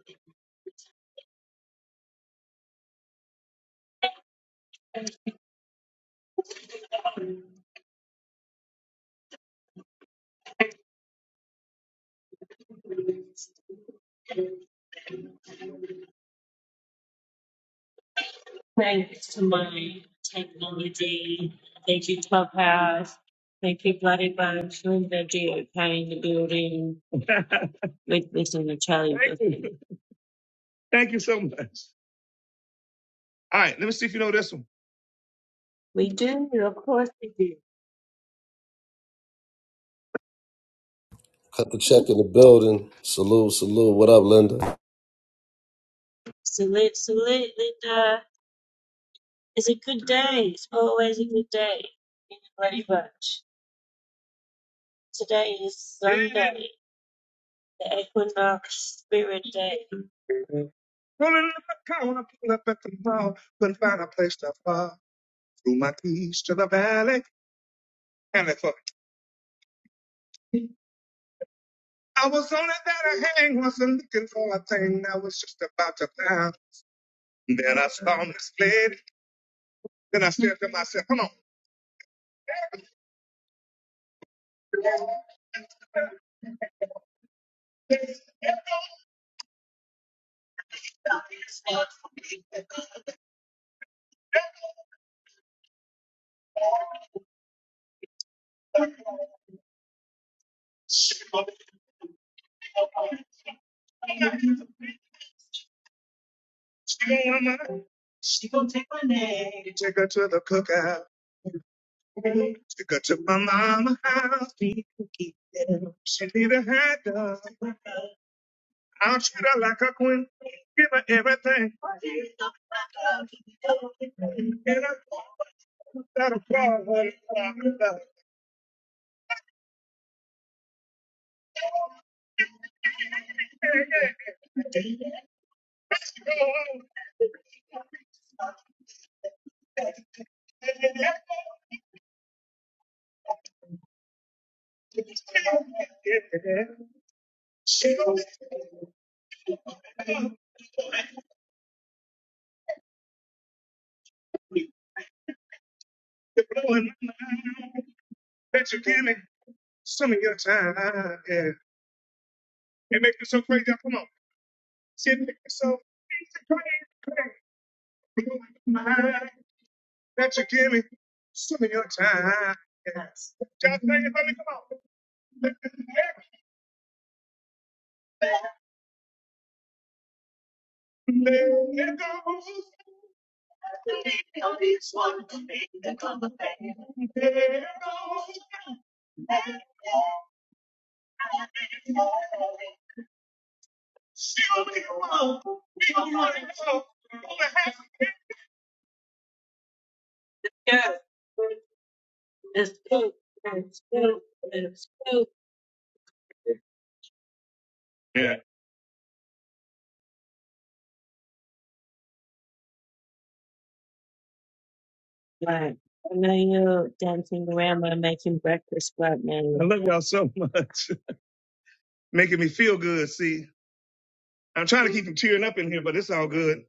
Thanks to my technology. Thank you, Clubhouse. Thank you, Bloody Bunch, for the okay in the building. (laughs) With this and the Charlie. Thank you. Thank you so much. All right, let me see if you know this one. We do, of course we do. Cut the check in the building. Salute, salute. What up, Linda? Salute, salute, Linda. It's a good day. It's always a good day in the Bloody Bunch. Today is Sunday, the Equinox Spirit Day. Rolling up the corner, pull up at the mall, couldn't find a place to park. Threw my keys to the valley, and I thought, I was only there to hang, wasn't looking for a thing, I was just about to die. Then I saw this lady, then I said to myself, come on. She on my, she gon' take my name. Take her to the cookout. Take her to my mama house. Be cookie. She need a hot dog. I'll treat her like a queen. Give her everything. And I am not a problem. She gon' be blowing my mind. Bet you give me some of your time. Yeah. It makes me so crazy. Come on. Sit there, so praise and pray, pray. that you give me some of your time. Yes. Just say it, let me come on. Let, let, let go. Yes. It's good. It's good. It's good. Yeah. Right. And then you're dancing around while making breakfast right now. I love y'all so much. (laughs) Making me feel good, see. I'm trying to keep from tearing up in here, but it's all good.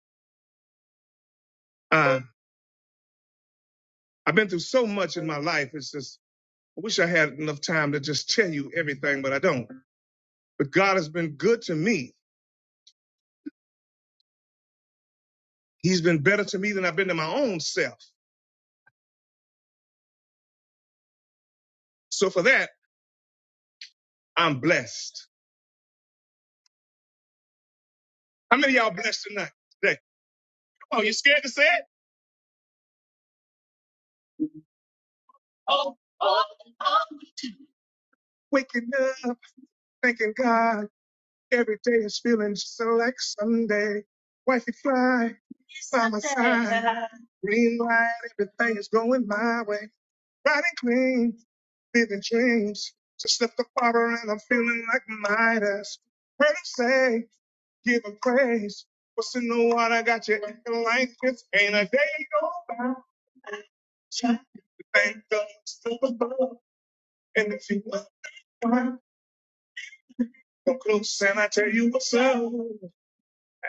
I've been through so much in my life. It's just, I wish I had enough time to just tell you everything, but I don't. But God has been good to me. He's been better to me than I've been to my own self. So for that, I'm blessed. How many of y'all blessed tonight? Today? Come on, you scared to say it? Waking up, thanking God. Every day is feeling just so like Sunday. Wifey fly, by my side. (laughs) Green light, everything is going my way. Riding clean, living dreams. Just left the father and I'm feeling like Midas. When I say, give him praise. What's in the water got you acting like this? Ain't a day go by. Thank God it's still above. And if you want to come come close and I tell you what's up.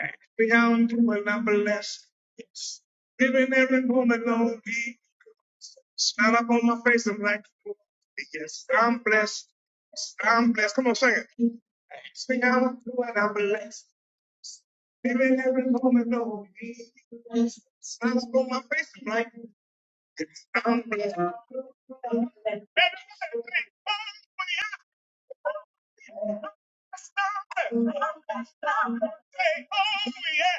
Ask me how I'm doing, I'm blessed. Yes. Living every moment lonely. Smile up on my face. I'm like, yes, I'm blessed. I'm blessed. Come on, sing it. Ask me how I'm I'm blessed. Living every moment of me. Smile up on my face. I'm like, yes, I'm blessed. Everybody say, "Oh, yeah. I'm blessed. I'm blessed. I'm blessed." Say, oh, yeah.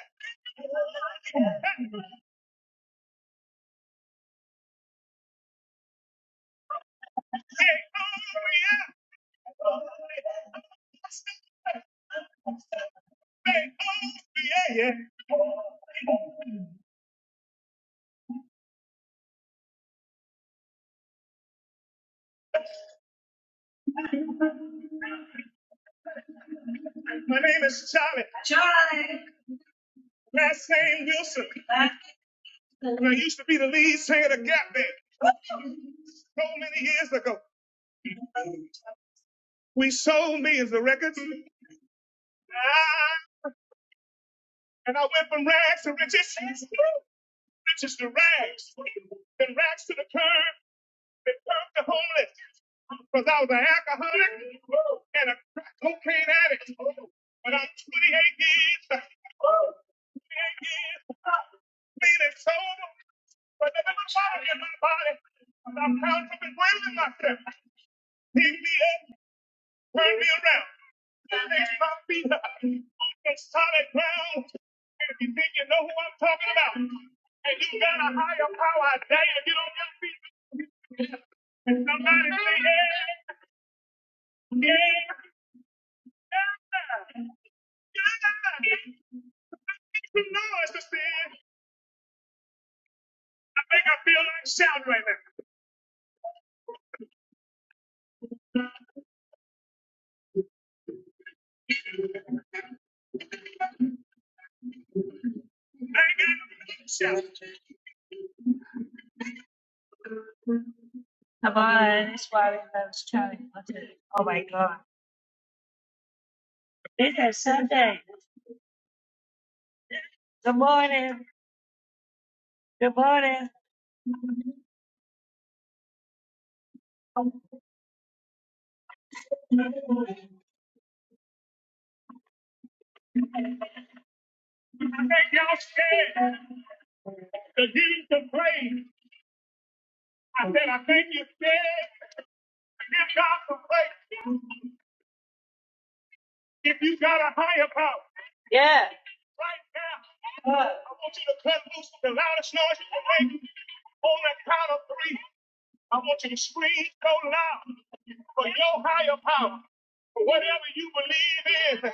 Say, oh, yeah. yeah, yeah. My name is Charlie. Last name Wilson. And I used to be the lead singer of Gap Band so many years ago. We sold millions of records. Ah, And I went from rags to riches, riches to rags, and rags to the curb. return to homeless because I was an alcoholic and a crack cocaine addict. But I'm 28 years, 28 years, clean and sober, but there's a fire in my body. 'cause I'm counterfeit blaming myself. Pick me up. Turn me around. That makes my feet up on the solid ground. And if you think you know who I'm talking about, and you got a higher power, I dare you to get on your feet. And somebody say, yeah, yeah, yeah, yeah. Make some noise to say, I think I feel like shouting right now. I ain't got no room to shout. Come on, that's why we love shouting. Oh my God. It is Sunday. Good morning. Good morning. I think y'all scared to give him some praise. I said, I think you're scared to give God some praise. If you got a higher power right now, I want you to cut loose with the loudest noise you can make on the count of three. I want you to scream so loud for your higher power, for whatever you believe in.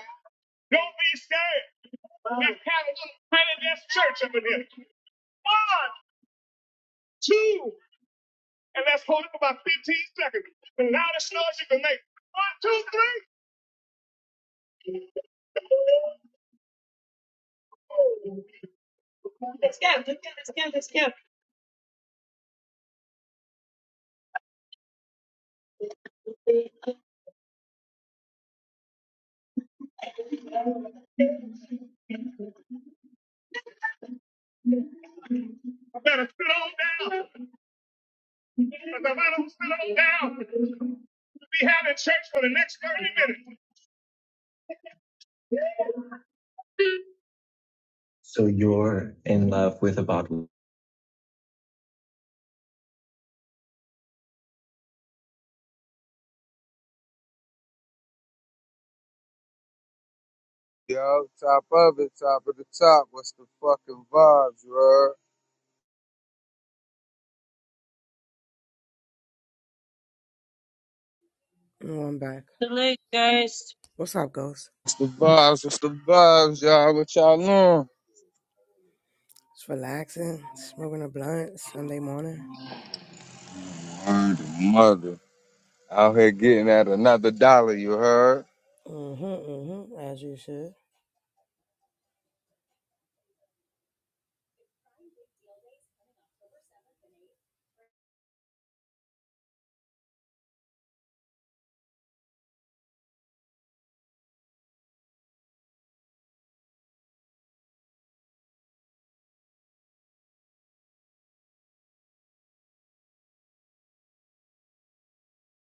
Don't be scared. Let's have a little tiny dance church up in here. One, two. and let's hold up about 15 seconds. The loudest noise you can make. One, two, three. I better sit on down. Because if I don't sit on down, we'll be having church for the next 30 minutes. So you're in love with a bottle. Yo, top of it, top of the top. What's the fucking vibes, bro? No, I'm back. Hello, guys. What's up, Ghost? What's the vibes? What's the vibes, y'all? What y'all on? Just relaxing, smoking a blunt Sunday morning. Word of mother. Out here getting at another dollar, you heard? Mm-hmm, mm-hmm, as you should.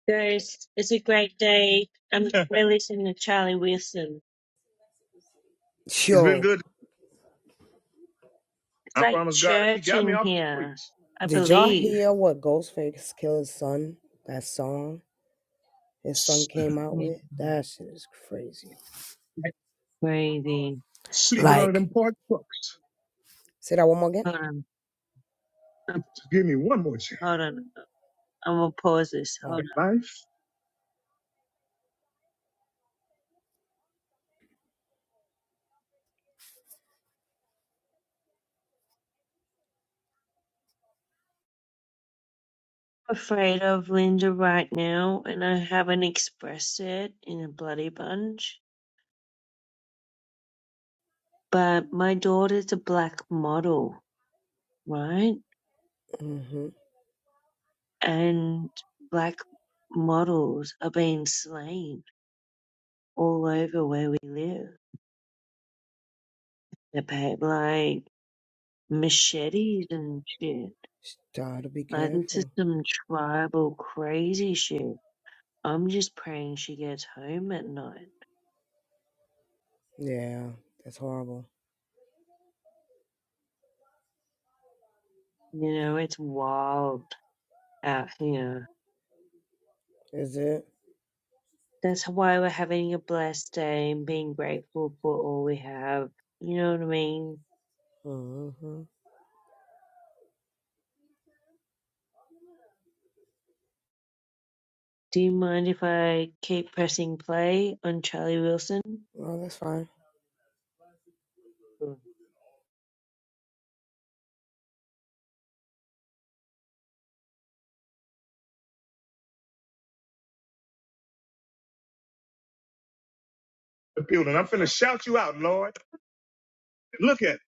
Guys, it's a great day. I'm (laughs) we're to Charlie Wilson. He's been Yo, good. It's I like promise God, he church got me church in off the here. streets. I did y'all believe. hear what Ghostface Killer's son, that song his son came out (laughs) with? That shit is crazy. Crazy. Sleeping under them Like, porch books. say that one more again? Just Give me one more chance. Hold on. I'm gonna pause this. Hold Oh, on. Life. I'm afraid of Linda right now, and I haven't expressed it in a bloody bunch. But my daughter's a black model, right? mm-hmm. And black models are being slain all over where we live. They're paid like machetes and shit. Gotta be Like this is careful. some tribal crazy shit. I'm just praying she gets home at night. Yeah, that's horrible. You know, it's wild out here. Is it? That's why we're having a blessed day and being grateful for all we have. You know what I mean? Mm-hmm. Do you mind if I keep pressing play on Charlie Wilson? Well, that's fine. Sure. the building. I'm finna shout you out, Lord. Look at it.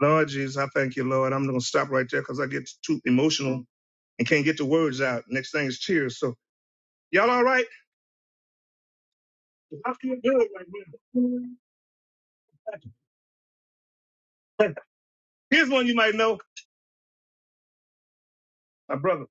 Lord Jesus, I thank you, Lord. I'm gonna stop right there because I get too emotional and can't get the words out. Next thing is cheers. So y'all all right? I feel good right now. (laughs) Here's one you might know, my brother.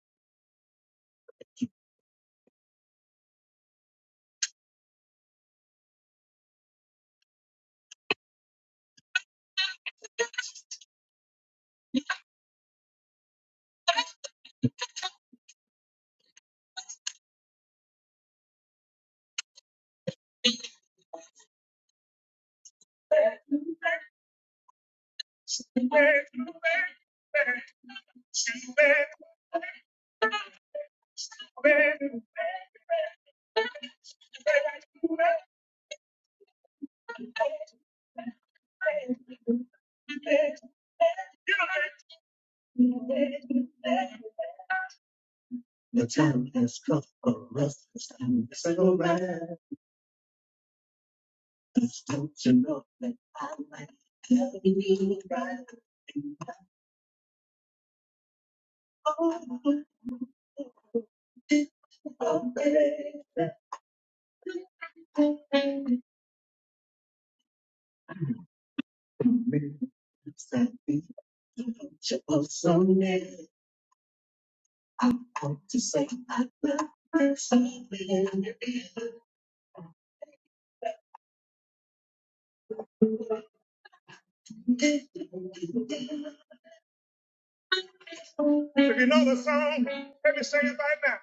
If you know the song, let me sing it right now.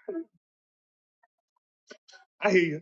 I hear you.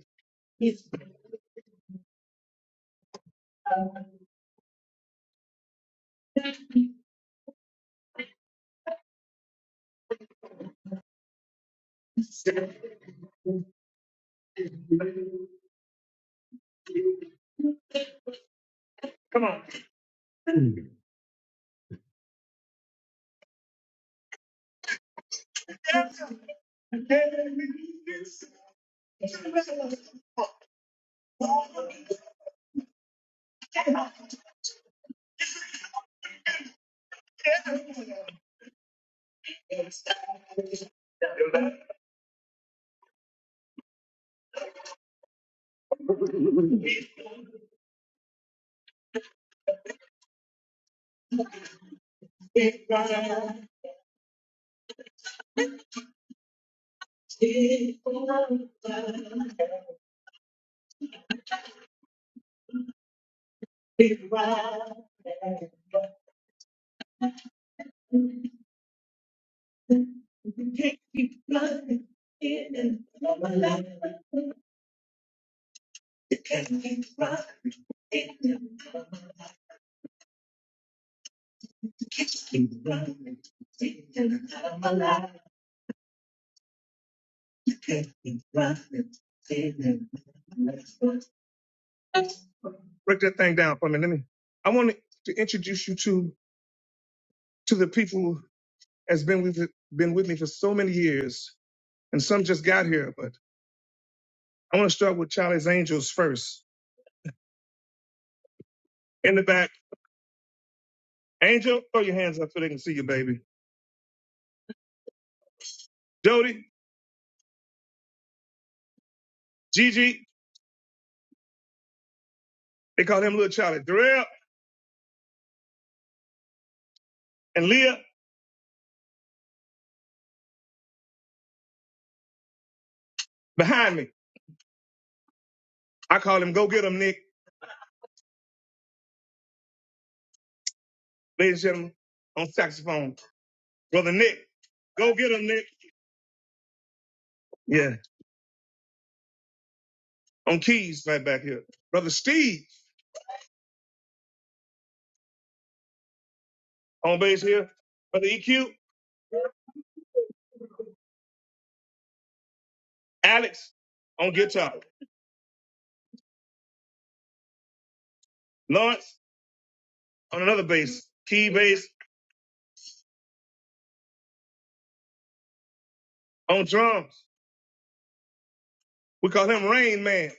Break that thing down for me. Let me. I want to introduce you to to the people who has been with been with me for so many years, and some just got here. But I want to start with Charlie's Angels first. In the back, Angel, throw your hands up so they can see you, baby. Jody, Gigi, they call him Little Charlie. Darrell and Leah behind me. I call him Go Get 'em, Nick. Ladies and gentlemen, on saxophone, brother Nick. Go get 'em, Nick. Yeah. on keys right back here. Brother Steve on bass here. Brother EQ, Alex on guitar. Lawrence on another bass, key bass on drums. We call him Rain Man.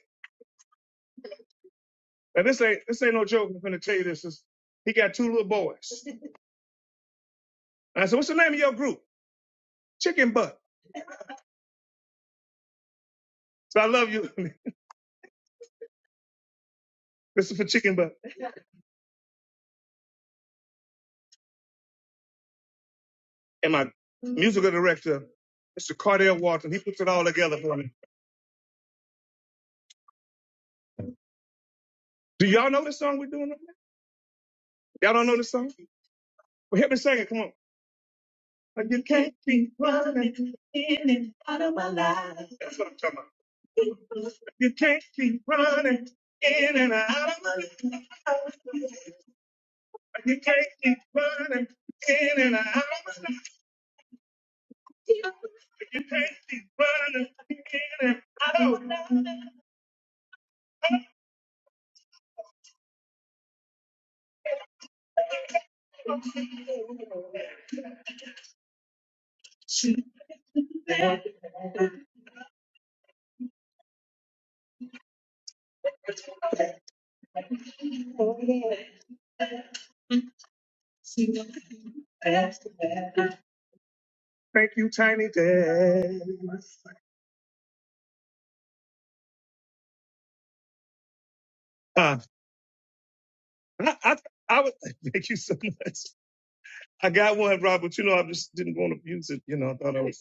Now this ain't this ain't no joke. I'm gonna tell you this. This- He got two little boys. And I said, "What's the name of your group?" Chicken Butt. So I love you. (laughs) this is for Chicken Butt. And my musical director, Mr. Cardell Walton, he puts it all together for me. Do y'all know this song we're doing right now? Y'all don't know this song? Well, help me sing it. Come on. But you can't keep running in and out of my life. That's what I'm talking about. You can't keep running in and out of my life. You can't keep running in and out of my life. You can't keep running in and out of Thank you, Tiny Dad. Uh, I, I, I would (laughs) thank you so much. I got one, Robert. You know, I just didn't want to use it. You know, I thought I was.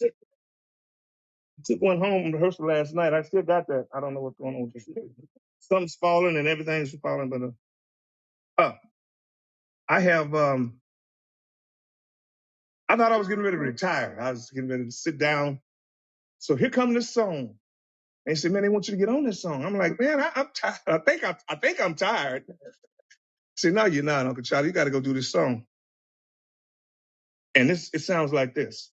took one home in rehearsal last night. I still got that. I don't know what's going on with this. Something's falling and everything's falling. But uh, uh, I have. Um, I thought I was getting ready to retire. I was getting ready to sit down. So here comes this song. And he said, "Man, they want you to get on this song." I'm like, "Man, I, I'm tired. I think I'm. I think I'm tired." He said, "No, you're not, Uncle Charlie. You got to go do this song." And this it sounds like this.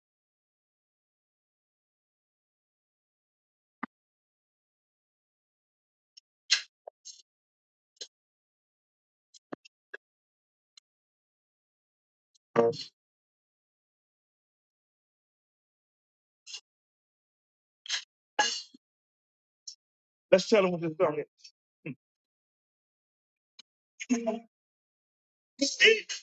Let's tell them what this song is.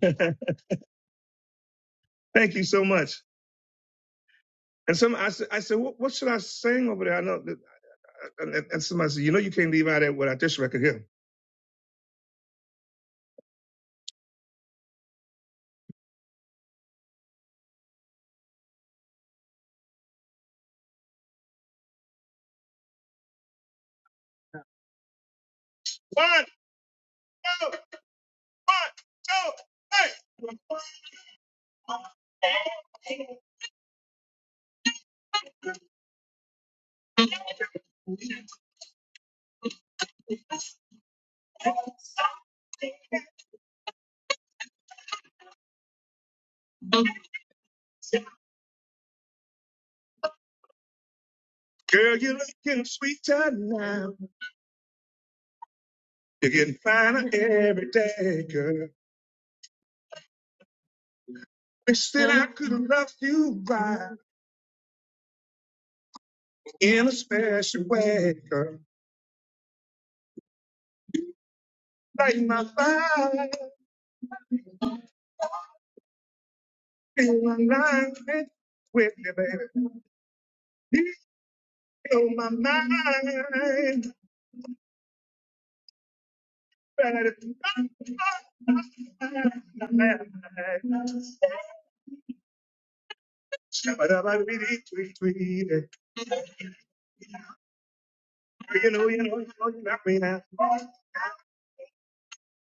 (laughs) Thank you so much. And some I said, I said, what, what should I sing over there? I know. that And, and, and somebody said, you know, you can't leave out of it without this record here. One, two, one, two, three. Girl, you're looking sweeter now. You're getting finer every day, girl. Wish that I could love you right. in a special way, girl. Light my fire, feel my life with me, baby. You know my mind, better than tweet. you know, you know, you know, you got me now.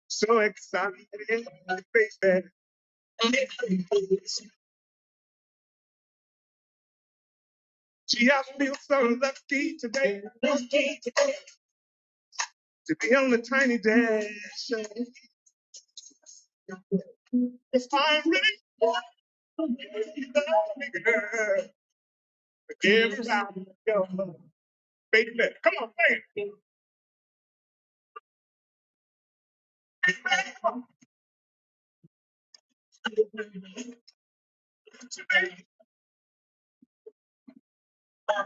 So excited, baby. Gee, I feel so lucky today to be on the tiny dash. It's time, really? Give it out, yo, baby, come on, man. Baby, baby, my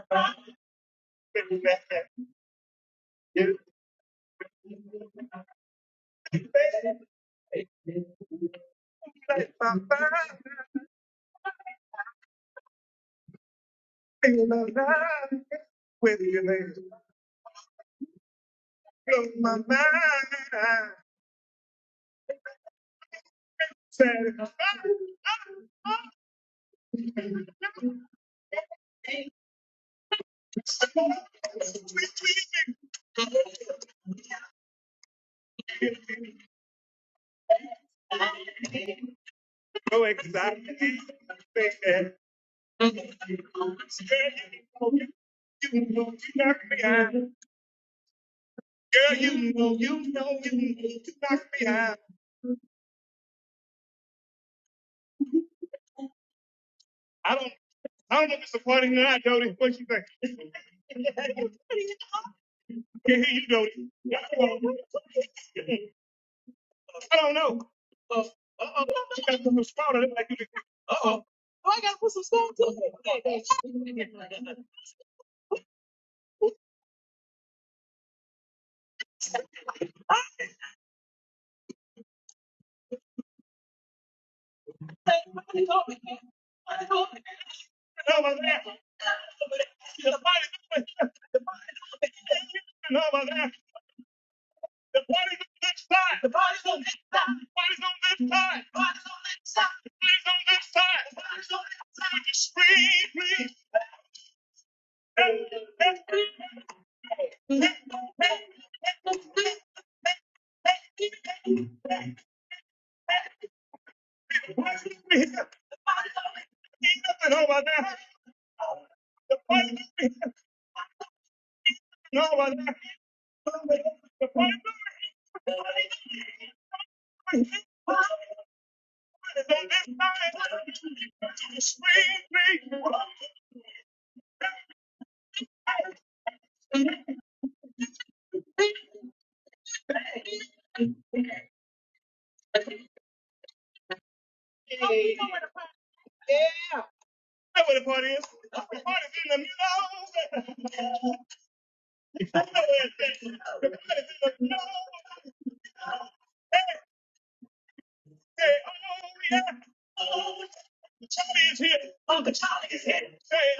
mind, feel alive with you, baby. Blow my mind, satisfied, sweet, sweet, so excited, baby. Girl, you know you knock me out. Girl, you know you know you know you knock me out. I don't. I don't know if it's supporting or not, Dodie. What you think? (laughs) Can't hear you, Dodie. I don't know. Uh oh. You gotta put some spot on it like you did. Uh oh. Oh, I gotta put some salt on it. No, my laugh. (laughs) The body. The body. No, my laugh. The party's on this side. The party's on this side. The party's on this side. The party's on this side. The party's on this side. The party's on this side. Would you scream, please? That, that scream, please. The party's over here. The party's over here. Ain't nothing over there. The party's over here. nothing over there. The party's over here. The party's over here. The party's over here. The party's on this side. Would you Scream, please. I know where the party is. The party's in the middle. I know where it is. The party's in the middle. Say, oh, yeah. Oh, Charlie is here. Uncle Charlie is here. Say,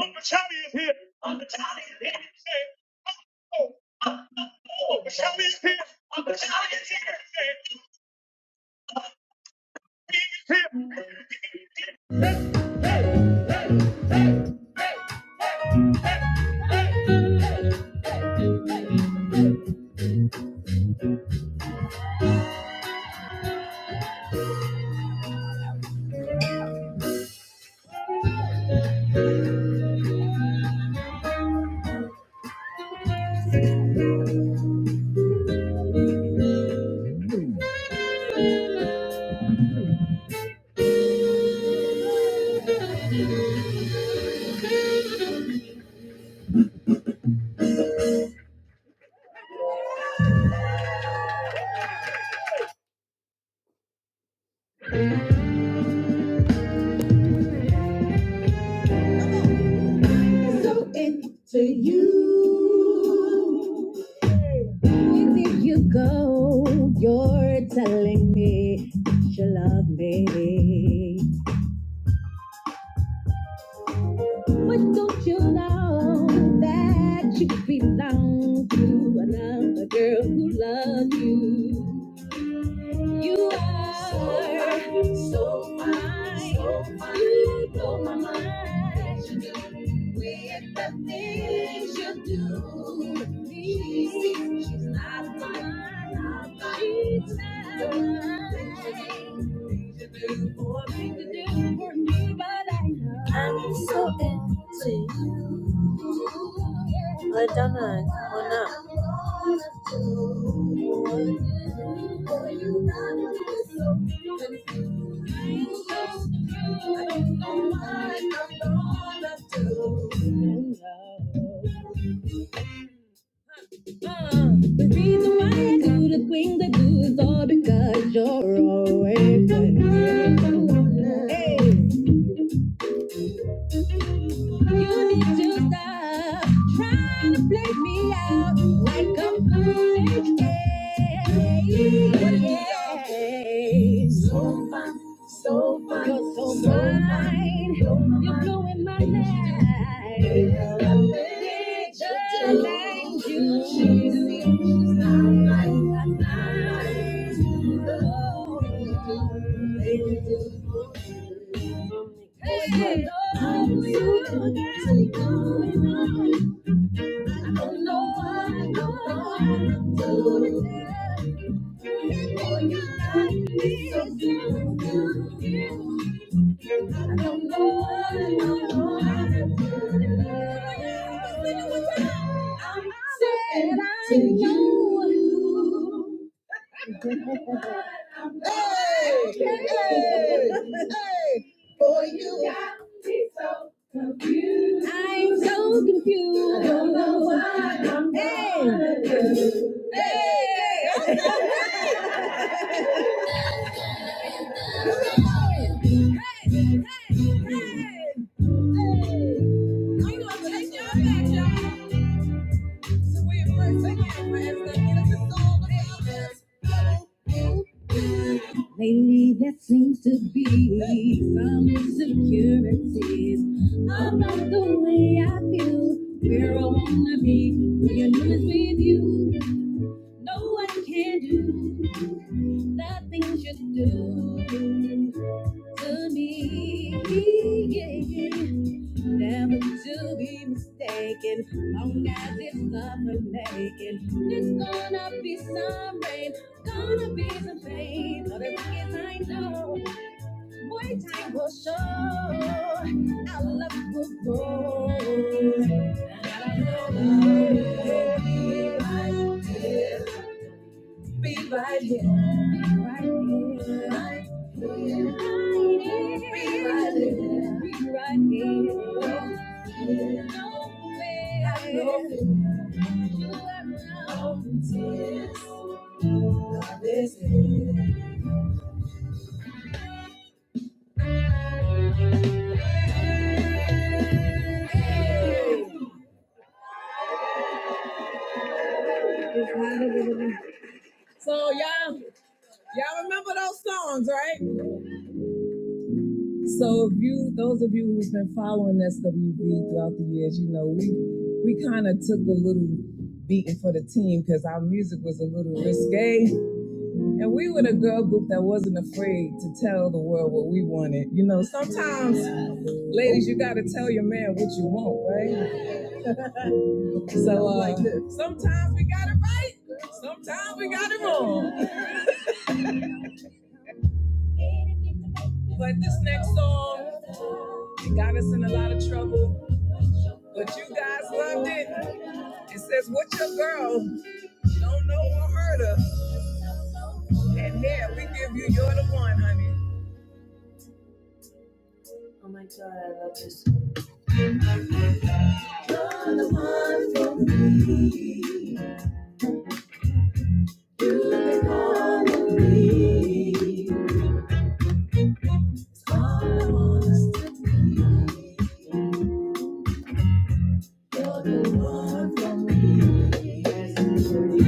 Uncle Charlie is here. Uncle Charlie is here. Say, oh, oh, oh, Uncle Charlie is here. Uncle Charlie is here. Say, he is here. So into you. If you go, you're telling me that you love me. But don't you know that you belong to another girl who loves you? You are so fine. You blow my mind with the things you do. She's, she's not mine. She's not mine. Things you do for me, but I know I'm so empty. I don't know. Why not? The reason why I do the things I do is all because you're always with me. Hey. You need to stop trying to play me out like a am college age. So fine, so fine, you're so, so fine. fine. You're blowing my mind. Girl, I bet you Like you, she seems not like my kind. Oh. Hey. I love you, girl. I'm Said to you. Lately, there seems to be some insecurities about the way I feel. Where I wanna be, when you're with you, no one can do the things you do to me. Yeah. never to be mistaken. Long as it's love we're making, it's gonna be some rain, gonna be some pain. But as long as I know, boy, time will show our love will grow. And I know love will be right there. Be right here. Be Right here. Right here. Be right here. Be right here. So y'all, y'all remember those songs, right? So if you, those of you who have been following SWB throughout the years, you know we we kind of took the little beating for the team because our music was a little risque. And we were the girl group that wasn't afraid to tell the world what we wanted. You know, sometimes Ladies, you gotta tell your man what you want, right? So uh, Like sometimes we got it right, sometimes we got it wrong. (laughs) But this next song, it got us in a lot of trouble, but you guys loved it. It says, "What your girl don't know or hurt her." and here we give you "You're the One," honey. It's all I want us to be. You're the one for me.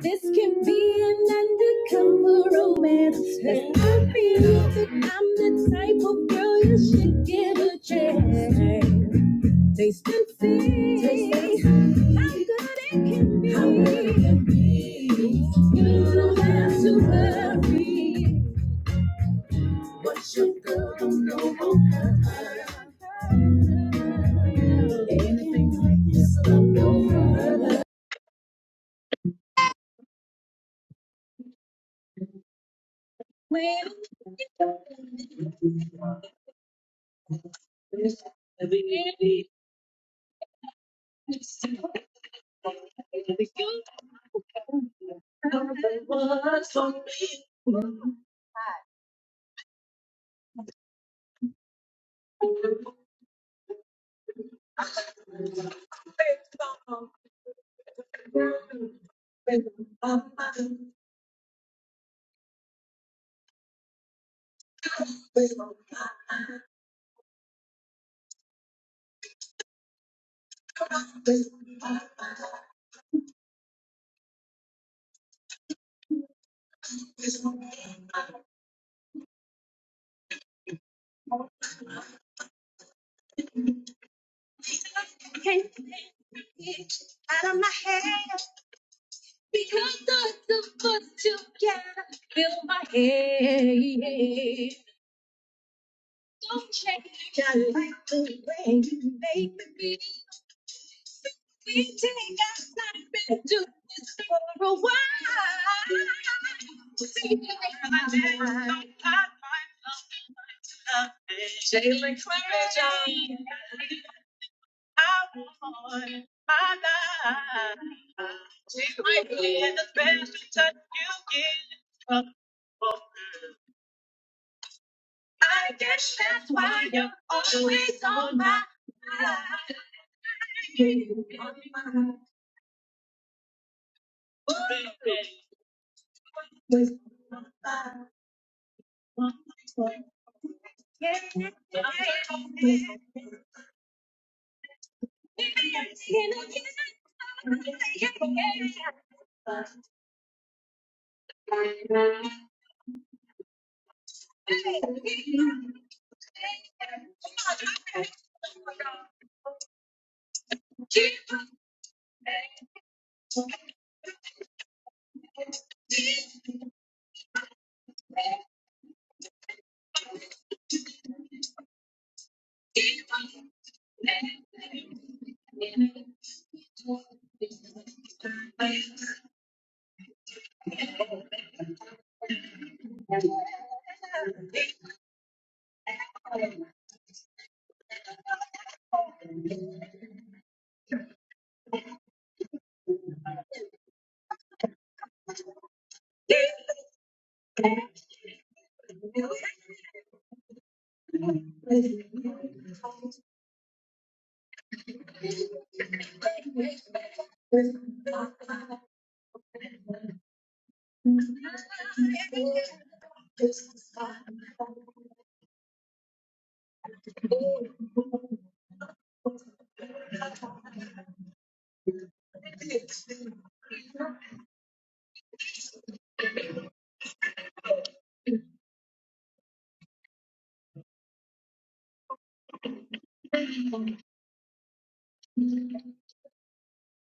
This can be an undercover romance. Let's not be that I'm the type of girl you should give a chance. Taste and see how good it can be. How good it can be. You don't have to worry. Took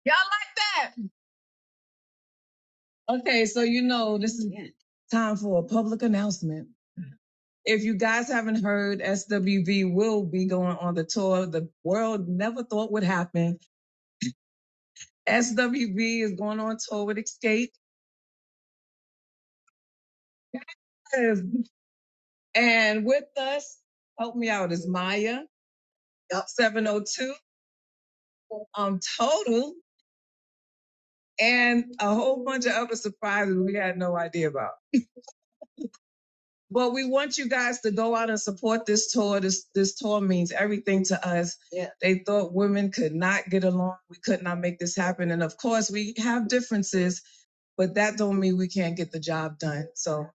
Y'all like that? Okay, so you know this is time for a public announcement. If you guys haven't heard, SWV will be going on the tour the world never thought would happen. SWV is going on tour with Escape. And with us, help me out, is Maya, Yup. 702, um, Total, and a whole bunch of other surprises we had no idea about. But we want you guys to go out and support this tour. This this tour means everything to us. Yeah. They thought women could not get along. We could not make this happen. And of course, we have differences but that don't mean we can't get the job done. So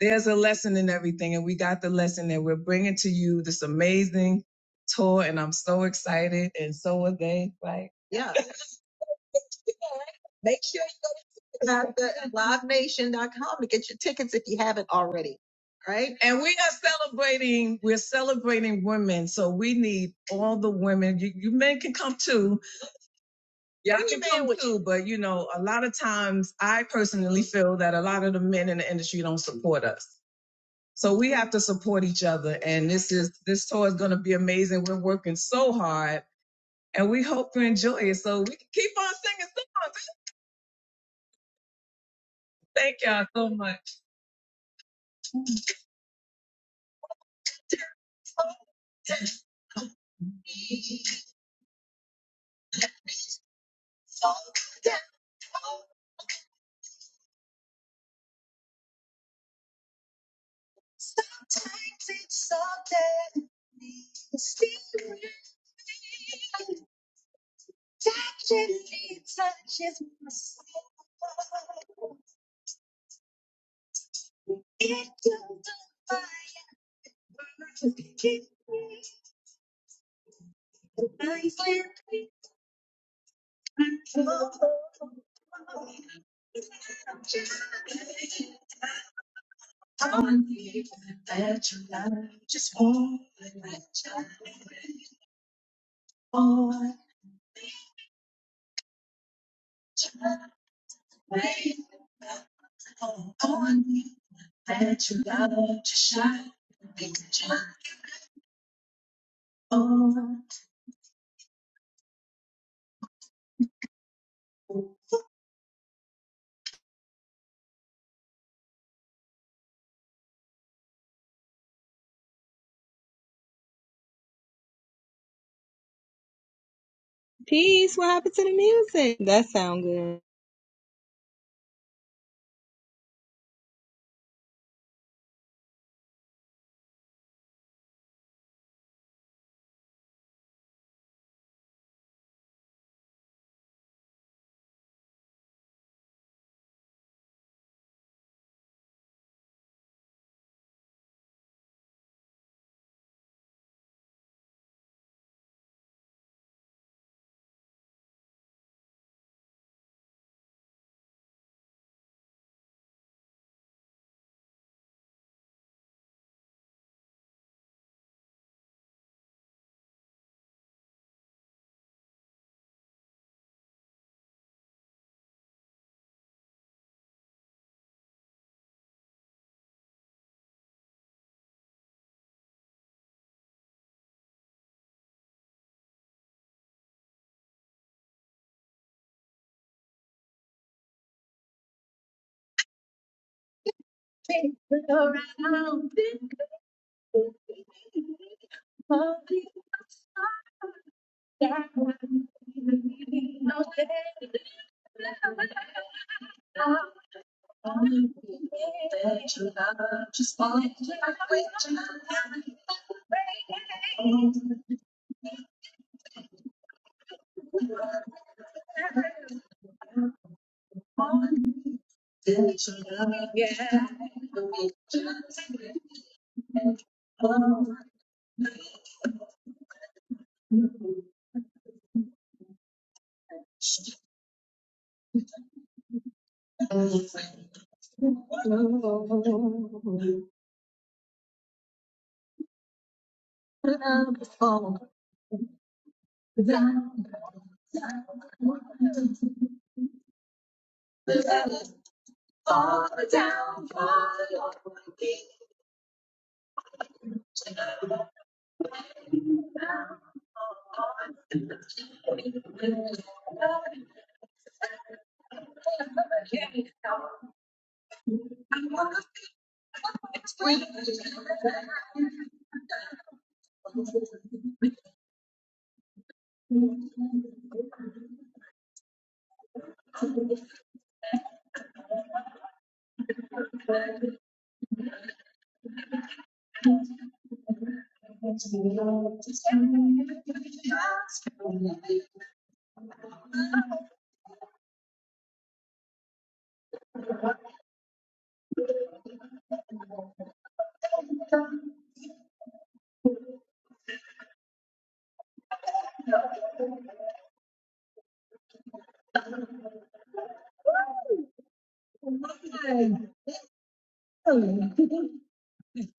there's a lesson in everything, and we got the lesson, and we're bringing to you this amazing tour, and I'm so excited, and so are they, right? And we are celebrating. We're celebrating women, so we need all the women. You, you men can come too. Yeah, too, but you know, a lot of times I personally feel that a lot of the men in the industry don't support us. So we have to support each other. And this is this tour is gonna be amazing. We're working so hard and we hope you enjoy it so we can keep on singing songs. Thank y'all so much. Peace. What happened to the music? That sound good. Yes,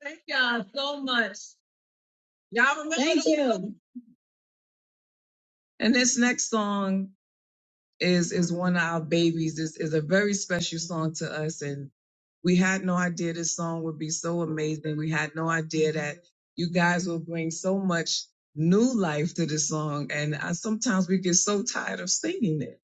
thank y'all so much. Y'all remember Thank the- you. And this next song is is one of our babies. This is a very special song to us, and we had no idea this song would be so amazing. We had no idea that you guys will bring so much new life to this song. And I, sometimes we get so tired of singing it.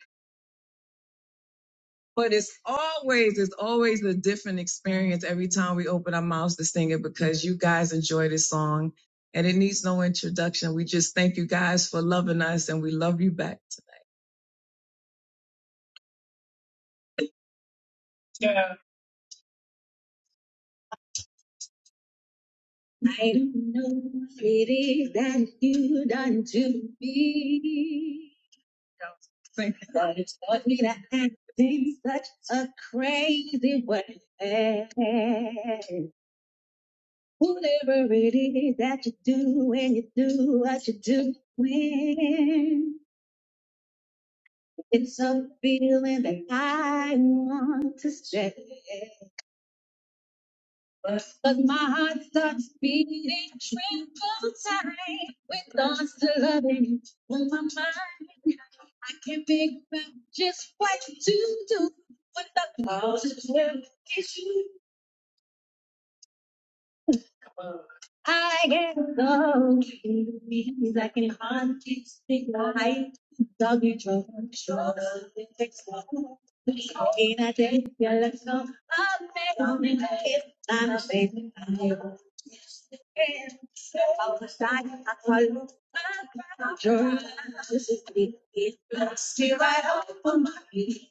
But it's always, it's always a different experience every time we open our mouths to sing it because you guys enjoy this song and it needs no introduction. We just thank you guys for loving us and we love you back. Yeah. I don't know what it is that you done to me. Thank you. But it's taught me to act in such a crazy way. Ooh, When you do what you do, when it's a feeling that I want to stay. But my heart starts beating triple time with thoughts of you. Just what to do with the positive issue. Just Stay right up on my feet.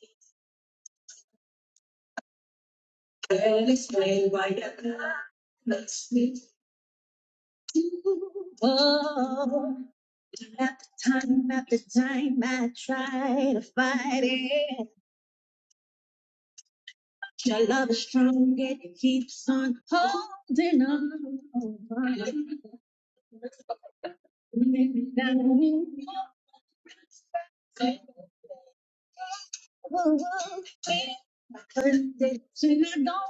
Oh, holding on. maybe down. Okay, Sing along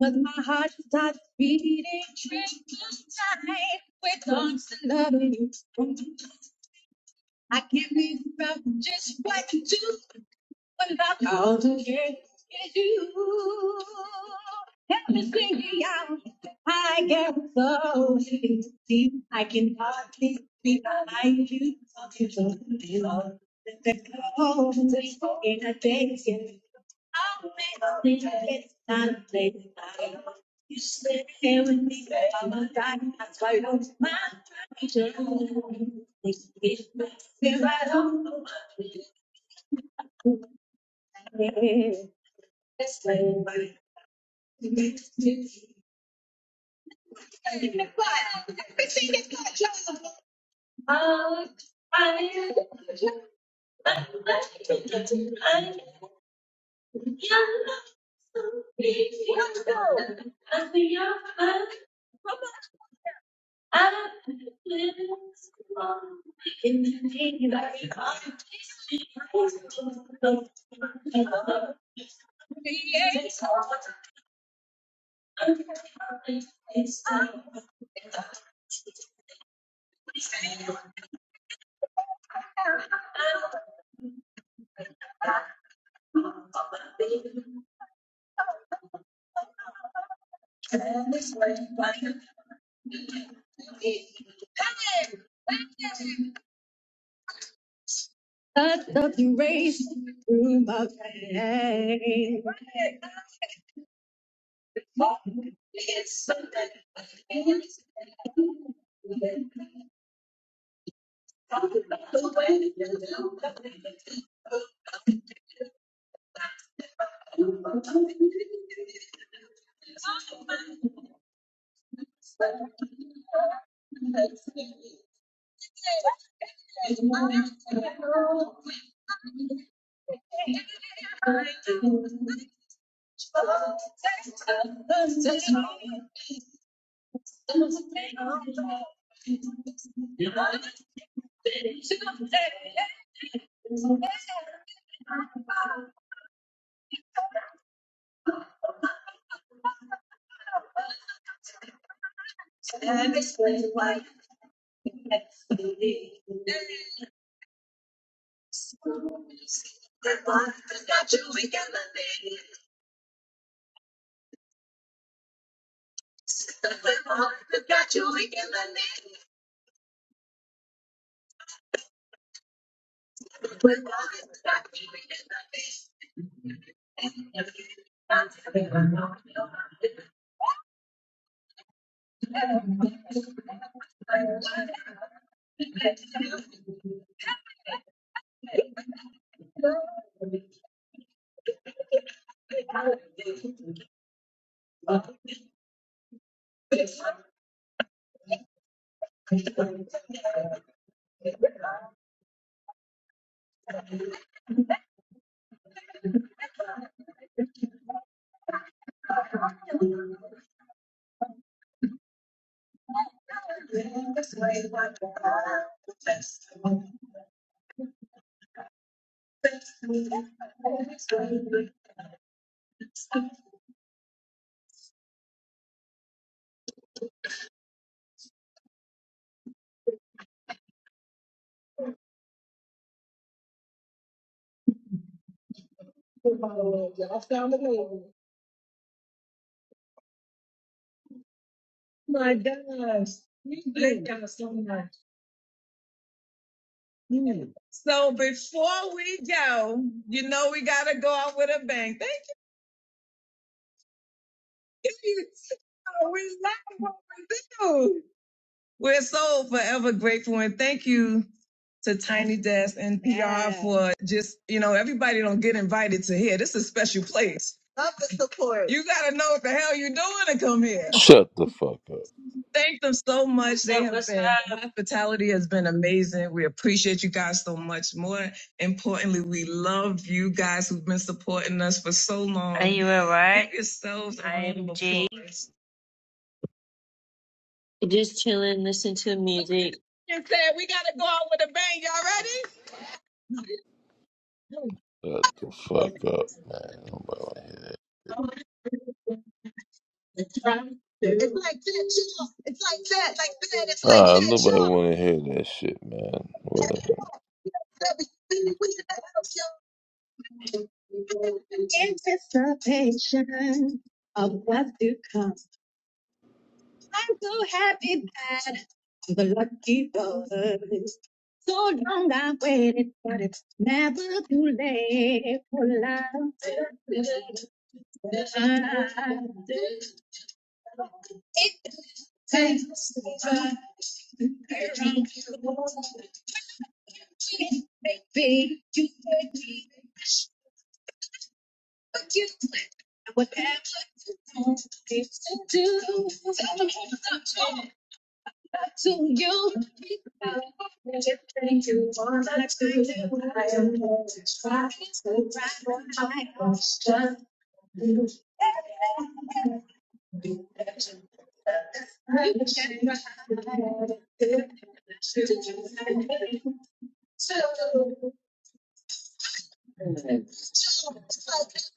with my heart that beat. Tonight, with arms to love you. I can't live without just what you do. I'll do it. It's you. Help me sing me out. I get so deep. I can hardly find you. It's because I don't know. It's like my I miss when you were- I miss when you were gone. That's the one. Y'all found the way. My gosh. You did. that so much. Mm. So before we go, you know we gotta go out with a bang. Thank you. (laughs) We love what we do. We're so forever grateful and thank you to Tiny Desk and PR for just, you know, everybody don't get invited to here. This is a special place. You gotta know what the hell you're doing to come here. Shut the fuck up. Thank them so much. They So have been, hospitality has been amazing. We appreciate you guys so much. More importantly, we love you guys who've been supporting us for so long. Are you alright? Give yourselves a I round am of applause. Just chilling, listening to music. And said we gotta go out with a bang. Y'all ready? Shut the fuck up, man. Nobody wanna hear that. Nah, nobody wanna hear that shit, man. Whatever. To The lucky ones. So long I waited, but it's never too late for love. It Ten steps around you. Maybe you could be special, but you wouldn't. What am I supposed to do?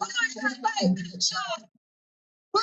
You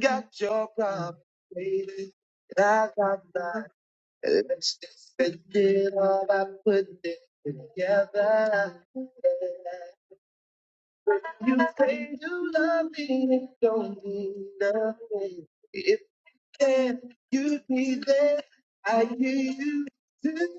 got your You say you love me, don't mean nothing. If there you be there, I hear you.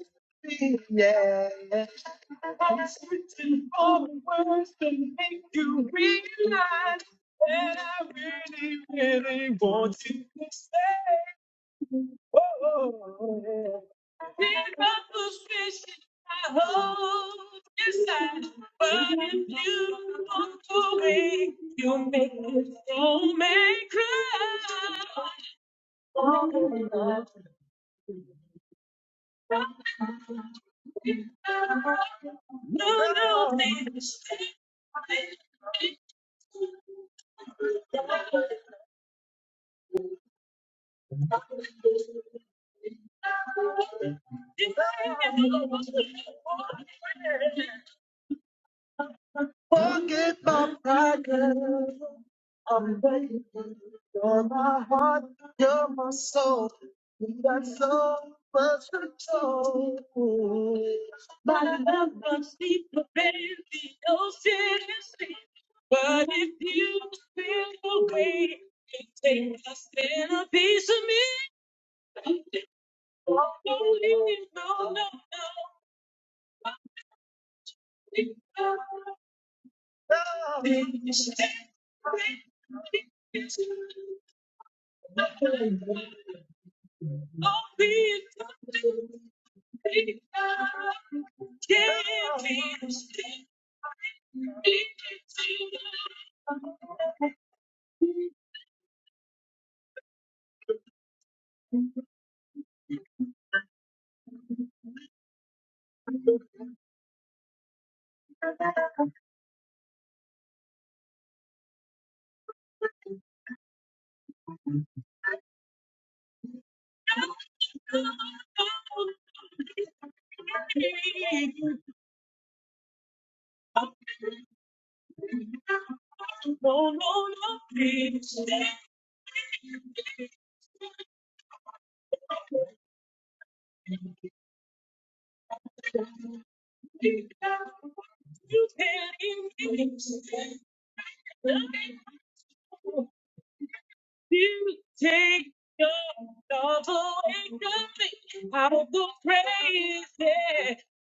Pick up those fish I hold inside. But if you walk away, you make this old man cry. No, no, baby, stay. If I had no one to My love runs deeper than the ocean is deep. But if you still agree, you take a stand a piece of me. Oh, not leave, no, no, no. This Oh, be it Can't be You You take your love away from me. I will go crazy,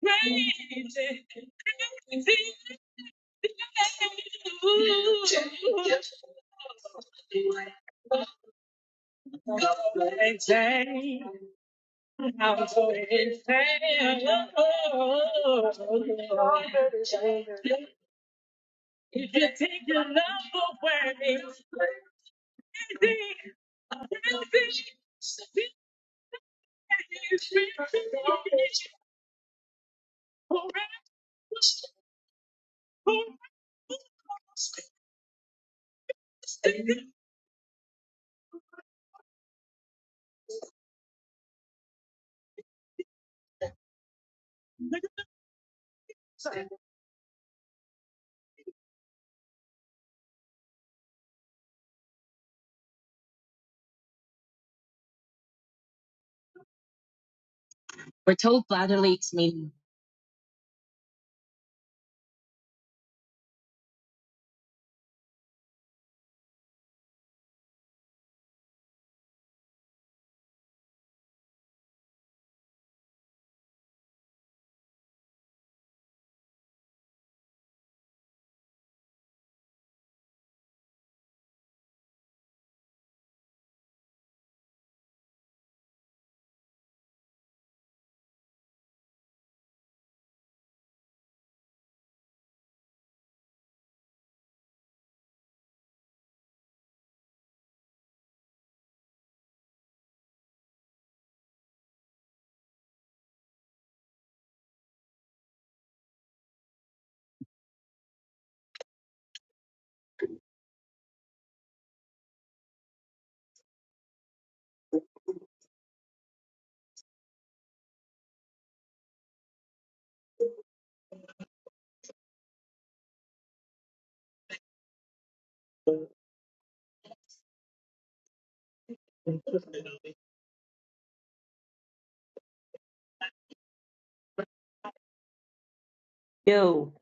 crazy, crazy. Insane. I'm so insane. If you take your love away, crazy, crazy. We're told bladder leaks mean yo.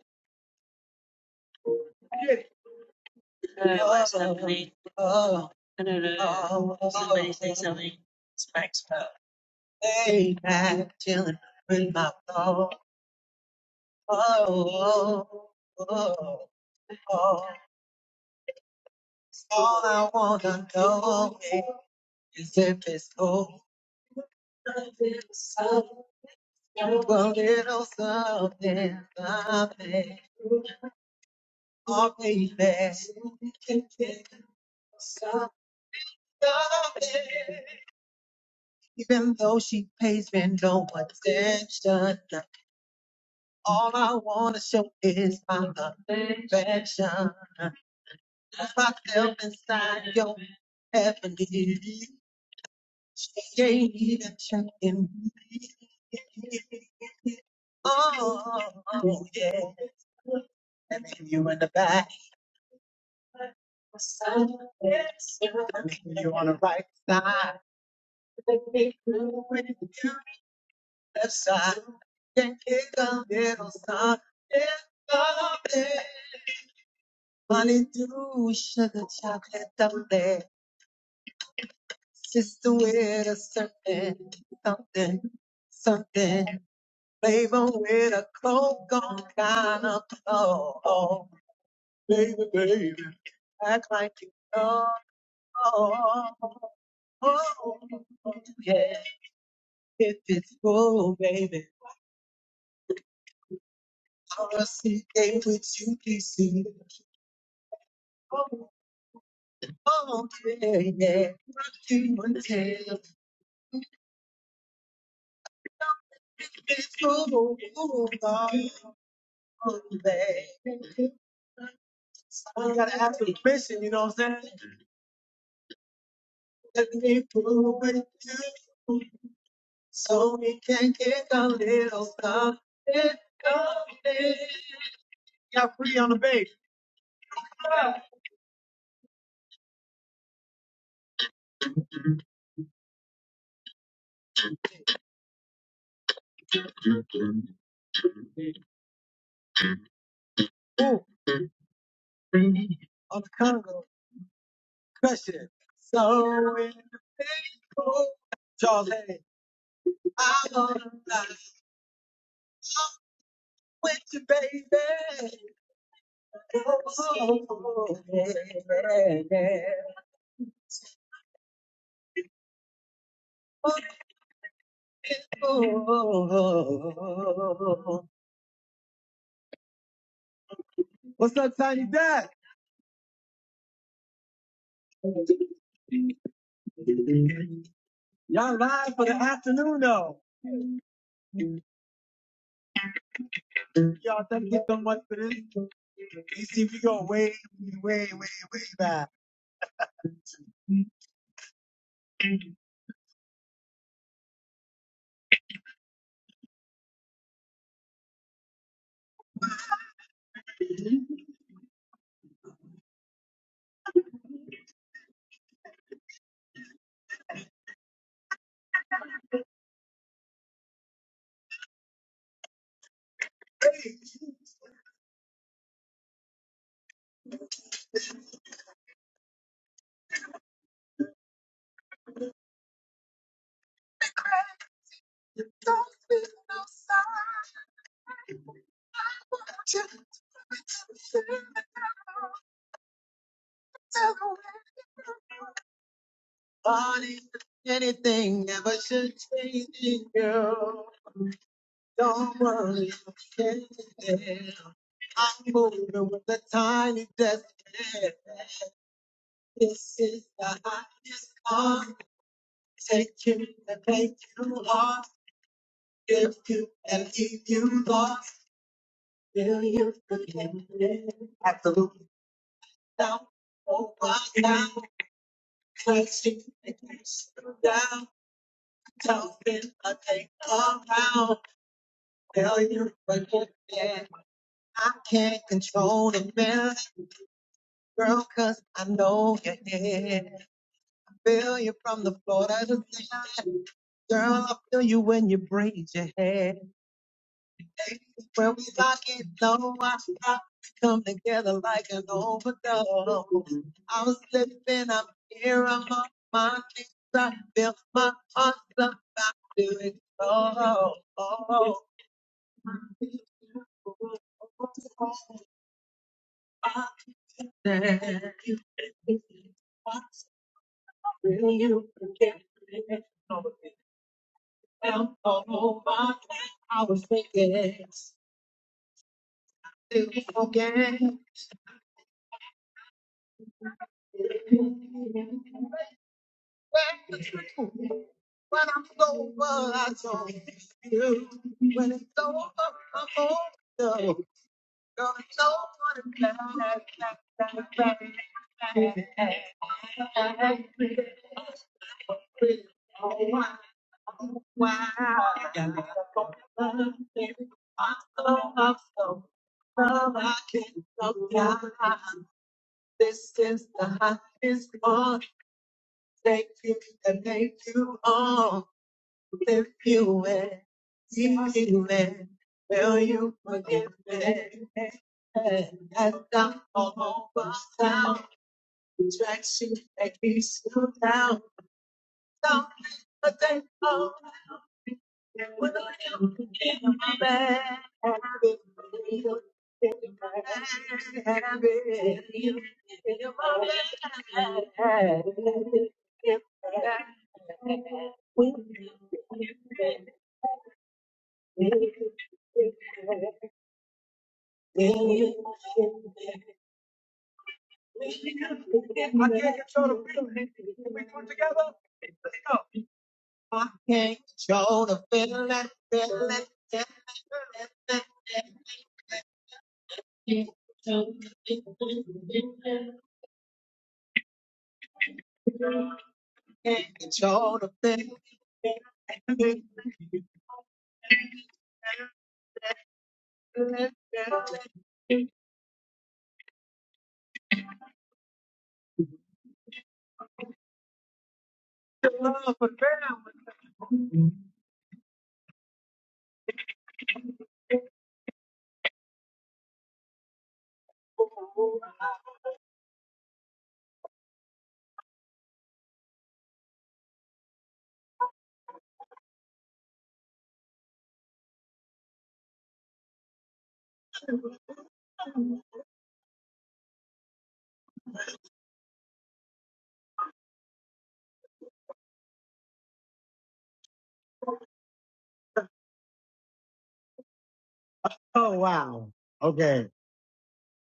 Oh, Okay,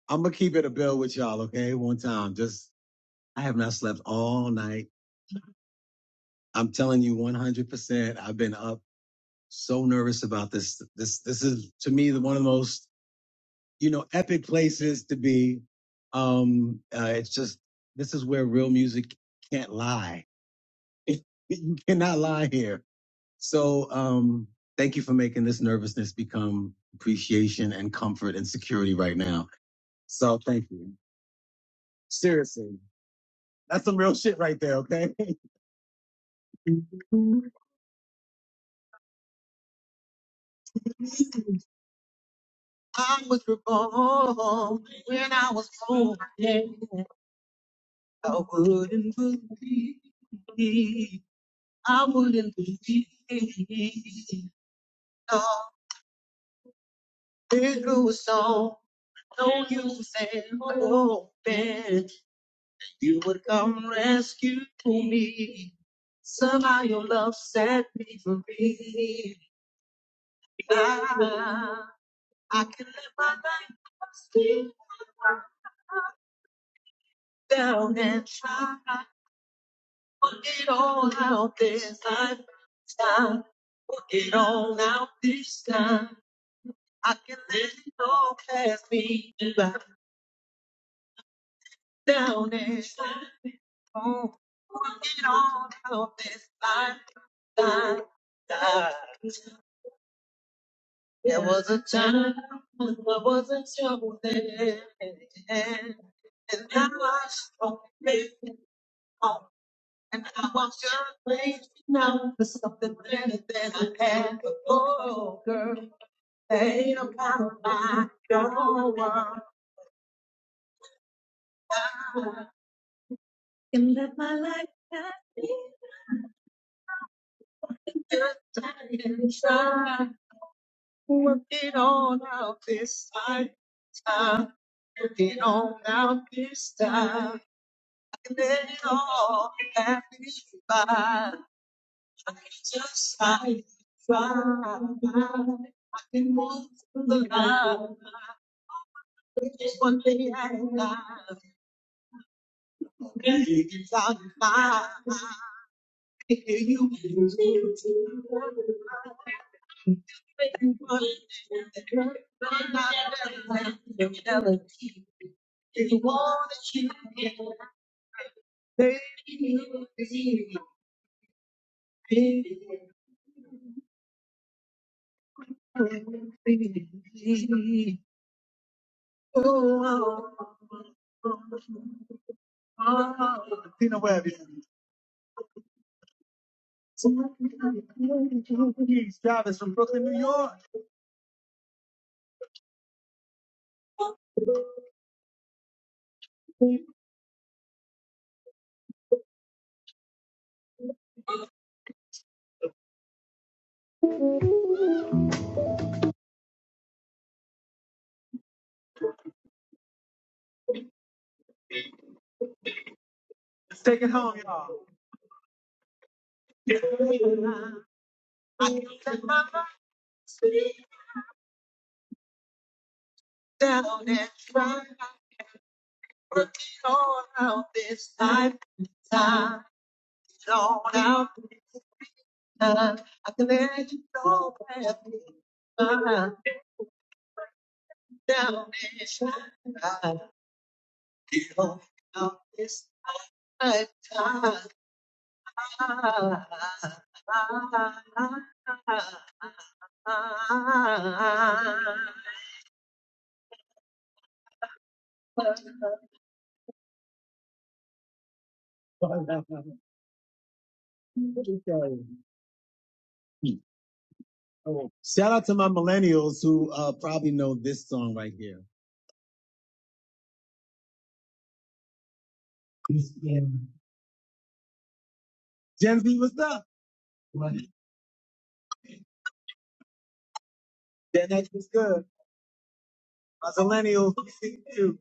I'm gonna keep it a bill with y'all. Okay, one time. Just I have not slept all night. I'm telling you, 100. percent I've been up so nervous about this. This this is to me the one of the most you know epic places to be. Um, uh, it's just this is where real music can't lie. (laughs) you cannot lie here. So, um, thank you for making this nervousness become appreciation and comfort and security right now. So, thank you. Seriously, that's some real shit right there. Okay, (laughs) Tina Webb, yeah, Brooklyn, New York. Let's take it home, y'all. Okay. Oh, Shout out to my millennials who uh, probably know this song right here. Yeah. Gen Z, what's up? Gen X is good. My millennials, we see you.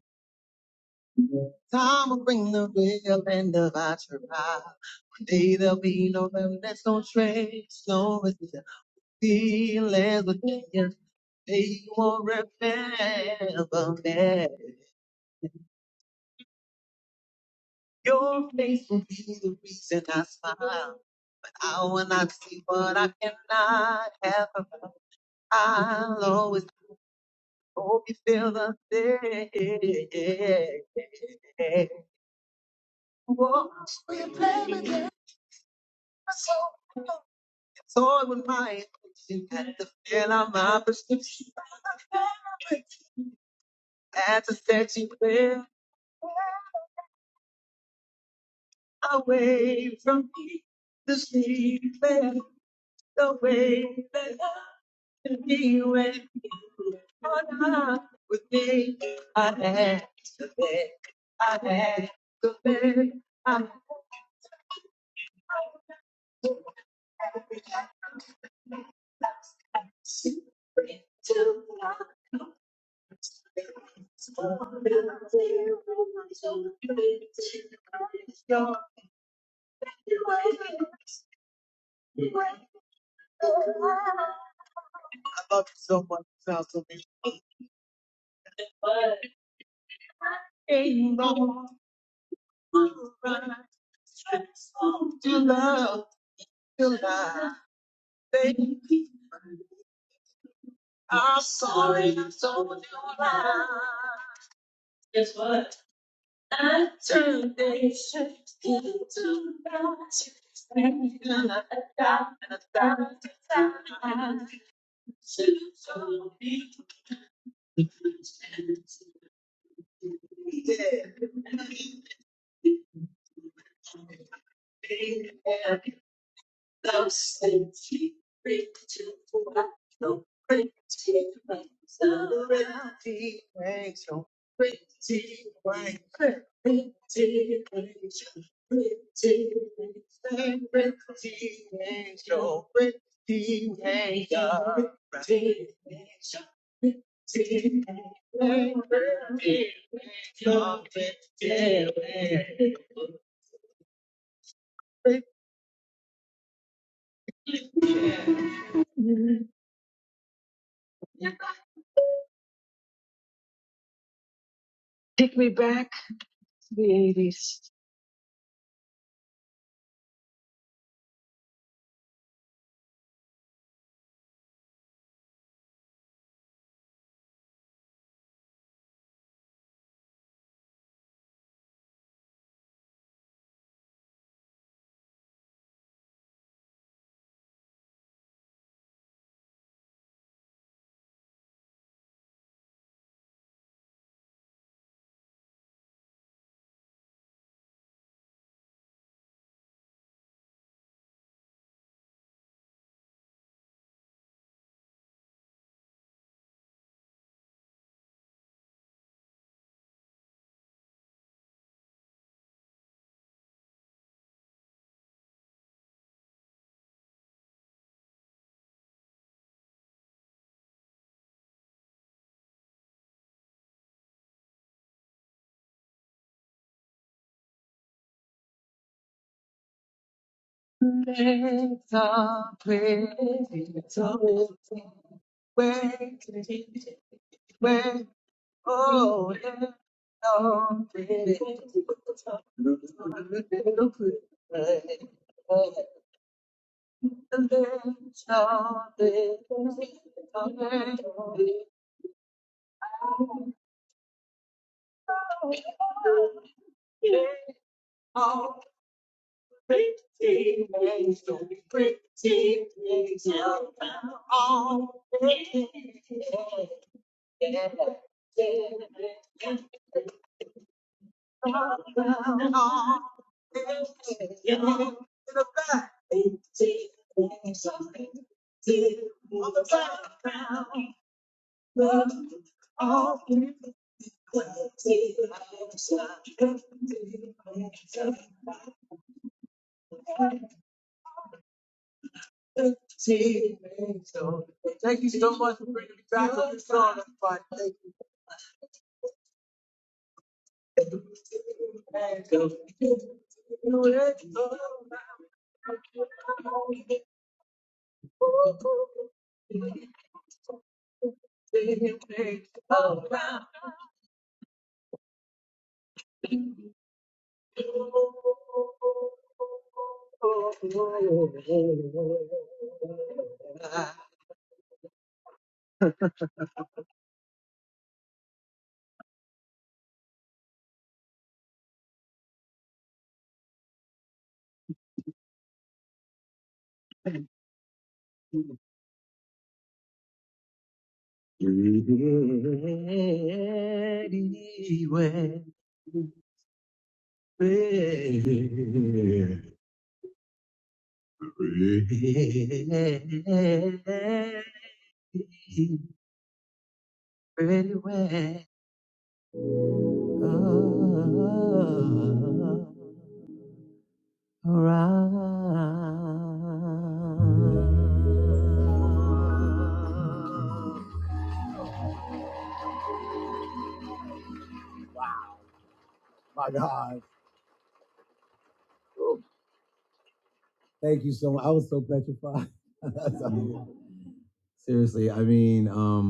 My God.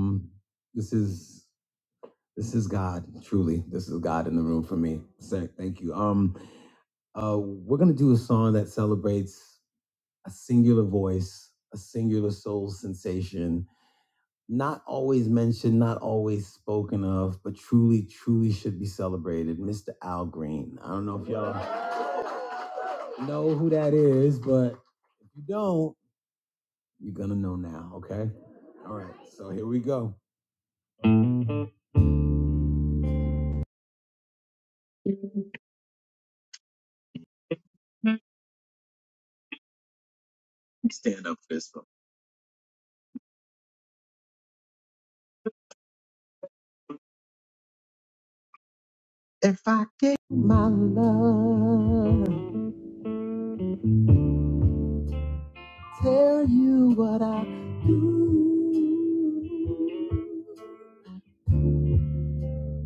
Seriously. This. This is God, truly. This is God in the room for me. Sir, thank you. Um, uh, we're gonna do a song that celebrates a singular voice, a singular soul sensation, not always mentioned, not always spoken of, but truly, truly should be celebrated. Mr. Al Green. I don't know if y'all know who that is, but if you don't, you're gonna know now. Okay. All right. So here we go. Tell you what I do.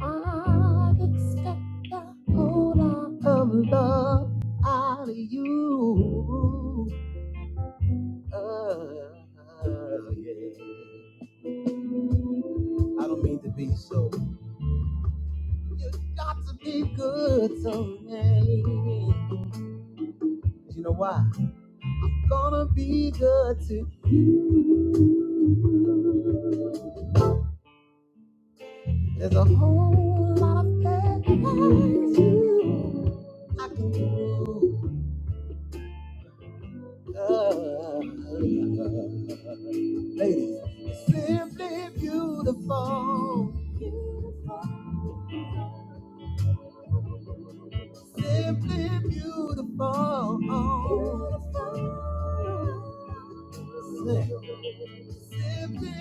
I expect a whole lot of love out of you. Uh, yeah. I don't mean to be so. Got to be good someday. 'Cause You know why? Gonna be good to. There's a whole lot of things you I can do. Uh, ladies, it's simply beautiful. Simply beautiful. Simply beautiful. Simply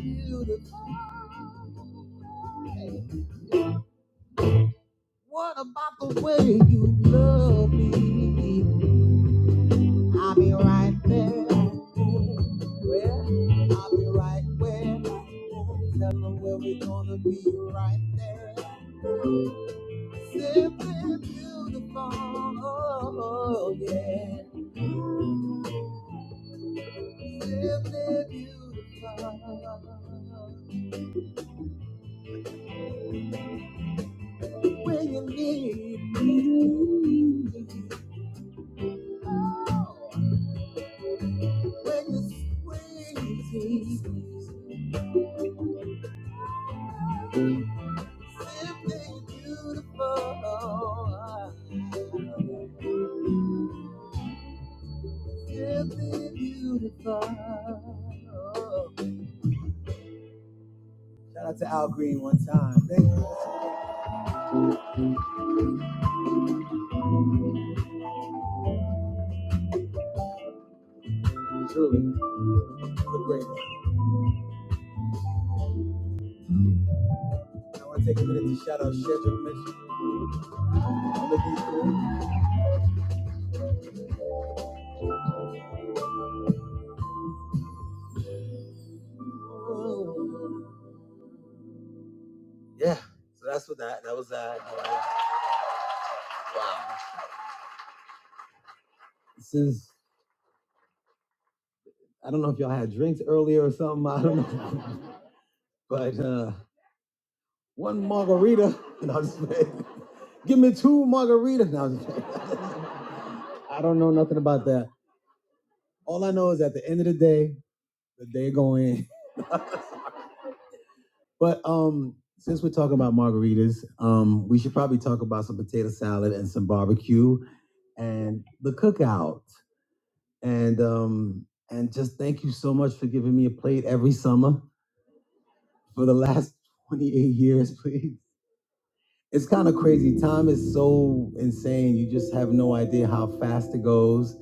beautiful. What about the way you love me? I'll be right there. Where? I'll be right where. Tell them where we're gonna be right there. Simply beautiful, oh yeah. Simply beautiful. When you need me, when you squeeze me, simply beautiful, simply beautiful. Shout out to Al Green one time. Thank you. Absolutely great. I want to take a minute to shout out Shedrick Mitchell. Look, he's cool. Yeah, so that's what that that was that. Uh, wow. This is I don't know if y'all had drinks earlier or something. I don't know, (laughs) but uh, one margarita. (laughs) and I'm just (laughs) playing. Give me two margaritas. No, I'm just playing. (laughs) I don't know nothing about that. All I know is at the end of the day, the day going. (laughs) But um, since we're talking about margaritas, um, we should probably talk about some potato salad and some barbecue and the cookout. and um and just thank you so much for giving me a plate every summer for the (laughs) last 28 years please it's kind of crazy time is so insane you just have no idea how fast it goes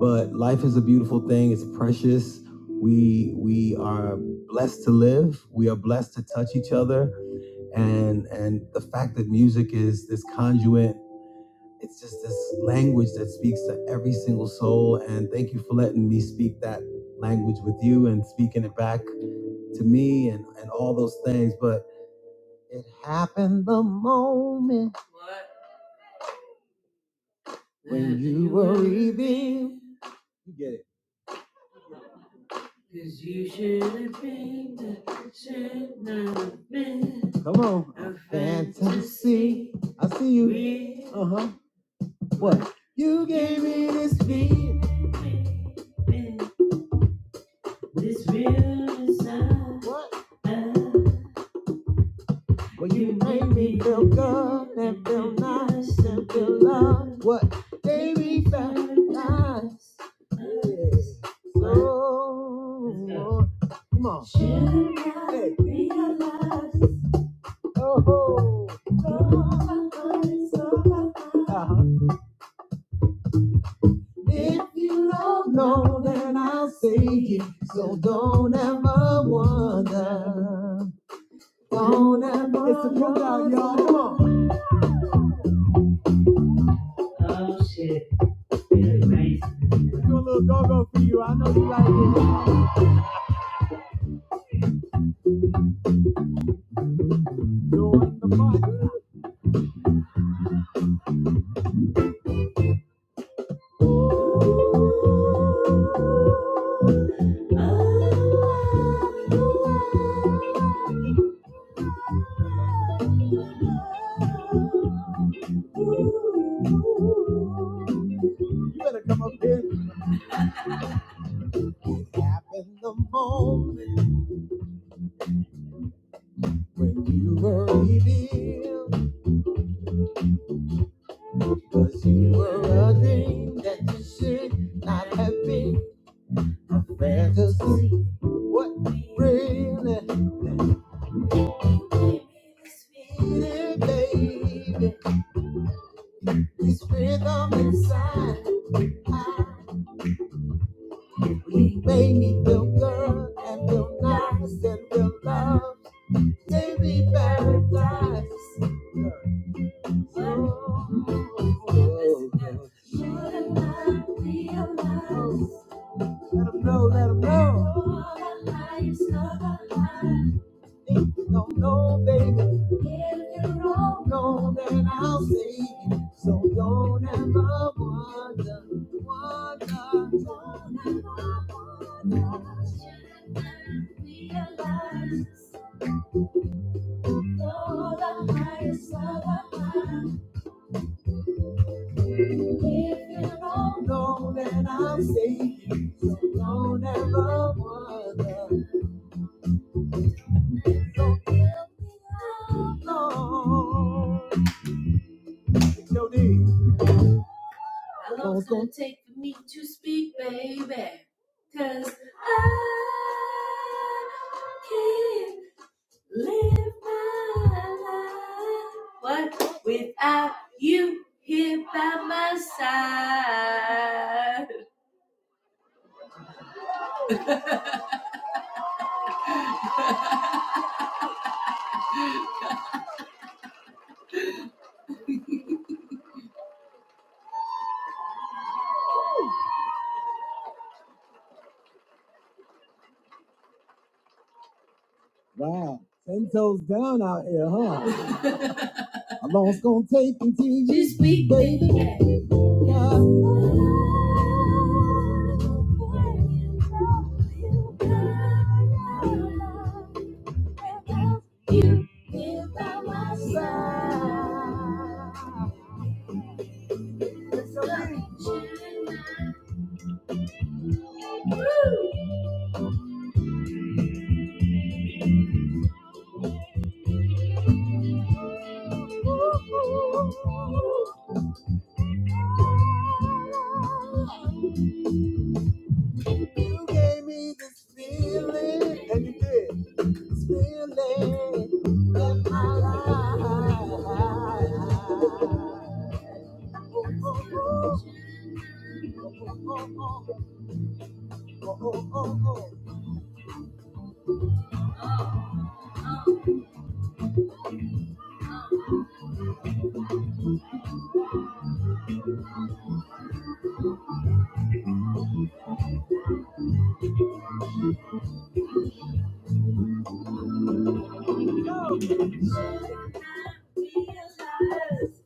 but life is a beautiful thing it's precious we we are blessed to live we are blessed to touch each other and and the fact that music is this conduit it's just this language that speaks to every single soul. And thank you for letting me speak that language with you and speaking it back to me and, and all those things. But it happened the moment. Breathing. You get it. Come on. A fantasy. I see you. Uh huh. What? You gave me this feeling. What? Well, you made me feel good and feel nice and feel loved. What? Baby, me back. If you don't know, then I'll say it. So don't ever wonder. Don't ever It's a cookout, y'all. Come on. We'll Do a little go-go for you. I know you like it. Doing the party. You better come up here in the moment when you were revealed. Cause you were a dream that you should not have been. A fantasy. What really? Spirit, baby, this rhythm inside. We may need the girl and the nice and the love. Baby paradise. Oh, Shouldn't Let 'em know, let 'em know. If you don't know, baby, if you don't know, then I'll say it. So don't ever wonder, wonder, don't ever wonder. Should I realize you're the highest of the high? If you don't know, then I'll say it. Don't ever wonder, don't ever wonder. How long's it gonna take for me to speak, baby, 'cause I can't live my life what without you here by my side. Wow, ten toes down out here, huh? (laughs) How long it's gonna take until you Just stop? You, you by my side. It's okay. You gave me this feeling, and you did this feeling in my life. Oh, oh, oh, oh, oh, oh, oh. oh, I realize?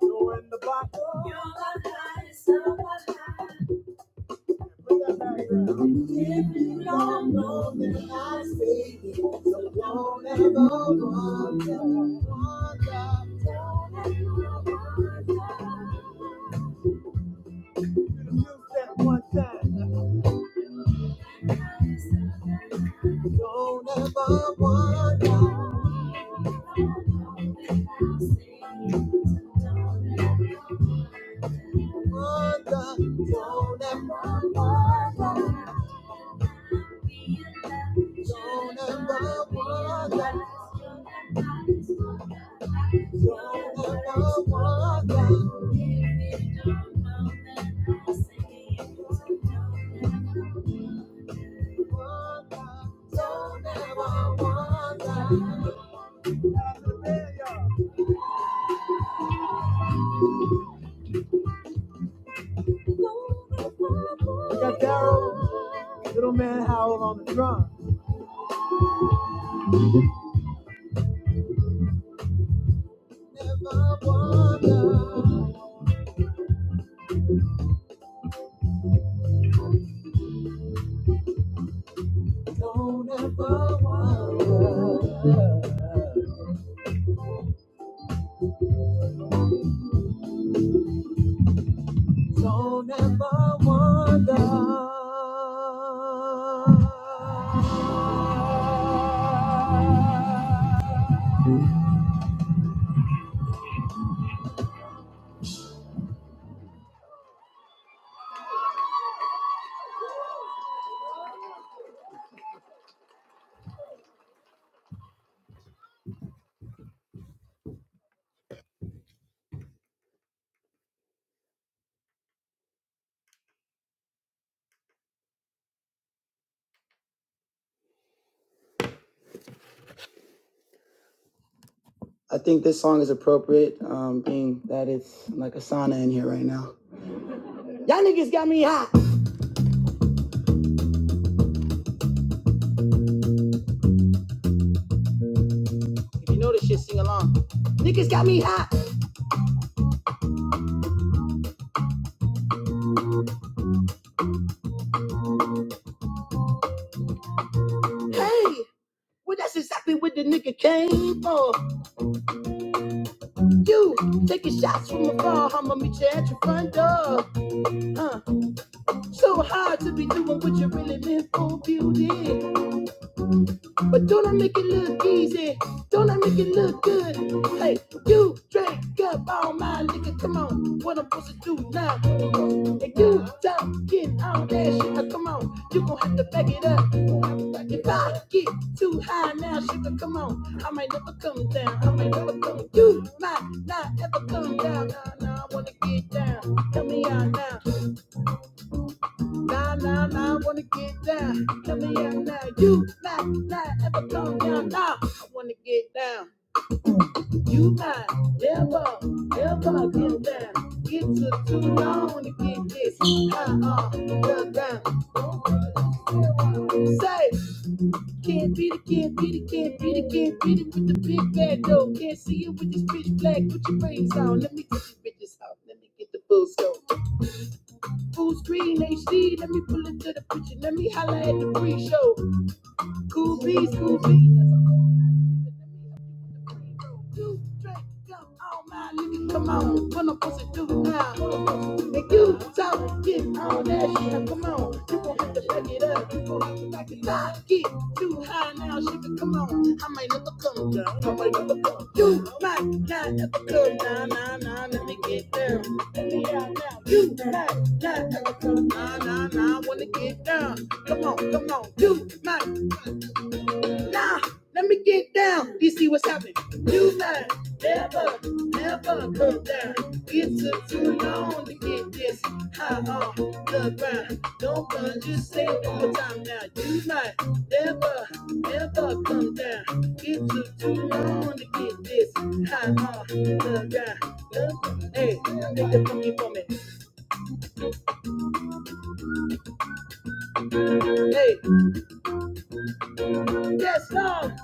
You're in the bottle. You're the highest of my highs. If you don't know, then I say it. So don't ever wonder, wonder. Just use that one time. Don't ever wonder. wonder, don't ever wonder, don't ever wonder, don't ever wonder. We got Daryl, little man Howell on the drum. Never wonder, don't ever wonder, don't ever wonder. If you know this shit, sing along. Niggas got me hot. Hey, well, that's exactly what the nigga came for. You taking shots from afar, humble me, chat. Huh? So hard to be doing what you really meant for, beauty. But don't I make it look easy? Don't I make it look good? Hey, you drank up all my liquor. Come on, what I'm supposed to do now? And you talking all that shit. Now, come on, you gon' have to back it up. If I get too high now, shit, come on, I might never come down. I might never come. You might not ever come down. Nah, nah, I wanna get down. Tell me out now. Nah, nah, nah, I wanna get down. Tell me out now. You might not ever come down. Nah, I wanna get down. You might never, ever get down. It took too long to get this. Uh-uh, well done. Say, can't beat it, can't beat it, can't beat it, can't beat it with the big bad dough. Can't see it with this bitch black bitches on. Let me get these bitches out. Let me get the full scope. Full screen HD. Let me pull into the picture. Let me holler at the pre-show. Cool beats, cool beats. Two, three, come on, my nigga, come on. What I'm supposed to do now? and you talk, get on that shit. come on, you gon' have to back it up. You gon' have to back it up. Get too high now, shit. Come on, I might never come down. I might never come. You might not ever come down. Nah, nah, nah. let me get down. Let me out now. You might not ever come. down. Nah, nah, nah, I wanna get down. Come on, come on. You might Nah, let me get down. DC, what's happening? You might never, never come down. It took too long to get this high off the ground. Don't run, just say it one more time now. You might never, never come down. It took too long to get this high off the ground. Look, Hey, make the funky for me. Hey, yes, Lord.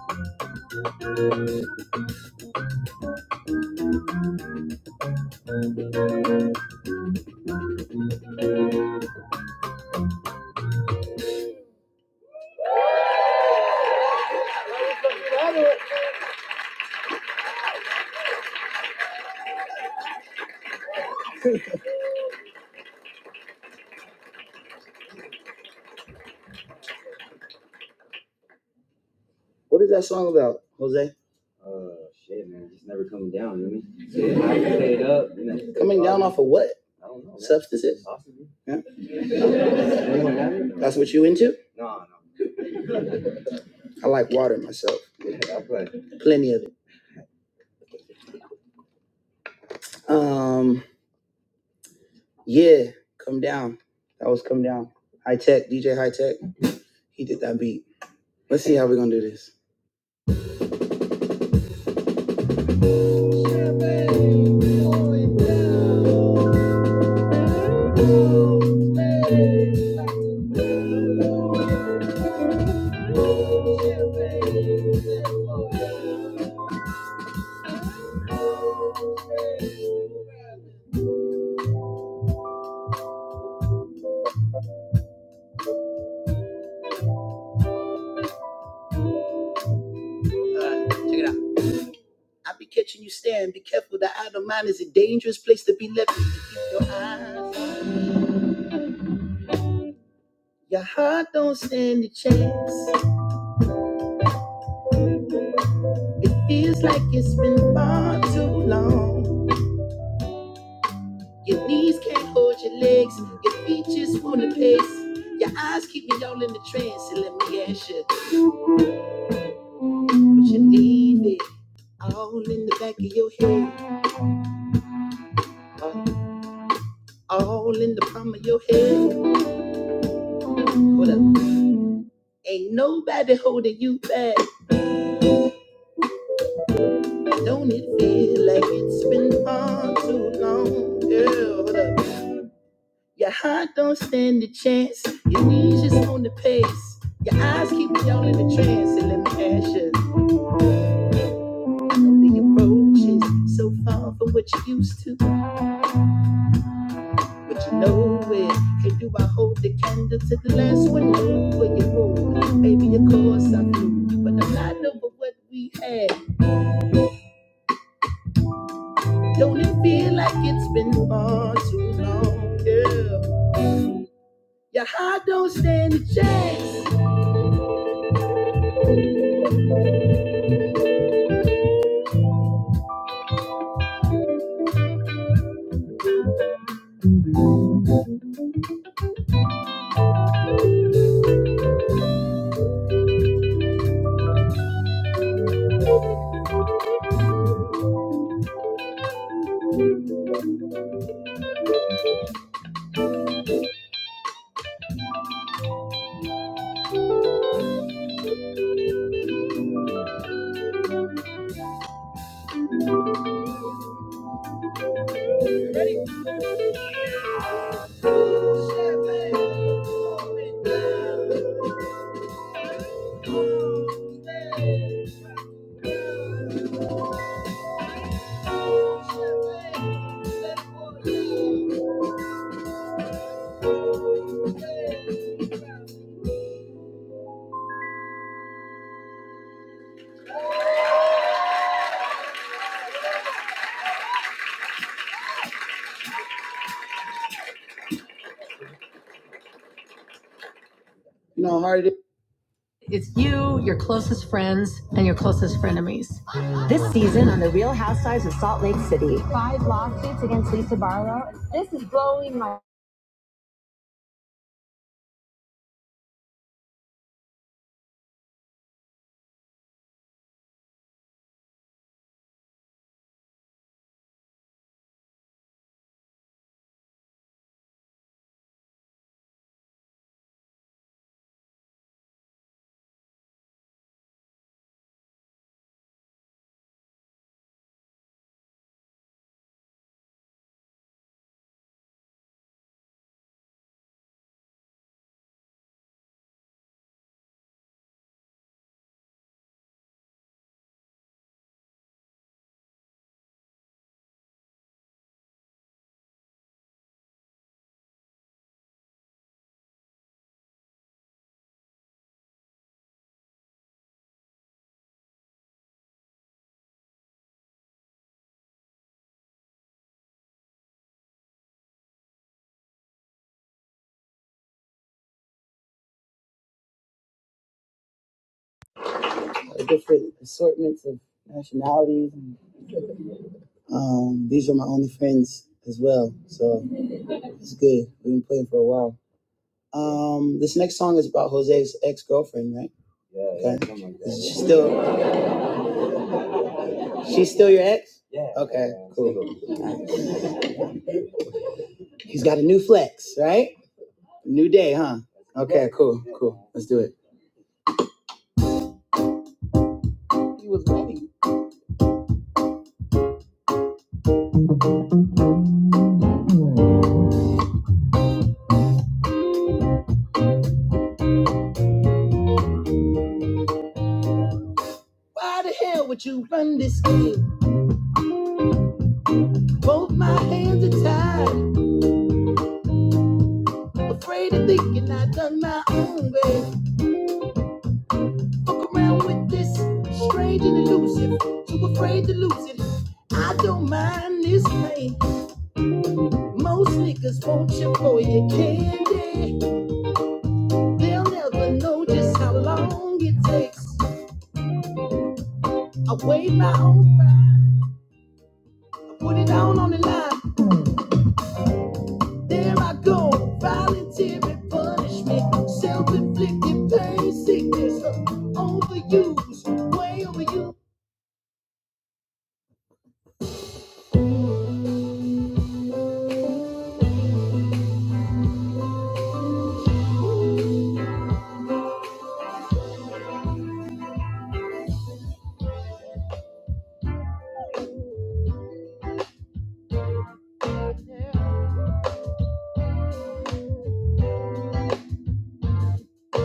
What is that song about, Jose? Coming down off of what? Substances? Huh? That's what you into? I like water myself, plenty of it. Um, yeah, come down. That was come down. High tech, DJ High Tech. He did that beat. Let's see how we're gonna do this. Uh, check it out. I be catching you staring. Be careful. The out mind is a dangerous place to be left. Your eyes, your heart don't stand a chance. It feels like it's been far too long. Your knees can't hold your legs, your feet just wanna pace. Your eyes keep me all in the trance, and let me ask you, would you leave it all in the back of your head, or all in the palm of your head? Hold up, ain't nobody holding you back. Don't it feel like it's been far too long, girl? Hold up. Your heart don't stand a chance. Your knees just on the pace. Your eyes keep y'all in a trance. And let me ask you, the approach is so far from what you used to. But you know it. And do I hold the candle to the last one? No, where you move. Maybe of course I do. But I'm not over what we had. Don't it feel like it's been far too long? girl? Your heart don't stand a chance. It's you, your closest friends, and your closest frenemies. like different assortments of nationalities. and, Um, yeah, yeah, something like that. Yeah. Okay, yeah, cool. something like Okay, yeah, cool, Yeah. cool. Let's do it. He was ready. Why the hell would you run this scheme? I'm thinking I done my own way. Fuck around with this strange and elusive. Too afraid to lose it. I don't mind this pain. Most niggas want you for your candy. They'll never know just how long it takes. I weigh my own pride. I Put it down on the line. There I go, voluntary punishment, self-inflicted pain, sickness, overuse, way overuse.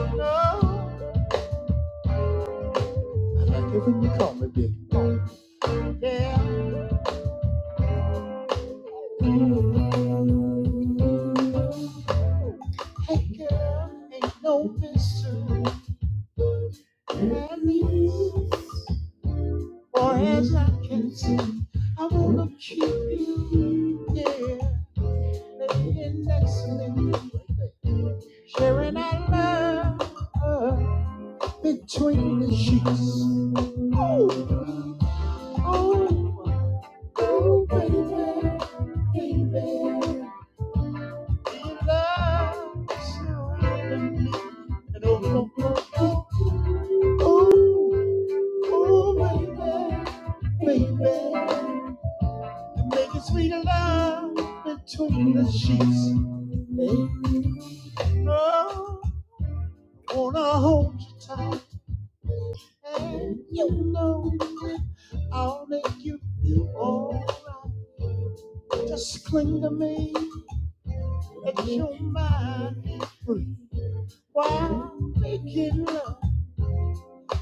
Oh, I like it when you call me big. Yeah. Hey girl, ain't no mystery. At least, far as I can see, I wanna keep you. Yeah. laying next to me, sharing our love uh, between the sheets. Oh, oh, oh, baby, baby, your love is surrounding me, and oh, oh, oh, oh, oh, oh, baby, baby, and making sweet love between the sheets. Hey. Oh, Gonna hold you tight, and you know I'll make you feel alright. Just cling to me, let your mind free while making love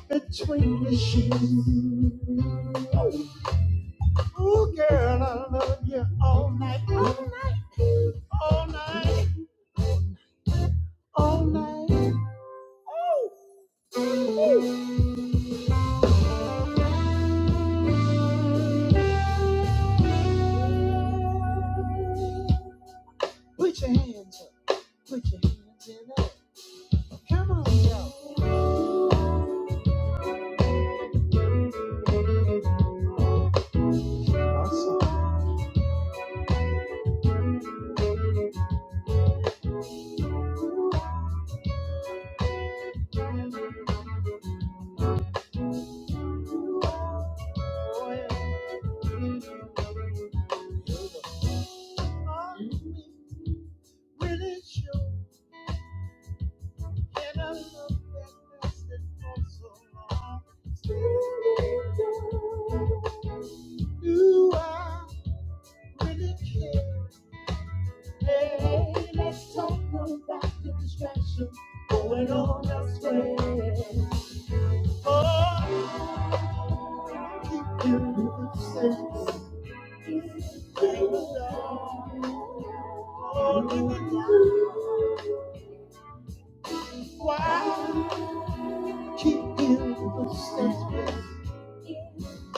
between the sheets. Oh, ooh, girl, I love you all night, all night, all night, all night. Ooh, ooh. Put your hands up, put your hands in the air. Come on, y'all. Awesome. really sure so Do I really care? Hey, let's talk about the distraction going on elsewhere. Oh, Oh, Why keep in the suspense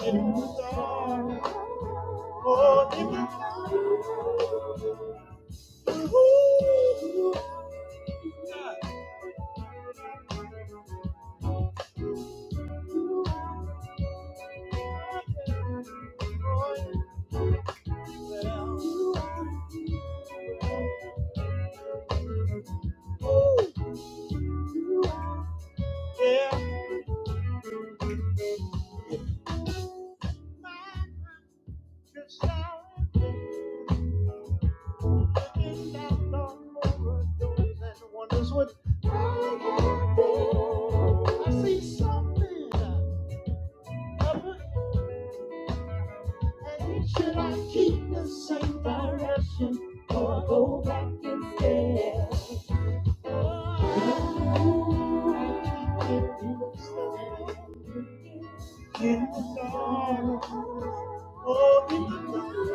in the dark or in the night? Ooh, God, for yourself. Ooh, yeah. Just now, looking down on corridors and wonders what I can do. I see something. up ahead. Should I keep the same direction or go back instead? Ooh, I keep getting stuck. You know, oh, you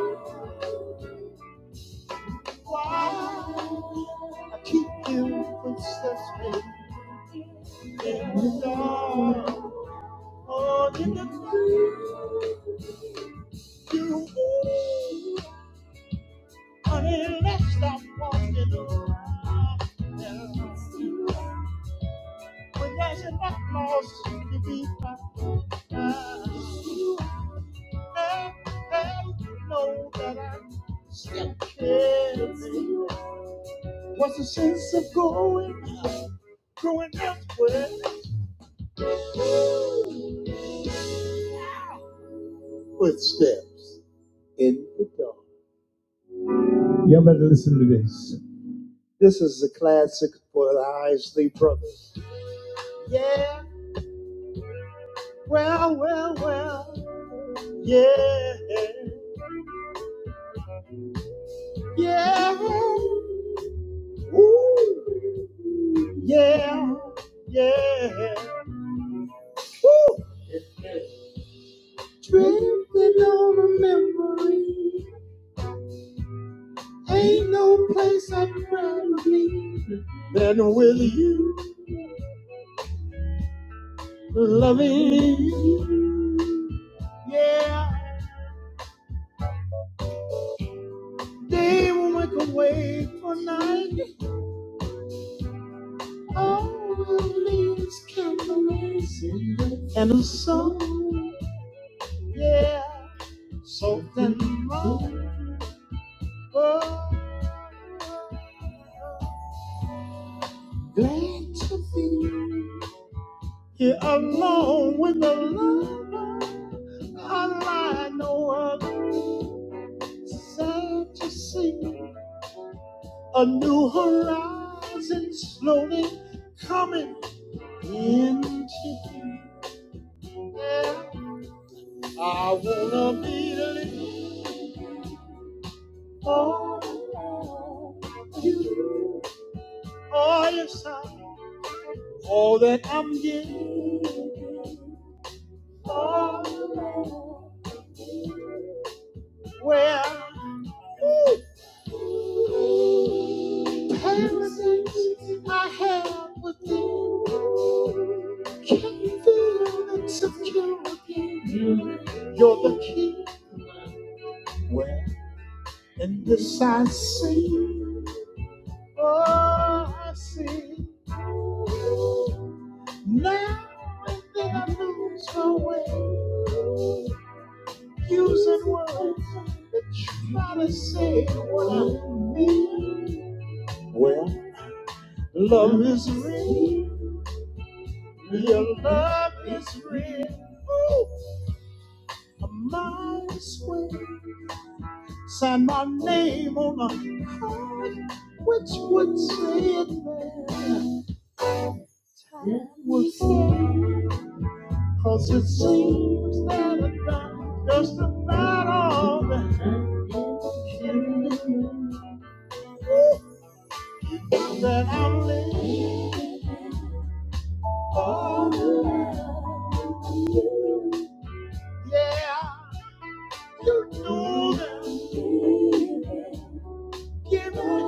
know why I keep feeling princess me. You dark, oh, in the dark. you. Unless I'm walking around else. When there's enough loss to be found And I know that I'm still living What's the sense of going, growing elsewhere? Footsteps in the dark This is a classic for the Isley Brothers Yeah, well, well, well, yeah Yeah. ooh, Yeah. Yeah. Drifting on a memory. Ain't no place I'd rather be than with you, loving you. Yeah. Day will make a way for night. All the leaves count the ways in the- and a song. Yeah. So then, Glad to see you here alone with the love I know other Sad to see a new horizon slowly coming into view. Yeah. I wanna be living all for you. Oh yes, I, all that I'm getting. Oh, Well, everything I have within can feel and security. You're the key. Well, in this I see. Oh, I see. Now that I lose my way. using words that try to say what I mean. Well, love is real. Your love is real. Oh, a mile square. Sign my name on a card, which would say it there. It would say, cause it seems that I've done just about all that. I can do. that I'm living for you. Yeah, you know that. Give it.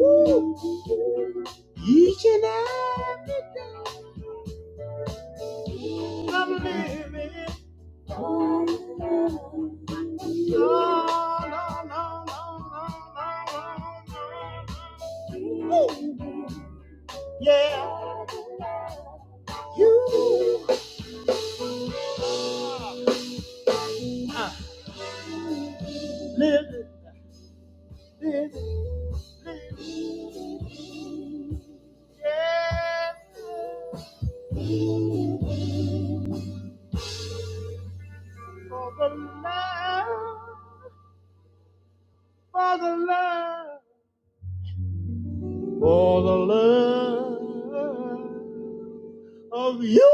Woo. Each and every day I'm living. for you. No, no, no, no, no, no, no, no. Woo. Yeah, you. are. living, living, living, yeah, for the love, for the love, for the love of you.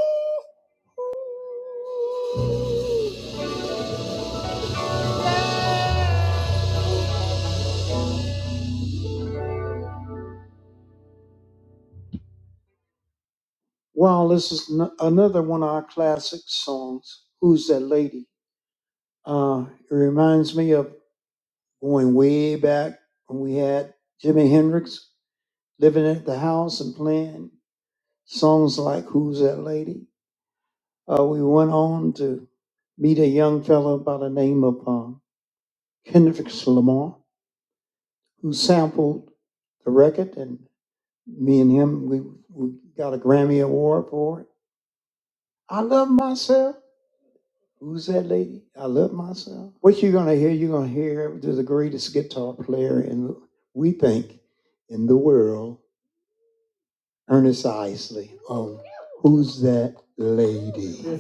Ernest Isley, um, who's that lady?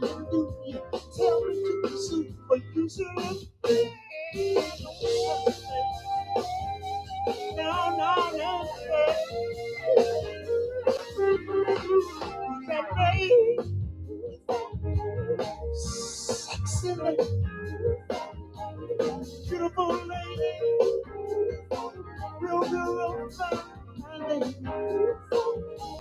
Tell me to pursue what you said. No, no, no, That day, sexy lady, beautiful lady, real, real, real fine lady.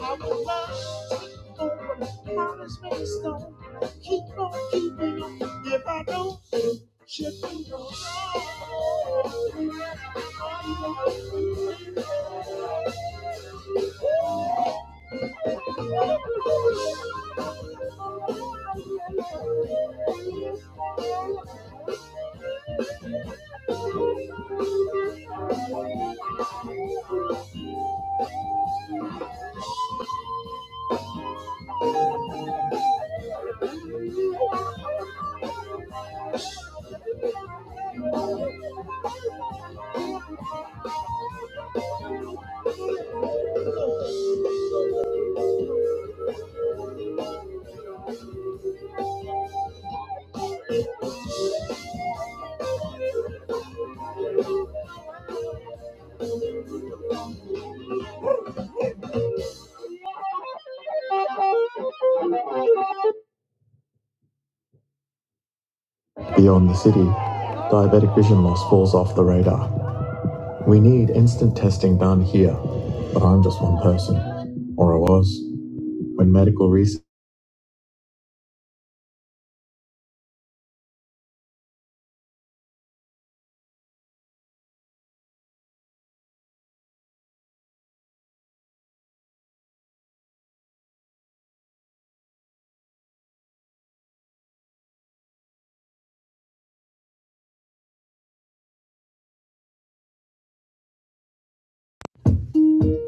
I would love to take over the promise made stone. Keep on keeping on. If I don't, she'll be gone. Beyond the city, diabetic vision loss falls off the radar. We need instant testing done here, but I'm just one person, or I was. When medical research.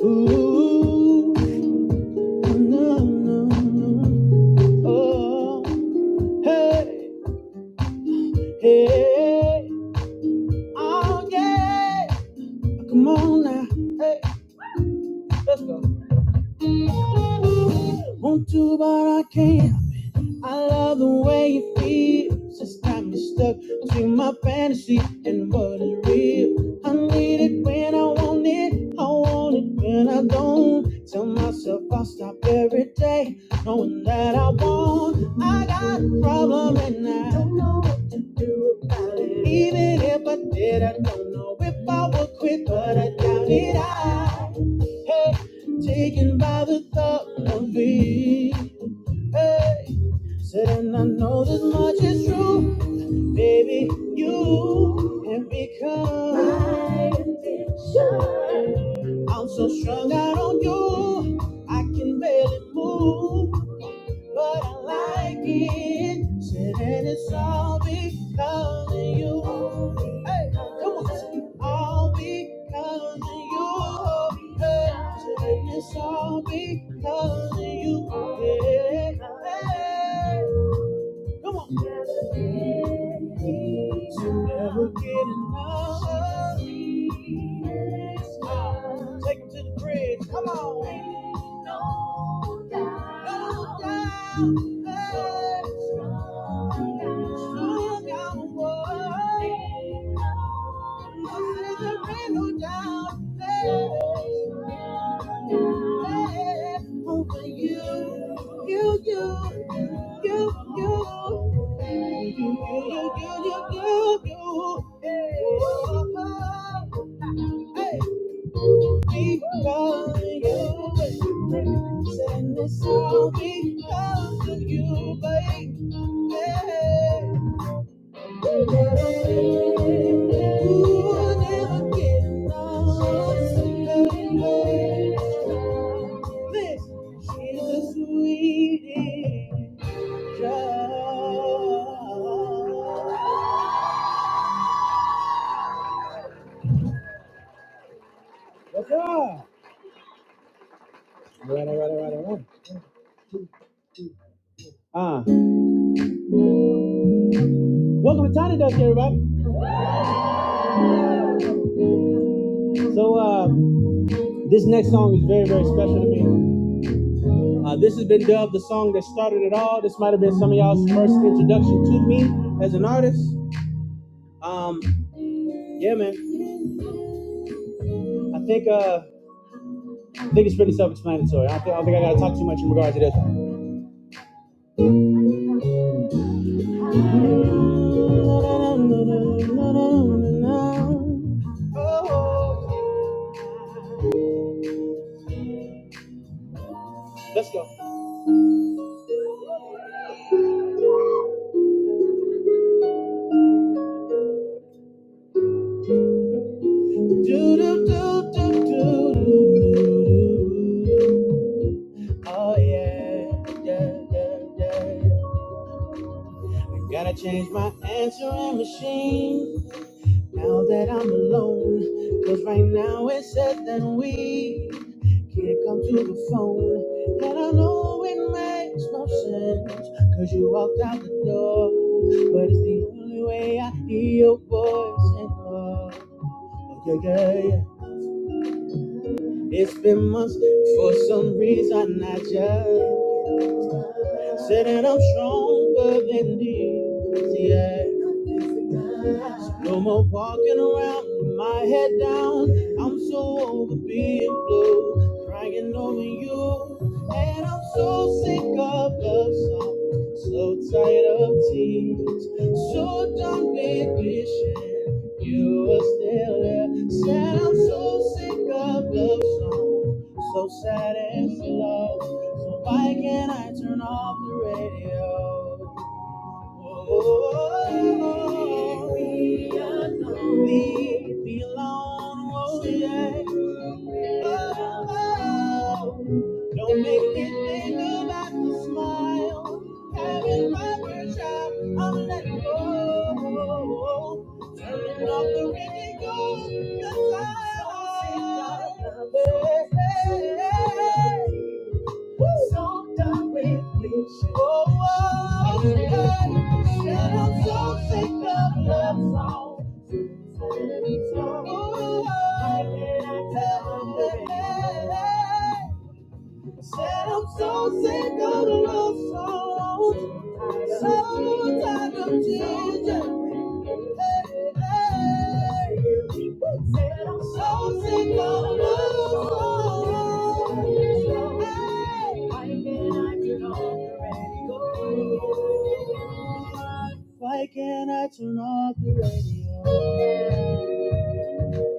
Ooh, na, na, na. Oh, hey, hey. Oh, yeah. Come on now. Hey, let's go. Want to, but I can't. I love the way you feel. Just got me stuck between my fantasy and what is real. I need it when I want it. I want it when I don't. Tell myself I'll stop every day, knowing that I won't. I got a problem and I don't know what to do about it. Even if I did, I don't know if I would quit, but I doubt it. I hey, taken by the thought of it. Hey. Said, and I know this much is true, baby. You have become my addiction. I'm so strung out on you, I can barely move, but I like it. Said, and it's all because of you. Hey, come on, listen. All because of you. Hey, said, and it's all because of you. Yeah. yeah, yeah. Hey. Come on. You'll Never get enough. Might have been some of y'all's first introduction to me as an artist. Um, yeah, man. I think uh, I think it's pretty self-explanatory. I don't, I don't think I gotta talk too much in regard to this. Let's go. Oh yeah, yeah, yeah, yeah. I gotta change my answering machine now that I'm alone. Cause right now it says that we can't come to the phone. And I know it makes no sense. Cause you walked out the door. But it's the only way I hear your voice and more. Yeah, yeah, yeah. It's been months for some reason I just Said that I'm stronger than these, yeah. So No more walking around with my head down. I'm so over being blue, crying over you. And I'm so sick of love songs, so tired of tears, so done with wishing you were still there. Said I'm so sick of love songs, so sad and slow. So why can't I turn off the radio? Oh, leave me alone, Leave me alone. oh yeah. Oh, oh. don't make me think about the smile. Having my first shot, I'm letting go. Turning off the radio, 'cause I- I'm so sick of love. Hey, hey, hey. So done with wishing. Oh, oh, God. And I'm so sick of love songs. Oh, I can't tell them that. Said I'm so sick of love songs. So tired of tears. Why can't I turn off the radio?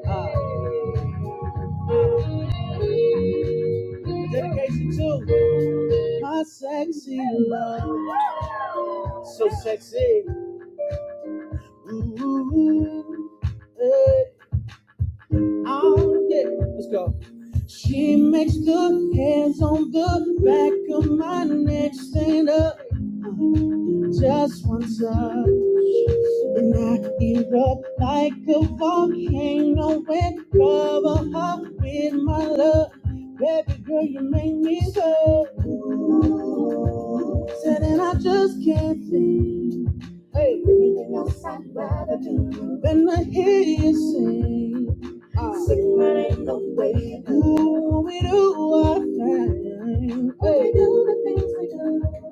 Ah, dedication to my sexy love, so sexy. Ooh, hey, oh, yeah. Let's go. She makes the hairs on the back of my neck stand up just once up. And I erupt like a volcano when cover up with my love. Baby girl, you make me go. Said, and I just can't think. Hey. Anything else I'd rather do than I hear you sing. Uh. Sing my ain't no way Ooh, we do our thing. Hey. We do the things we do.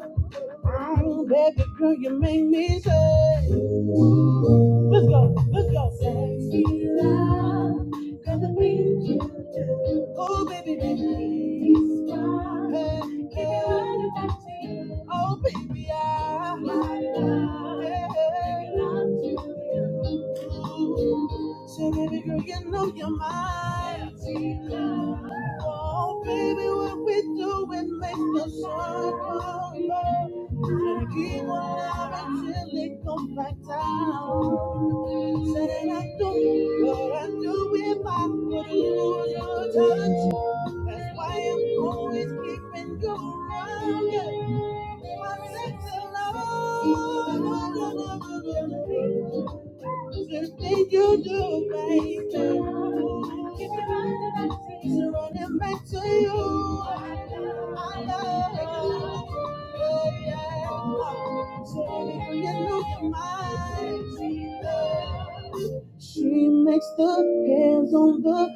Oh, baby girl, you make me say. Let's go, let's go. Sexy love, girl, the things you do. Oh, baby, baby. Hey, Keep hey. your heart affecting. Oh, baby, I. My love, hey, hey. give love to you. baby girl, you love me. Keep on that lick on my tongue. oh, your touch. Something you do right now. It's running back to you. I love you yeah. Look at mine. Makes the hands look. I'm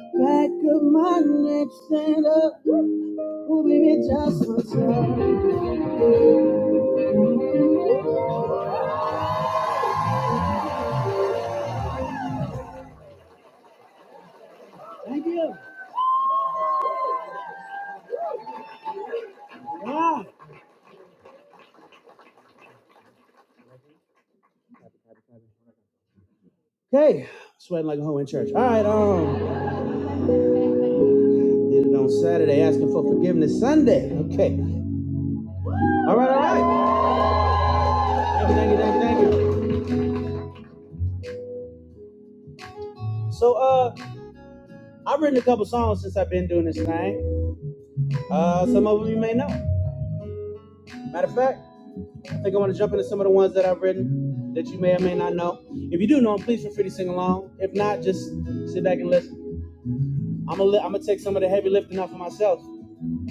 gonna take some of the heavy lifting off of myself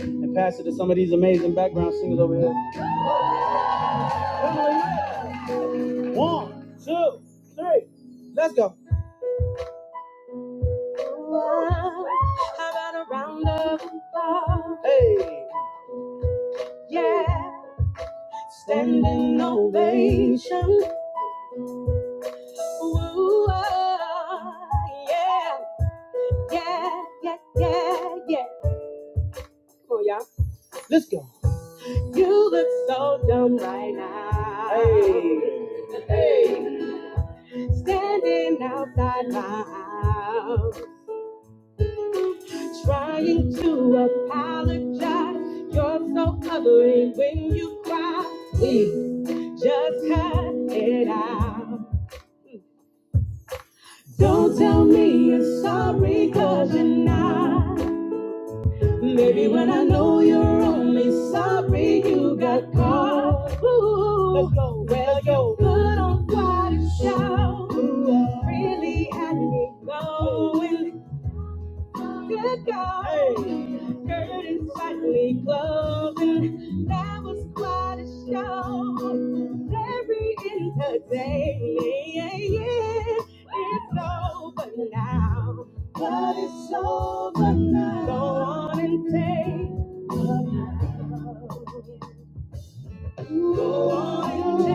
and pass it to some of these amazing background singers over here. One, two, three, let's go. Hey, standing ovation. Yeah, yes, yes. Just ha- don't tell me you're sorry, cause you're not. Maybe when I know you're only sorry, you got caught. Ooh, Let's go. well, you're good on what you shout. Really had me going Good God. Hey. Curtains tightly closed, and that was quite a show. Very entertaining. Yeah, yeah. It's over now. But it's over now. Go on and take a bow. Go on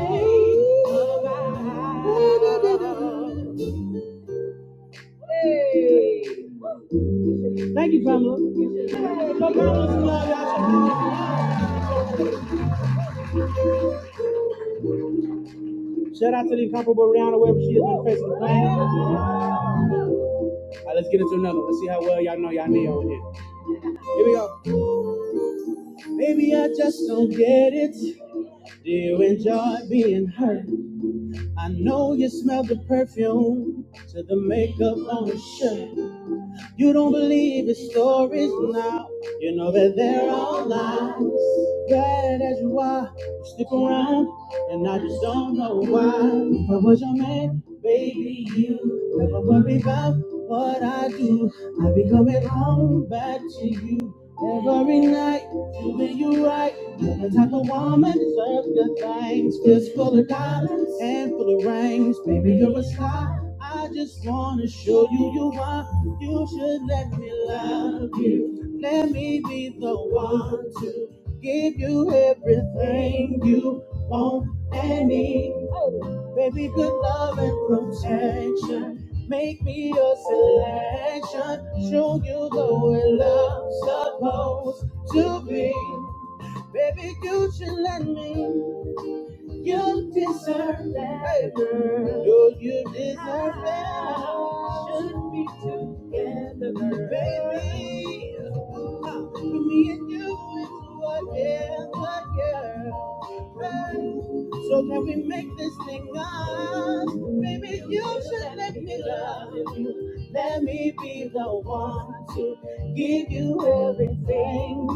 and take a bow. Hey. Thank you, Pamela. Shout out to the incomparable Rihanna wherever she is on the face of the planet. All right, let's get into another. one. Let's see how well y'all know y'all need on here. Here we go. Maybe I just don't get it. Do you enjoy being hurt? I know you smell the perfume to the makeup on your shirt. You don't believe his stories now. You know that they're all lies. Bad as you are, you stick around, and I just don't know why. If I was your man, baby, you never worry about what I do. I be coming home back to you every night. Doing you right, you're the type of woman serves good things. Fist full of diamonds, hand full of rings. Baby, you're a star. I just wanna show you you are. You should let me love you. Let me be the one to give you everything you want and need. Baby, good love and protection. Make me your selection. Show you the way love's supposed to be. Baby, you should let me. You deserve better. No, you deserve better. Should be together, baby. For me and you, it's forever, girl. So can we make this thing ours? Baby, you should let me love you. Let me be the one to give you everything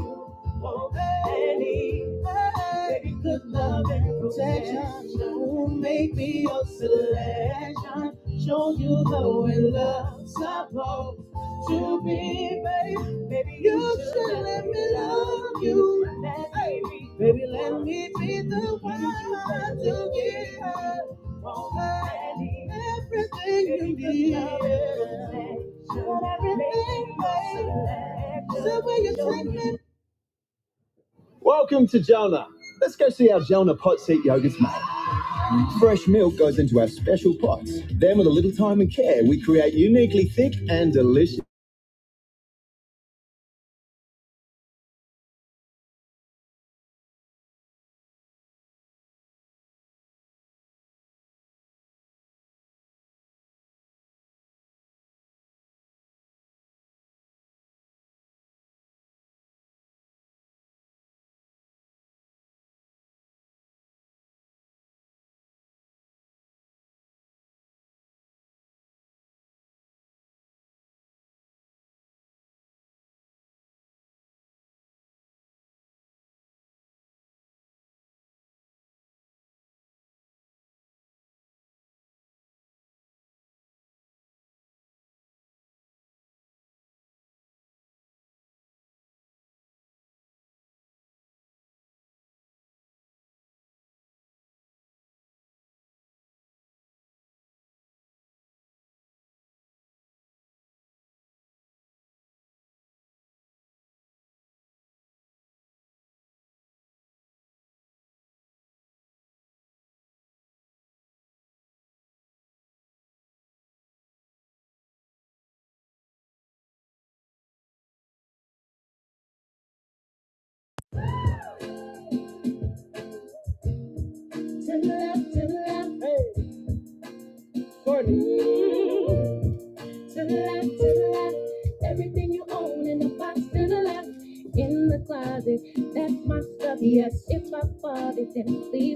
for any, baby, good love and protection. Who make me your selection? Show you the way love's supposed to be, baby. Baby, you should let me love you. Let baby, let me be the one to give her everything you need. But Everything, baby. So when you take me Welcome to Jonah. Let's go see how Jonah pot seat yogurt's made. Fresh milk goes into our special pots. Then, with a little time and care, we create uniquely thick and delicious. Courtney. that's my stuff. Yes, it's my fault. The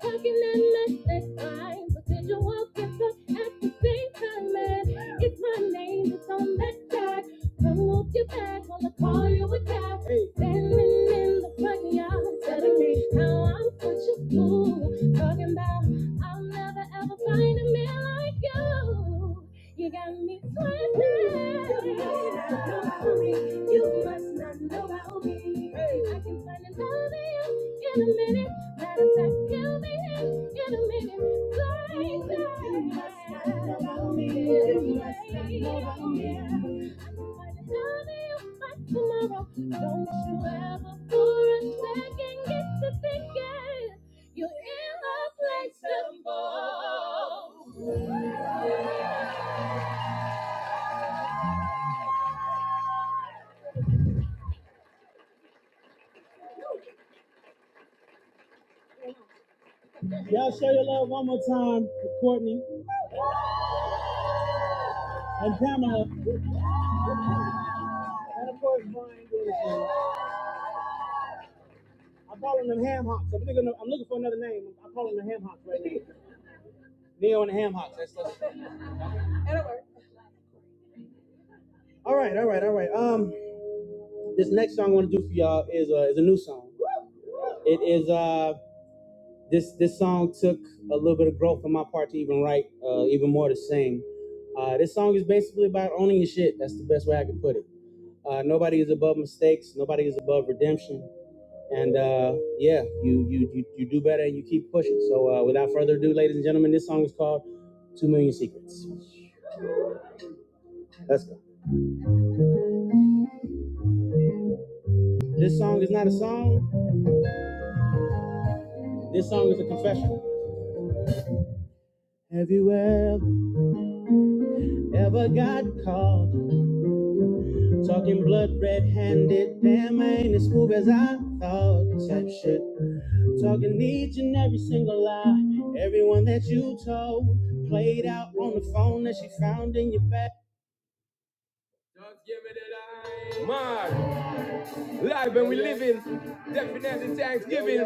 talking and You must not know about me. I can find another you in a minute. Matter of fact, you'll be in in a minute. Like that. You must not know about me. You must not know about me. I can find another you by tomorrow. Don't you ever for a second get to thinking you're irreplaceable. Y'all show your love one more time, for Courtney. And Dana, and of course Brian Wilson. I call him the ham hocks. I'm thinking I'm looking for another name. I call him the ham hocks right now. Neo and the ham hocks. That's, that's all right, all right. Let's go. This song is not a song. This song is a confession. Have you ever, ever got caught talking blood red-handed? Damn, I ain't as smooth as I thought. Type shit. Talking each and every single lie. Everyone that you told played out on the phone that she found in your back. Just give me the line. Mark. Live and we living. Definitely Thanksgiving.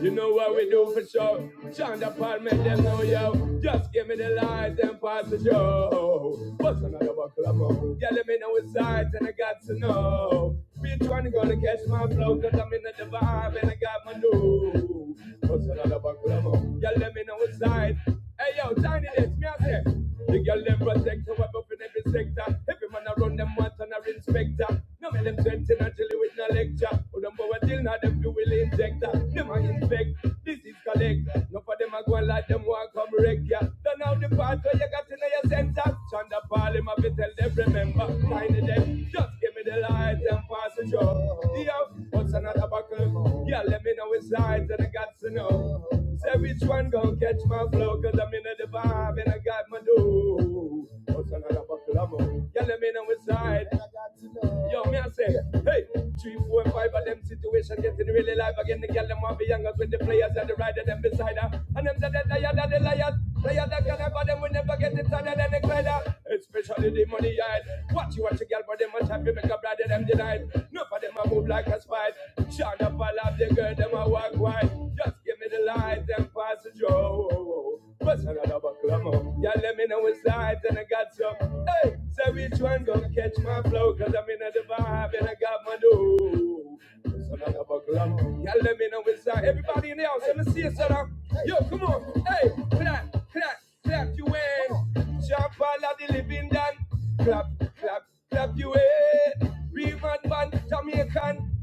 You know what we do for sure. Shonda Paul make them know yo. Just give me the light and pass the show. What's another buckle of more? Yeah, let me know it's sides and I got to know. Bitch, one gonna catch my flow? Cause I'm in the vibe and I got my new. What's another buckle of Y'all let me know what's side. Hey yo, tiny this, me I say. The girl them protect our buff in every sector. Every man around them want an inspector. No me them sweating until with no lecture. Who them power till now them do will injector. Them a inspect, this is collect. No for them a go and let them walk come wreck ya. Don't know the part where you got in your center. Chanda Paul him a be tell them remember. Tiny them, just get Give me the light and pass the joy. Yeah, what's another buckle? Yeah, let me know it's light and I got to know. Say which one gon' catch my flow, cause I'm in the vibe and I got my dough. What's another buckle? I'm Yeah, let me know it's light. And I got to know. Yo, me I say, hey, three, four, and five of them situation getting really live again. The girl them want be younger with the players and the rider them beside her. And them that they tired of the liars. Liars that can never them will never get it tired than the glider. Especially the money I what you watch a girl, but them a happy make a bloody them denied. No for them a move like a spite. Shine up all of the girl, them a walk wide. Just give me the light and pass the joe. What's another buckle of more? Yeah, let me know it's light and I got some. Hey, say which one gonna catch my flow? Cause I'm in the vibe and I got my dough. What's another buckle of more? Yeah, let me know it's light. Everybody in the house, let me see it, son. of- Yo, come on. Hey, clap, clap, clap your hands. Jump all of the living done clap, clap, clap your head. Real madman, Jamaican,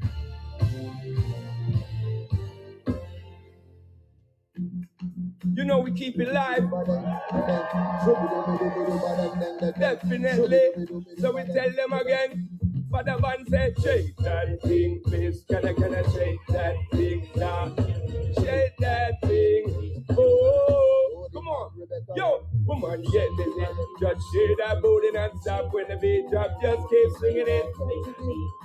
you know we keep it live. Definitely. So we tell them again. Father Van said, shake that thing, please. Can I, can I shake that thing now? Shake that thing. Oh, come on. Yo, woman, get busy. Just shake that booty and stop when the beat drop. Just keep swinging it.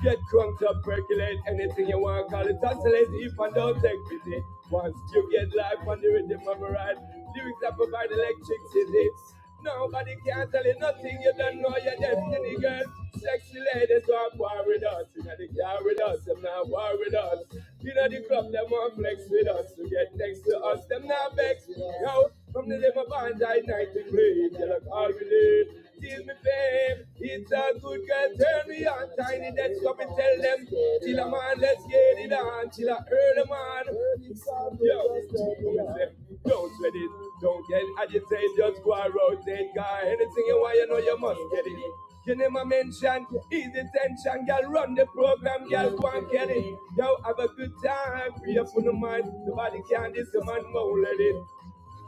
Get crunked up, percolate anything you want. Call it oscillate if I don't take pity. Once you get life on the rhythm of a ride, lyrics that provide electricity. Nobody can tell you nothing. You don't know your destiny, girl. Sexy ladies want war with us. You know they care with us. Them not war with us. You know the club, them want flex with us to get next to us, them not vex. Yo, from the day my band I night to play, tell them all we live. Till me fame, it's a good girl, turn me on, tiny that's come and tell them. Till a man, let's get it on, till a early man. Yo, don't sweat it, don't get agitated, just go and rotate, guy. Anything you want, you know you must get it. You never mention, easy tension, girl, run the program, girl, go and get it. Yo, have a good time, free up on the mind, nobody can this, the man won't let it.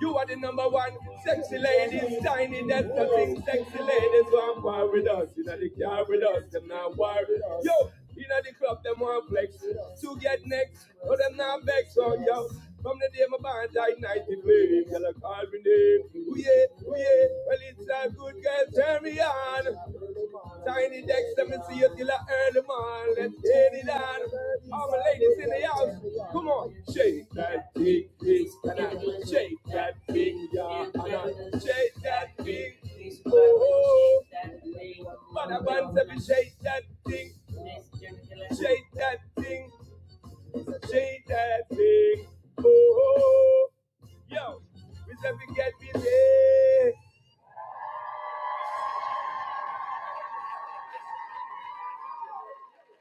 You are the number one, sexy ladies, tiny, that's the thing, sexy ladies, want war with us, you know, they care with us, them not war with us. Yo, you know the club, them want flex, to get next, but them not vex, oh, yo. From the day my band died, 93, girl, I call me name. Yeah, yeah. Well, it's a good girl, turn me on. Tiny decks, let me see you till I early morning. Let's get it on. All my ladies in the house, come on. Shake that big piece, and I shake that big yeah, and I shake that big. Oh, but I want to be shake that thing, shake that thing, shake that thing. Oh, yo, we said we get busy.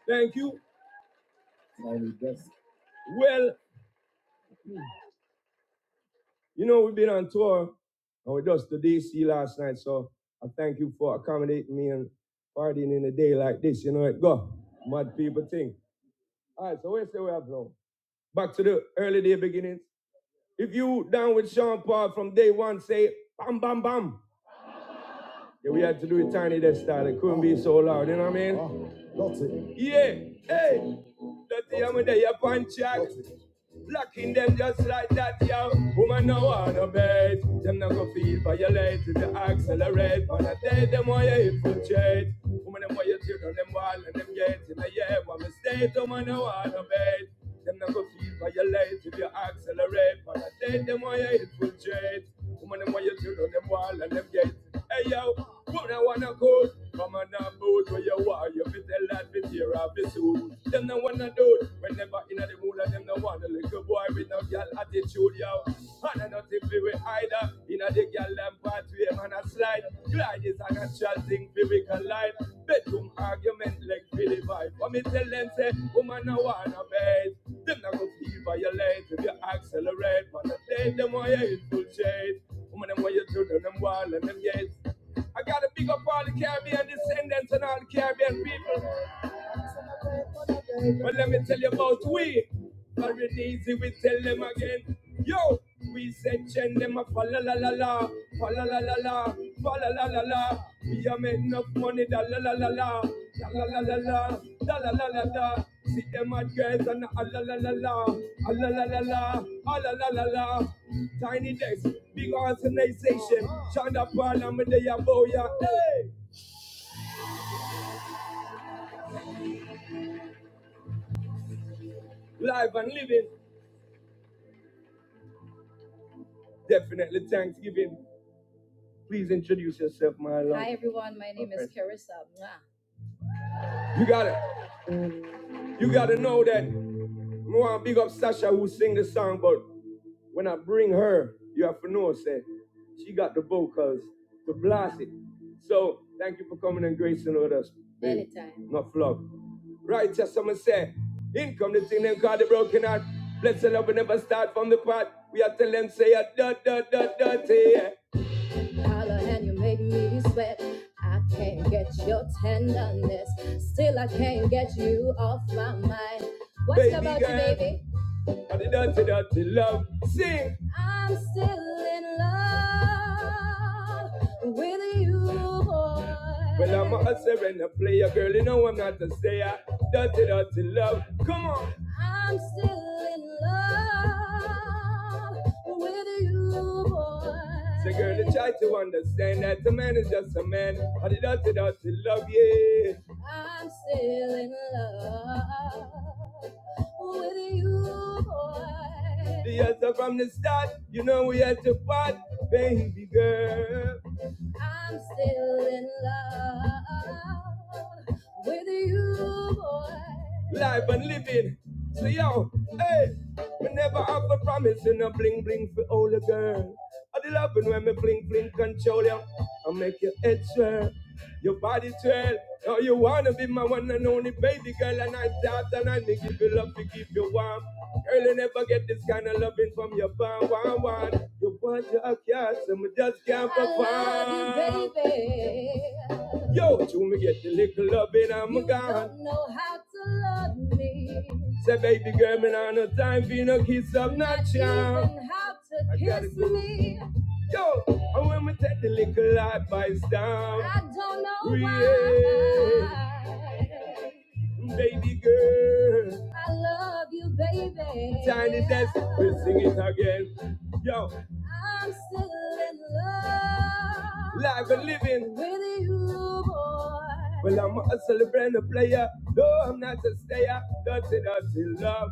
Thank you. Well. You know, we've been on tour and we just the DC last night, so I thank you for accommodating me and partying in a day like this. You know it go. Mad people think. All right, so where say we have now? Back to the early day beginnings. If you down with Sean Paul from day one, say bam, bam, bam. Yeah, we had to do it tiny that style. It couldn't be so loud, you know what I mean? Oh, That's it. Yeah, hey, that's the That's hammer there, you punch jack. it. Blocking them just like that, yo. Woman, no want one obey. Them not go feel violate if you accelerate. But I tell them why you infiltrate. Woman, them why you children, them wall and them gate in a year. One mistake, woman, no want one obey. Them not go feel violate if you accelerate. But I tell them why you infiltrate. Woman, them want you to know them wall and them gates. Hey yo, woman, I wanna go. Come on and boat where you are. You fit tell that bit here or bit soon. Them no wanna do it. Whenever in the mood and them no wanna lick a boy with no girl attitude, yo. And I not if we will either. In a the girl them part way, man, a slide. Glide is a and shall think biblical life. Bedroom argument like Philly vibe. But me tell them say, woman I wanna bed. Them not gonna feel violate if you accelerate. But the day them why you infiltrate. Woman them why you children them wall and them gates. I gotta big up all the Caribbean descendants and all the Caribbean people. But let me tell you about we. Very easy, we tell them again. Yo, we said send them a fa la la la la, fa la la la la, fa la la la la. We a make enough money, da la la la la, da la la la la, da la la la la. See them at girls and a la la la la, a la la la la, a la la la la. Tiny Desk, big organization, Shonda Parliament, they are boya. Hey, live and living, definitely Thanksgiving. Please introduce yourself, my love. Hi, everyone. My name is Okay. Carissa. Mwah. You got to You got to know that. I want to big up Sasha who sing the song, but when I bring her, you have to know, say, she got the vocals to blast it. So thank you for coming and gracing with us. babe. Anytime. No flop. Right, just someone say, in come the thing them call the broken heart. Blessed love will never start from the pot. We are telling them say a da da da da yeah. holler and you make me sweat. I can't get your tenderness, still I can't get you off my mind. What's Baby about girl, you, baby? And the dirty, dirty love. Sing. I'm still in love with you, boy. Well, I'm a hustler and a player, girl. You know I'm not a stayer. Dirty, dirty love. Come on. I'm still in love with you, boy. So, girl, you try to understand that a man is just a man. I did not, did love yeah. I'm still in love with you, boy. Yes, so from the start, you know we had to part, baby girl. I'm still in love with you, boy. Live and living. So yo, hey, me never have a promise in a bling bling for all the girl. I the loving when me bling bling control you. I make your head swirl, your body twirl. Now you wanna be my one and only baby girl, and I doubt and I may give you love to keep you warm. Girl, you never get this kind of loving from your bum, one, one. You want your kiss, and we just can't perform. love you, baby. Yo, you me get the little loving, I'm you gone. don't know how to love me. Say, baby girl, me not no time for no kiss up, not, not charm. even how to I gotta kiss go. me. Go. Yo, and when we take the little life by storm. I don't know yeah. why. Baby girl, I love you, baby. tiny desk, desperate, sing it again. Yo, I'm still in love live and living. with you, boy. Well, I'm a celebrant, and a player. No, I'm not a stayer. Dirty, dirty love.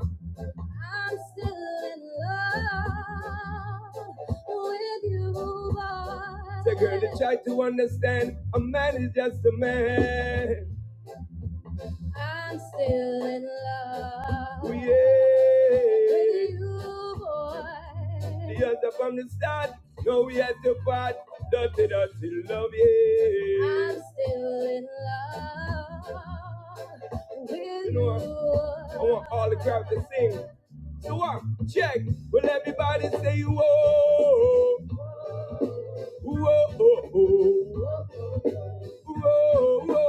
I'm still in love with you, boy. The girl that boy. tried to understand a man is just a man. I'm still in love Oh, yeah. with you, boy. The answer from the start. No, we had to part. Dirty, dirty love, yeah. I'm still in love with You know what? I want all the crowd to sing. So what? Check. Will everybody say whoa, whoa, whoa, whoa, whoa?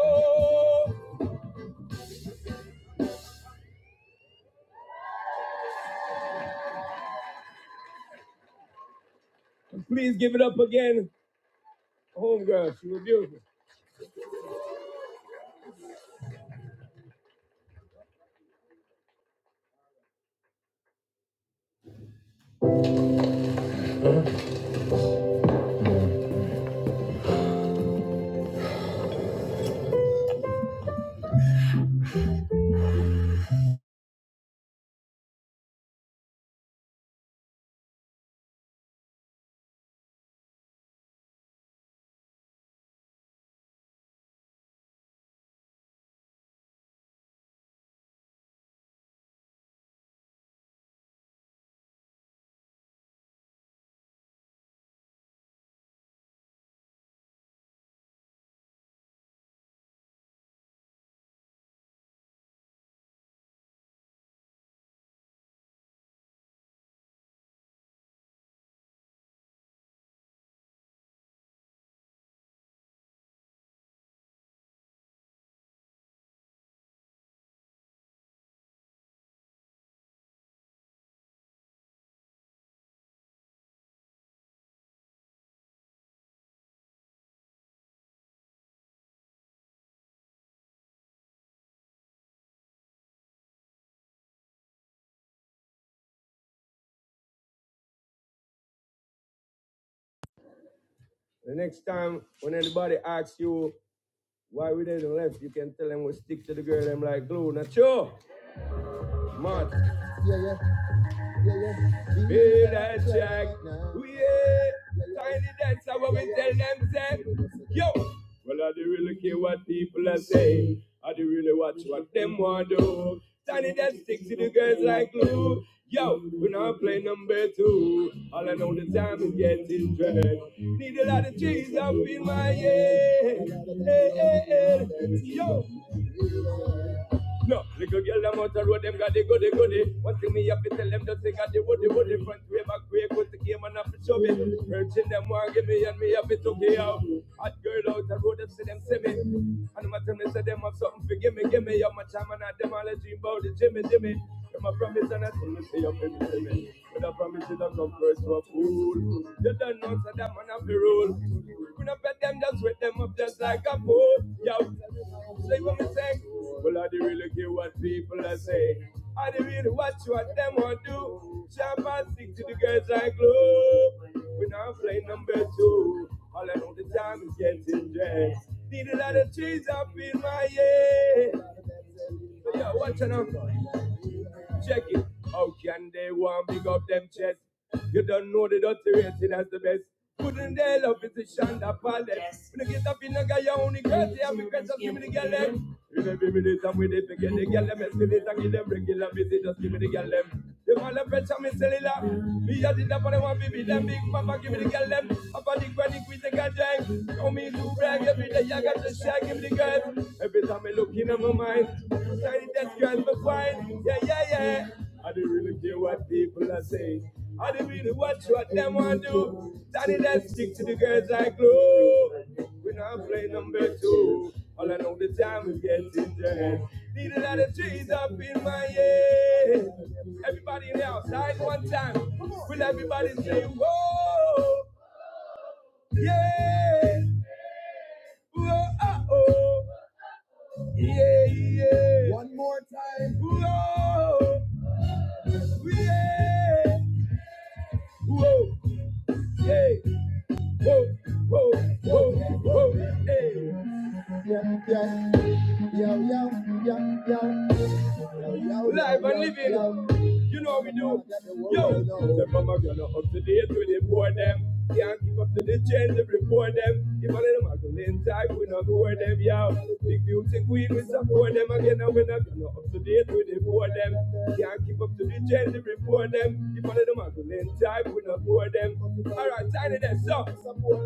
Please give it up again home girl. She was beautiful. The next time when anybody asks you why we didn't left, you can tell them we stick to the girl. I'm like glue. Not sure. Mad. Build a check. Yeah. Tiny dancer when we tell them, say, yo. Well, I do really care what people are saying. I do really watch what them want to do. Tiny that sticks to the girls like glue. Yo, we now play number two. All I know the time is getting dread. Need a lot of cheese up in my head. Hey, hey, hey. Yo, no, little girl, them out the road, them got the goody goody. One thing me have to tell them, just they got the woody woody. Front way, back way, good to game and have to shove it. Urging them, want give me and me have to took it out. Hot girl out the road, them see them see me. And my tell me, say them have something for gimme, gimme. Yo, my time and I, them all a dream about the Jimmy, Jimmy. And my promise and I tell me, say, yo, baby, Jimmy. With I promise you don't come first for food. You don't know so that man have a rule. We don't bet them, just wet them up just like a fool. Yo, say what me say. Well, I do really care what people are saying. I do really watch what them want to do. Jump and stick to the girls like glue. We now playing number two. All I know the time is getting dressed. Need a lot of trees up in my head. So yeah, watch it out. Check it. How can they want big up them chest? You don't know the dirty rated as the best. Couldn't they love it to Shonda Palet? Yes. When you get up in the guy, you only girl, they have requests, just give me the girl them. In every minute I'm with it, to get the girl them, escalate and give them regular visit, just give me the girl them. They want the pressure, me cellular. Me a did up and I want to be with them, big papa, give me the girl them. Papa, the granny, quit the girl, drink. Show me to brag, every yeah, I got the shag in the girl. Every time I look in my mind, tiny that girl me find. Yeah, yeah, yeah. I don't really care what people are saying. I don't really watch what them want to do. Tiny that stick to the girls like glue. We're not playing number two. All I know the time is getting dead. Need a lot of trees up in my head. Everybody in the outside one time. Will everybody say, whoa, yeah, whoa, oh, oh. Yeah, yeah. One more time. Whoa, yeah. Whoa, yeah. Whoa, whoa, whoa, whoa. Hey. Live and living. You know we do. Yo, the mama gonna up to date with the board them. Can't keep up to the change, they report them. If I let them Magdalene type, we not board them, yo. Big beauty queen, we support them again, and we not gonna up to date with the board them. Can't keep up to the change, they report them. If I let them Magdalene type, we not board them. Alright, tiny them, so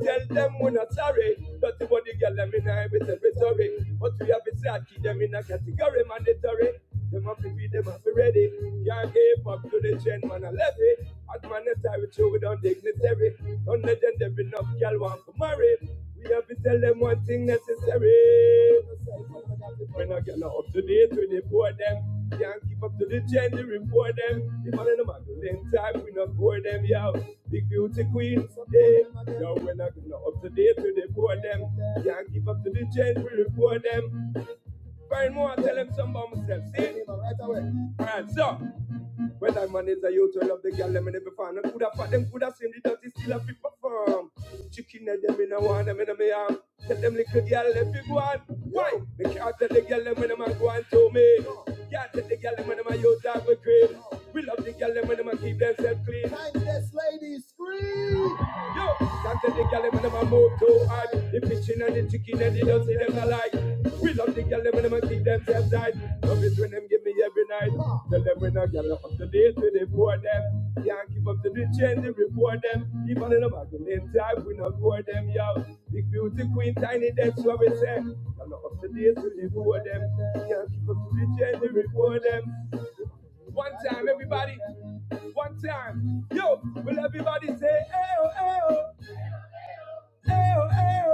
tell them we're not sorry. Dirty body girl, them in every territory. But we have it sad, keep them in a category mandatory. Them have to feed them have to be ready. Can't give up to the chain, man. I love Hot man and tie with you without dignitary. Don't let them there enough girl want to marry. We have to tell them one thing necessary. When I get up to date with the poor them, can't keep up to the gender they report them. The man in the magazine time, we not bore them, yo. Big beauty queen, yeah. Yo, when I get up to date with the poor them, can't keep up to the gender we report them. Find more and tell him something about myself. See? Right away. Alright, so when that man is a youth, I love the girl, them in every fan. Them coulda fat, them coulda seen the dirty still a fit perform. Chicken head, them in a one, them in a me arm. Tell them little girl, if you go on. Why? Me can't tell the girl, them when them a go and to me. Can't tell the girl, them when them a youth, that we crave. We love the girl, them when them a keep themselves clean. Yo, Doctor the girl when them a move too hard. The pitching and the chicken and the dirty them alike. We love the girl when them keep themselves tight. Love it when them give me every night. Tell them when a girl up to date with it for them. Can't keep up to the change they report them. Even in the magazine type we not for them yo. Big beauty queen tiny that's what we say. Girl up to date with it for them. Can't keep up to the change they report them. One time everybody, one time. Yo, will everybody say eh oh eh oh. Ayo, ayo.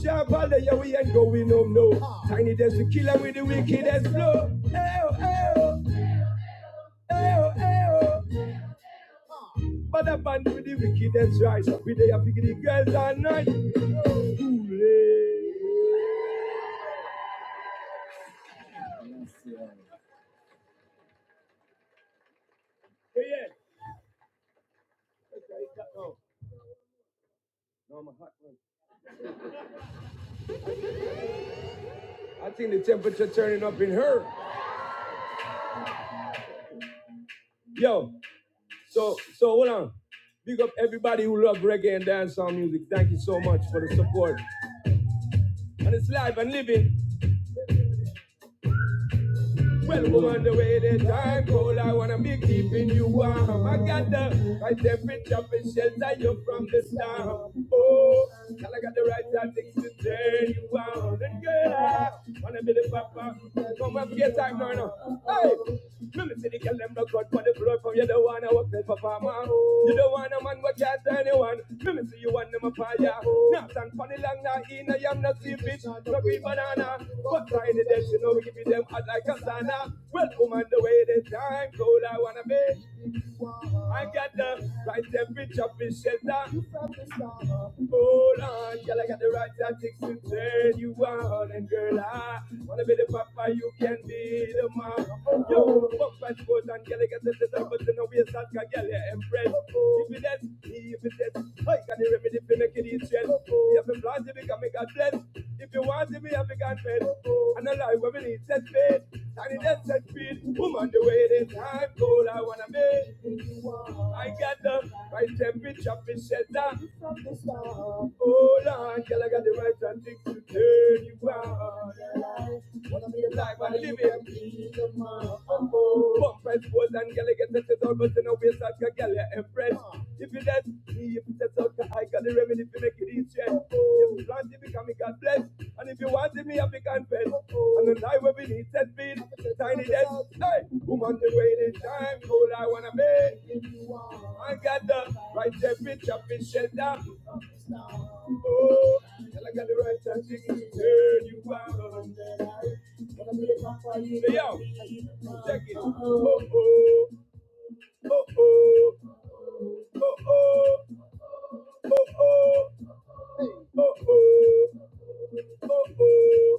Sharp all day, yeah, we ain't going home, no. Tiny desk to kill her with the wickedest flow. Ayo, ayo, ayo, ayo. But a band with the wickedest rise. We they are picking the girls at night. Ooh, yeah. Yeah, Okay, No, I'm a hot one. I think the temperature turning up in her. Yo, so so hold on. Big up everybody who love reggae and dancehall music. Thank you so much for the support. And it's live and living. Well, woman, the way the time cold, I wanna be keeping you warm. I got the right temperature for shelter you from the storm. Oh, girl, I got the right tactics to turn you on. And girl, I wanna be the papa. Come up your time, Myrna. Hey, let me see the girl them look out for the blood from you. Don't wanna work the papa, man. You don't wanna man what can't to anyone. Let me see you on them a fire. Now stand for the long now in I am not sleep it. No green banana. But try the dead, you know, we give them hot like a sauna. Well, woman, the way the time cold I wanna be. I got the right temperature for shelter. Hold on, girl, I got the right tactics to turn you on, and girl, I. Wanna be the papa, you can be the mom. Yo, fuck my sports and girl, I get to the top, but you know we start can girl, yeah, impress. If you dead, if you dead, I got the remedy to make it stress. You have a plan can make a God bless. If you want to be, I have a God bless. And a lie, women need set faith. And it just set treat woman the way it is. I'm cold, I wanna be. I got the right temperature, me said that. Oh Lord, girl, I got the right tactics to turn you on. Wanna be alive and live it. Bump and pose and girl, I get the set out, but you know we're such a girl, you're impressed. If you let me, if you set out, I got the remedy to make it easy. If you want to become a God bless, and if you want to be a big confess, and the night will be need set feet, tiny death, hey, woman the waiting time, all I wanna be. I got the right there, bitch, I've been down. Oh, and I got the right time to turn you around. Say yo, check it. Oh, oh, oh, oh, oh, oh, oh, oh, oh, oh, oh.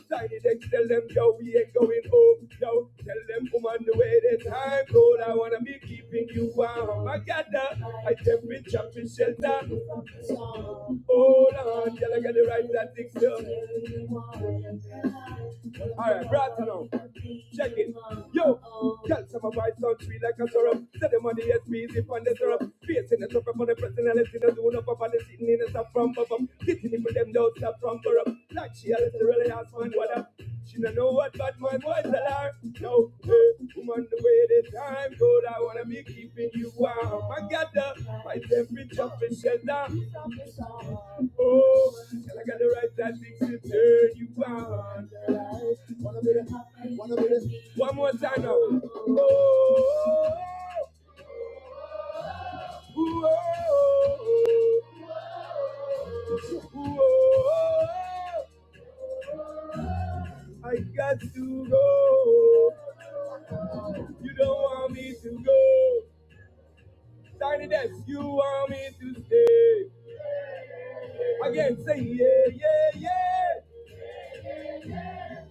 Excited and tell them, yo, we ain't going home, yo. Tell them, i on the way, the time cold. I wanna be keeping you warm. I got that high temperature to shelter. Hold on, till I get the right that thing done. All right, right now, check it. Yo, tell some of my sound sweet like a syrup. Tell them on the SP, zip on the syrup. Facing the top for the personality, the zone up on the sitting in the top from above. Hitting it with them, don't stop from corrupt. Like she has to really ask one, what up? She don't know what but my boys are. No, hey, woman, the way the time goes, I wanna be keeping you warm. I got the my temperature and shut Oh, and I got the right tactics to turn you on. Wanna be the, wanna be the. One more time now. Oh, oh, oh, oh, oh, oh, oh. I got to go. You don't want me to go. Tiny desk, you want me to stay. Again, say yeah, yeah, yeah.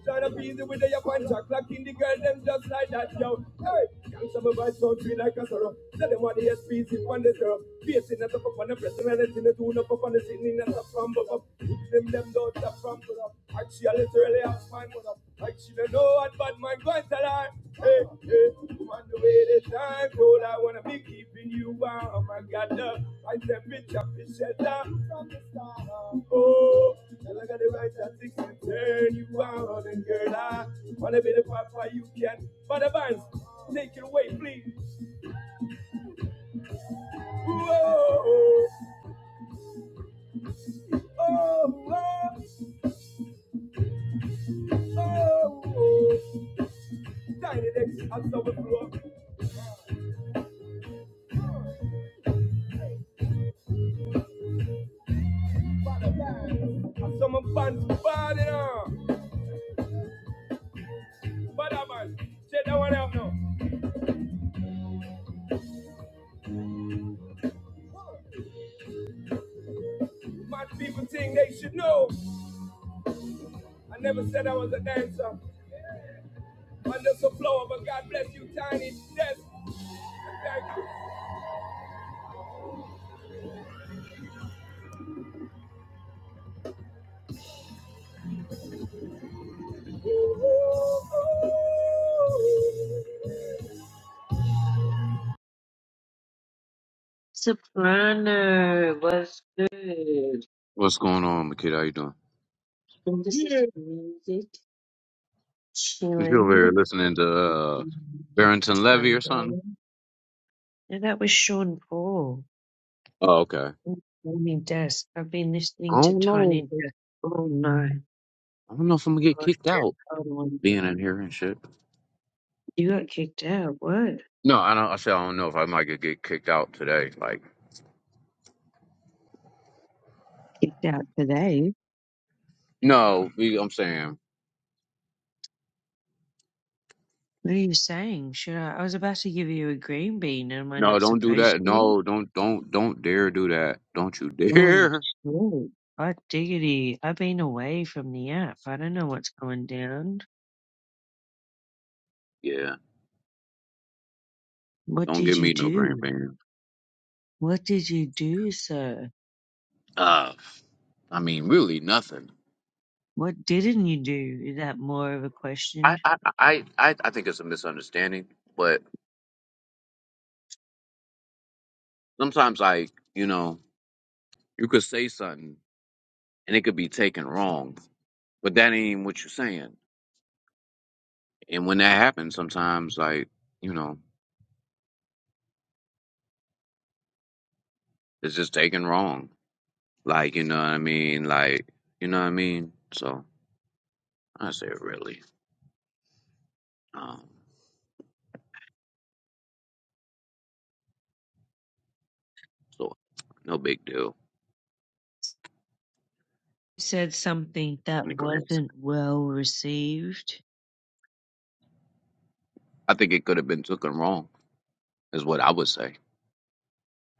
Tryna be the with your punch, clocking the girl, them just like that, yo. Hey, can't some of us sound free like a sorrow. Tell them what the SPs in one deserve. Facing that up upon the personality, the tune up upon the singing that's up from above. Them, them don't stop from above. Actually, literally, I'm fine with them. Like she don't know what bad man going to her. Hey, hey, on the way to time, told. I wanna be keeping you warm. I got up, I said, bitch, I've been shut down from the start. Oh, and I got the right tactics to turn you on. And girl, I wanna be the papa you can. But the bands, take it away, please. Whoa, oh, oh, oh, oh. Tiny decks, I saw the floor. For the bands, I saw my bands, bad enough. For the bands, check that one out now. My people think they should know. I never said I was a dancer. Under the but God bless you, Tiny. Yes, thank you. Soprano, what's good? What's going on, Makita? How you doing? And this is Yeah. music, You over here chillin', listening to uh, Barrington Levy or something? sunburn. And that was Sean Paul. Oh, okay. and Tiny Desk. I've been listening I to don't know. Tiny Desk all night. I don't know if I'm gonna get Gosh, kicked that's out a hard one. being in here and shit. You got kicked out. What? No, I don't. I said I don't know if I might get get kicked out today. Like, Kicked out today. no, we- I'm saying What are you saying? Should I? I was about to give you a green bean. Am I no. not Don't do supposed that. to? No, don't don't don't dare do that. Don't you (laughs) Oh, dare. shit. Hot diggity. I've been away from the app. I don't know what's going down. Yeah, What don't did give you me no green do? bean. What did you do, sir? Uh, I mean, really nothing. What didn't you do? Is that more of a question? I I I I, I think it's a misunderstanding, but sometimes I, you know. You could say something and it could be taken wrong, but that ain't what you're saying. And when that happens, sometimes, like, you know, it's just taken wrong. Like, you know what I mean? Like, you know what I mean? So I say really. Um, so no big deal You said something that in the grand. scheme. wasn't well received. I think it could have been taken wrong, is what I would say.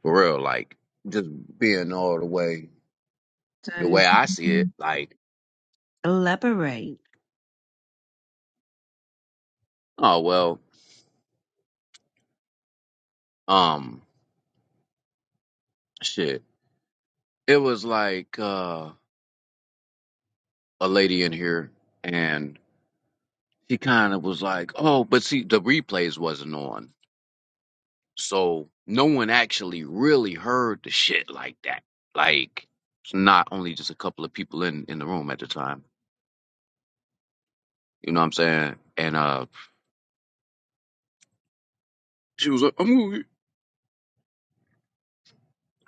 For real, like, just being all the way, the So way I see (laughs) it, like, elaborate. oh, well, um, shit. It was like, uh, a lady in here and she kind of was like, oh, but see, the replays wasn't on. So no one actually really heard the shit like that. Like, it's not only just a couple of people in, in the room at the time. You know what I'm saying? And uh, she was like, I'm gonna,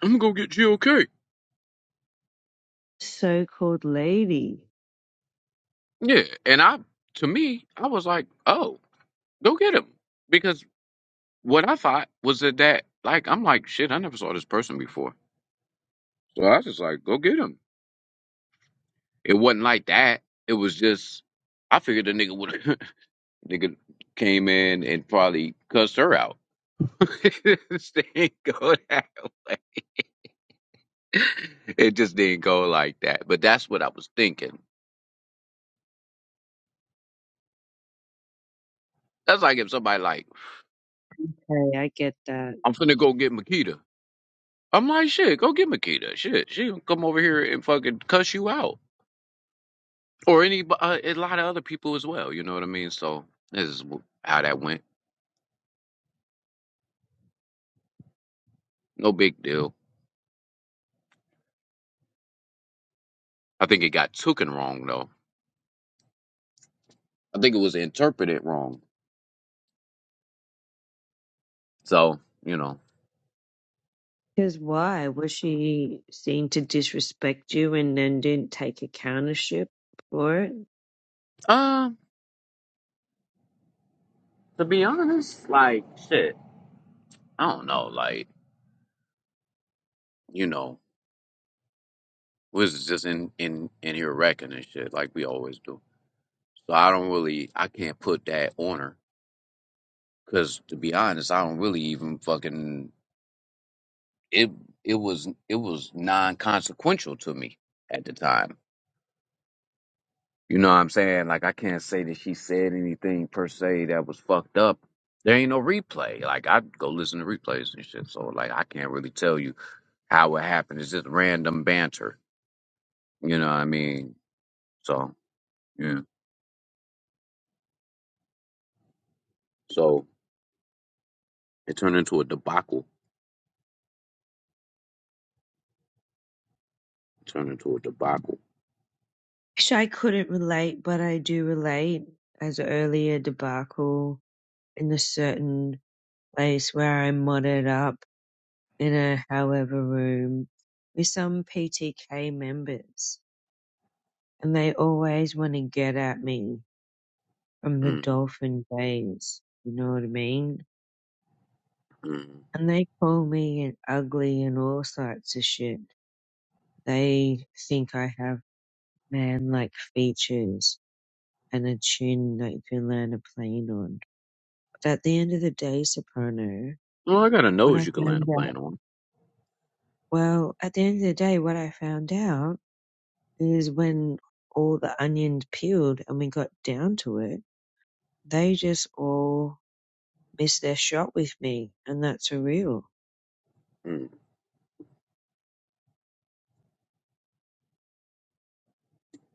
I'm gonna go get GOK. So-called lady. Yeah. And I, to me, I was like, oh, go get him. Because what I thought was that, that like, I'm like, shit, I never saw this person before. So I was just like, go get him. It wasn't like that. It was just I figured the nigga would have (laughs) nigga came in and probably cussed her out. (laughs) it just didn't go that way. It just didn't go like that. But that's what I was thinking. That's like if somebody like, Okay, I get that. I'm finna go get Makita. I'm like, shit, go get Makita. Shit, she will come over here and fucking cuss you out, or any uh, a lot of other people as well. You know what I mean? So this is how that went. No big deal. I think it got taken wrong though. I think it was interpreted wrong So, you know, Because why? Was she seen to disrespect you and then didn't take accountership for it? uh, to be honest, like, shit, I don't know, like, you know, we was just in in in here wrecking and shit, like we always do. So I don't really, I can't put that on her, cause to be honest, I don't really even fucking it. It was it was non consequential to me at the time. You know what I'm saying? Like I can't say that she said anything per se that was fucked up. There ain't no replay. Like I go listen to replays and shit. So like I can't really tell you how it happened. It's just random banter. You know what I mean? So yeah. So it turned into a debacle. It turned into a debacle. Actually, I couldn't relate, but I do relate as an earlier debacle in a certain place where I modded up in a however room with some PTK members. And they always want to get at me from the mm dolphin days. You know what I mean? mm. And they call me an ugly and all sorts of shit. They think I have man-like features and a tune that you can land a plane on. But at the end of the day, Soprano, Well, I got a what nose I you can land a found out, plane on. well, at the end of the day, what I found out is when all the onions peeled and we got down to it, they just all missed their shot with me, and that's surreal. Mm,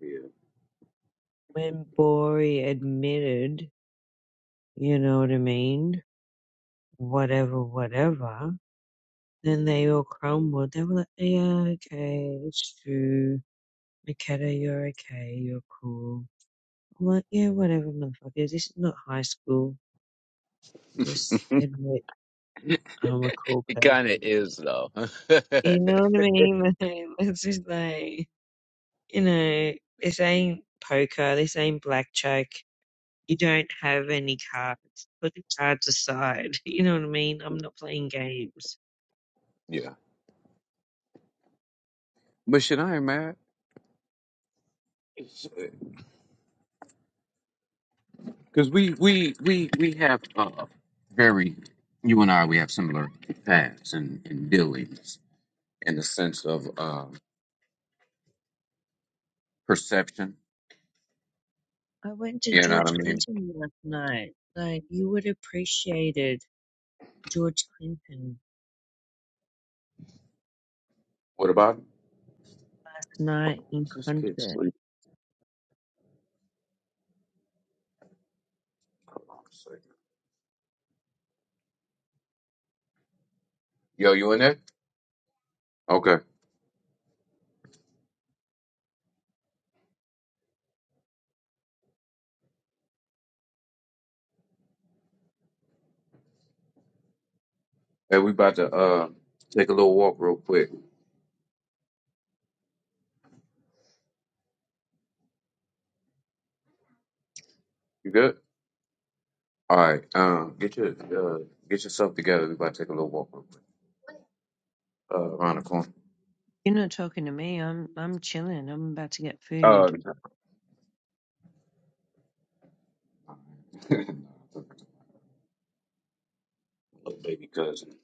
yeah. When Bori admitted, you know what I mean, whatever, whatever, then they all crumbled. They were like, yeah, okay, it's true. Makeda, you're okay, you're cool. I'm like, yeah, whatever, motherfuckers. This is not high school. Just admit I'm a cool It kind of person. is though. You know what I mean? (laughs) Like, It's just like, you know, this ain't poker, this ain't blackjack. You don't have any cards. Put the cards aside. (laughs) You know what I mean? I'm not playing games. (laughs) yeah. But shit, I ain't mad. (laughs) because we we we we have uh very you and I we have similar paths and, and dealings in the sense of uh, perception. I went to You know what I George mean? Clinton last night. Like, you would appreciate it George Clinton What about was not in is this kid contact. sleep? Hold on a second. Yo, you in there? Okay. Hey, we about to uh take a little walk real quick. You good? All right. Um, get your uh get yourself together. We about to take a little walk real quick. Uh, around the corner. You're not talking to me. I'm I'm chilling. I'm about to get food. Uh, (laughs) little baby cousin.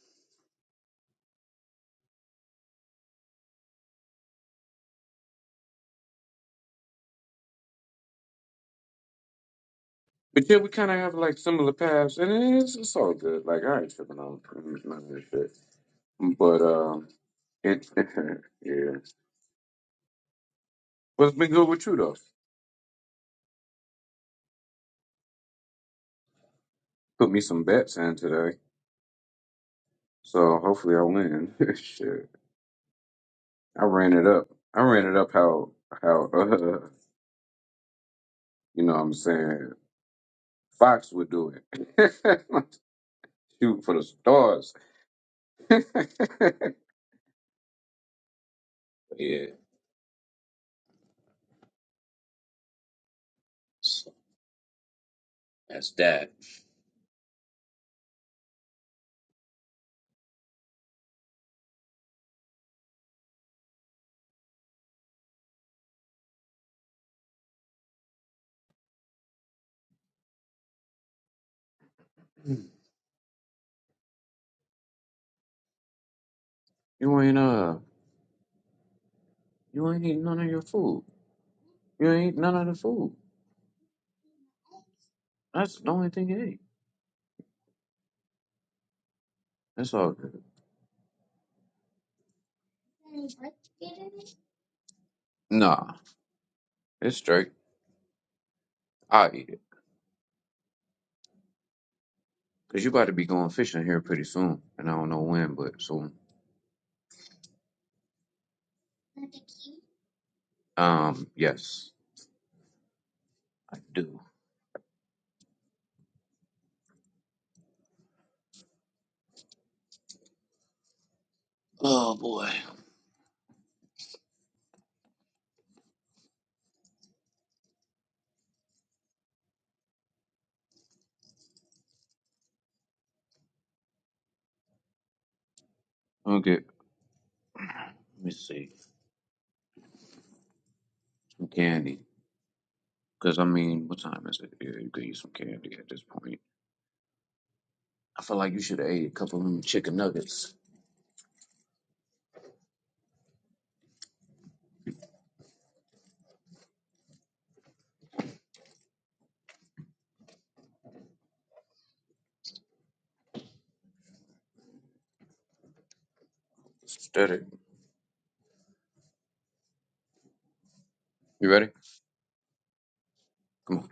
But yeah, we kind of have like similar paths, and it's, it's all good. Like I ain't tripping on none of this shit. But um, it (laughs) yeah. what has been good with you though. Put me some bets in today, so hopefully I win. (laughs) shit, I ran it up. I ran it up how how (laughs) uh, you know what I'm saying Fox would do it. (laughs) Shoot for the stars. (laughs) But yeah, so that's that. You ain't uh, you ain't eating none of your food. You ain't none of the food. That's the only thing you ate. That's all good. Nah, it's straight. I'll eat it. Because you about to be going fishing here pretty soon. And I don't know when, but soon. Um, yes, I do. Oh, boy. Okay, let me see. Some candy. Because, I mean, what time is it? Yeah, you could eat some candy at this point. I feel like you should have ate a couple of them chicken nuggets. Steady. You ready? Come on.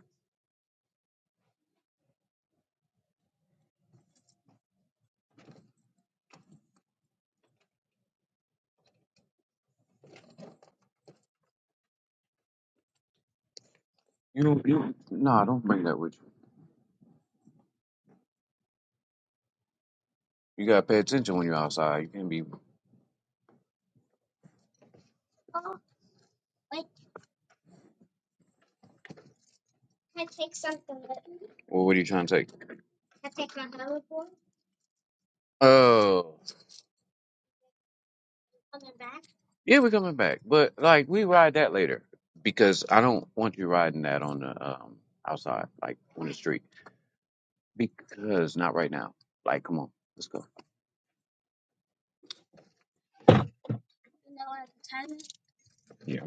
You don't, you, don't. nah, don't bring that with you. You gotta pay attention when you're outside. You can't be, well, what are you trying to take? Oh. Yeah, we're coming back, but like we ride that later because I don't want you riding that on the um outside, like on the street, because not right now. Like, come on, let's go. Yeah.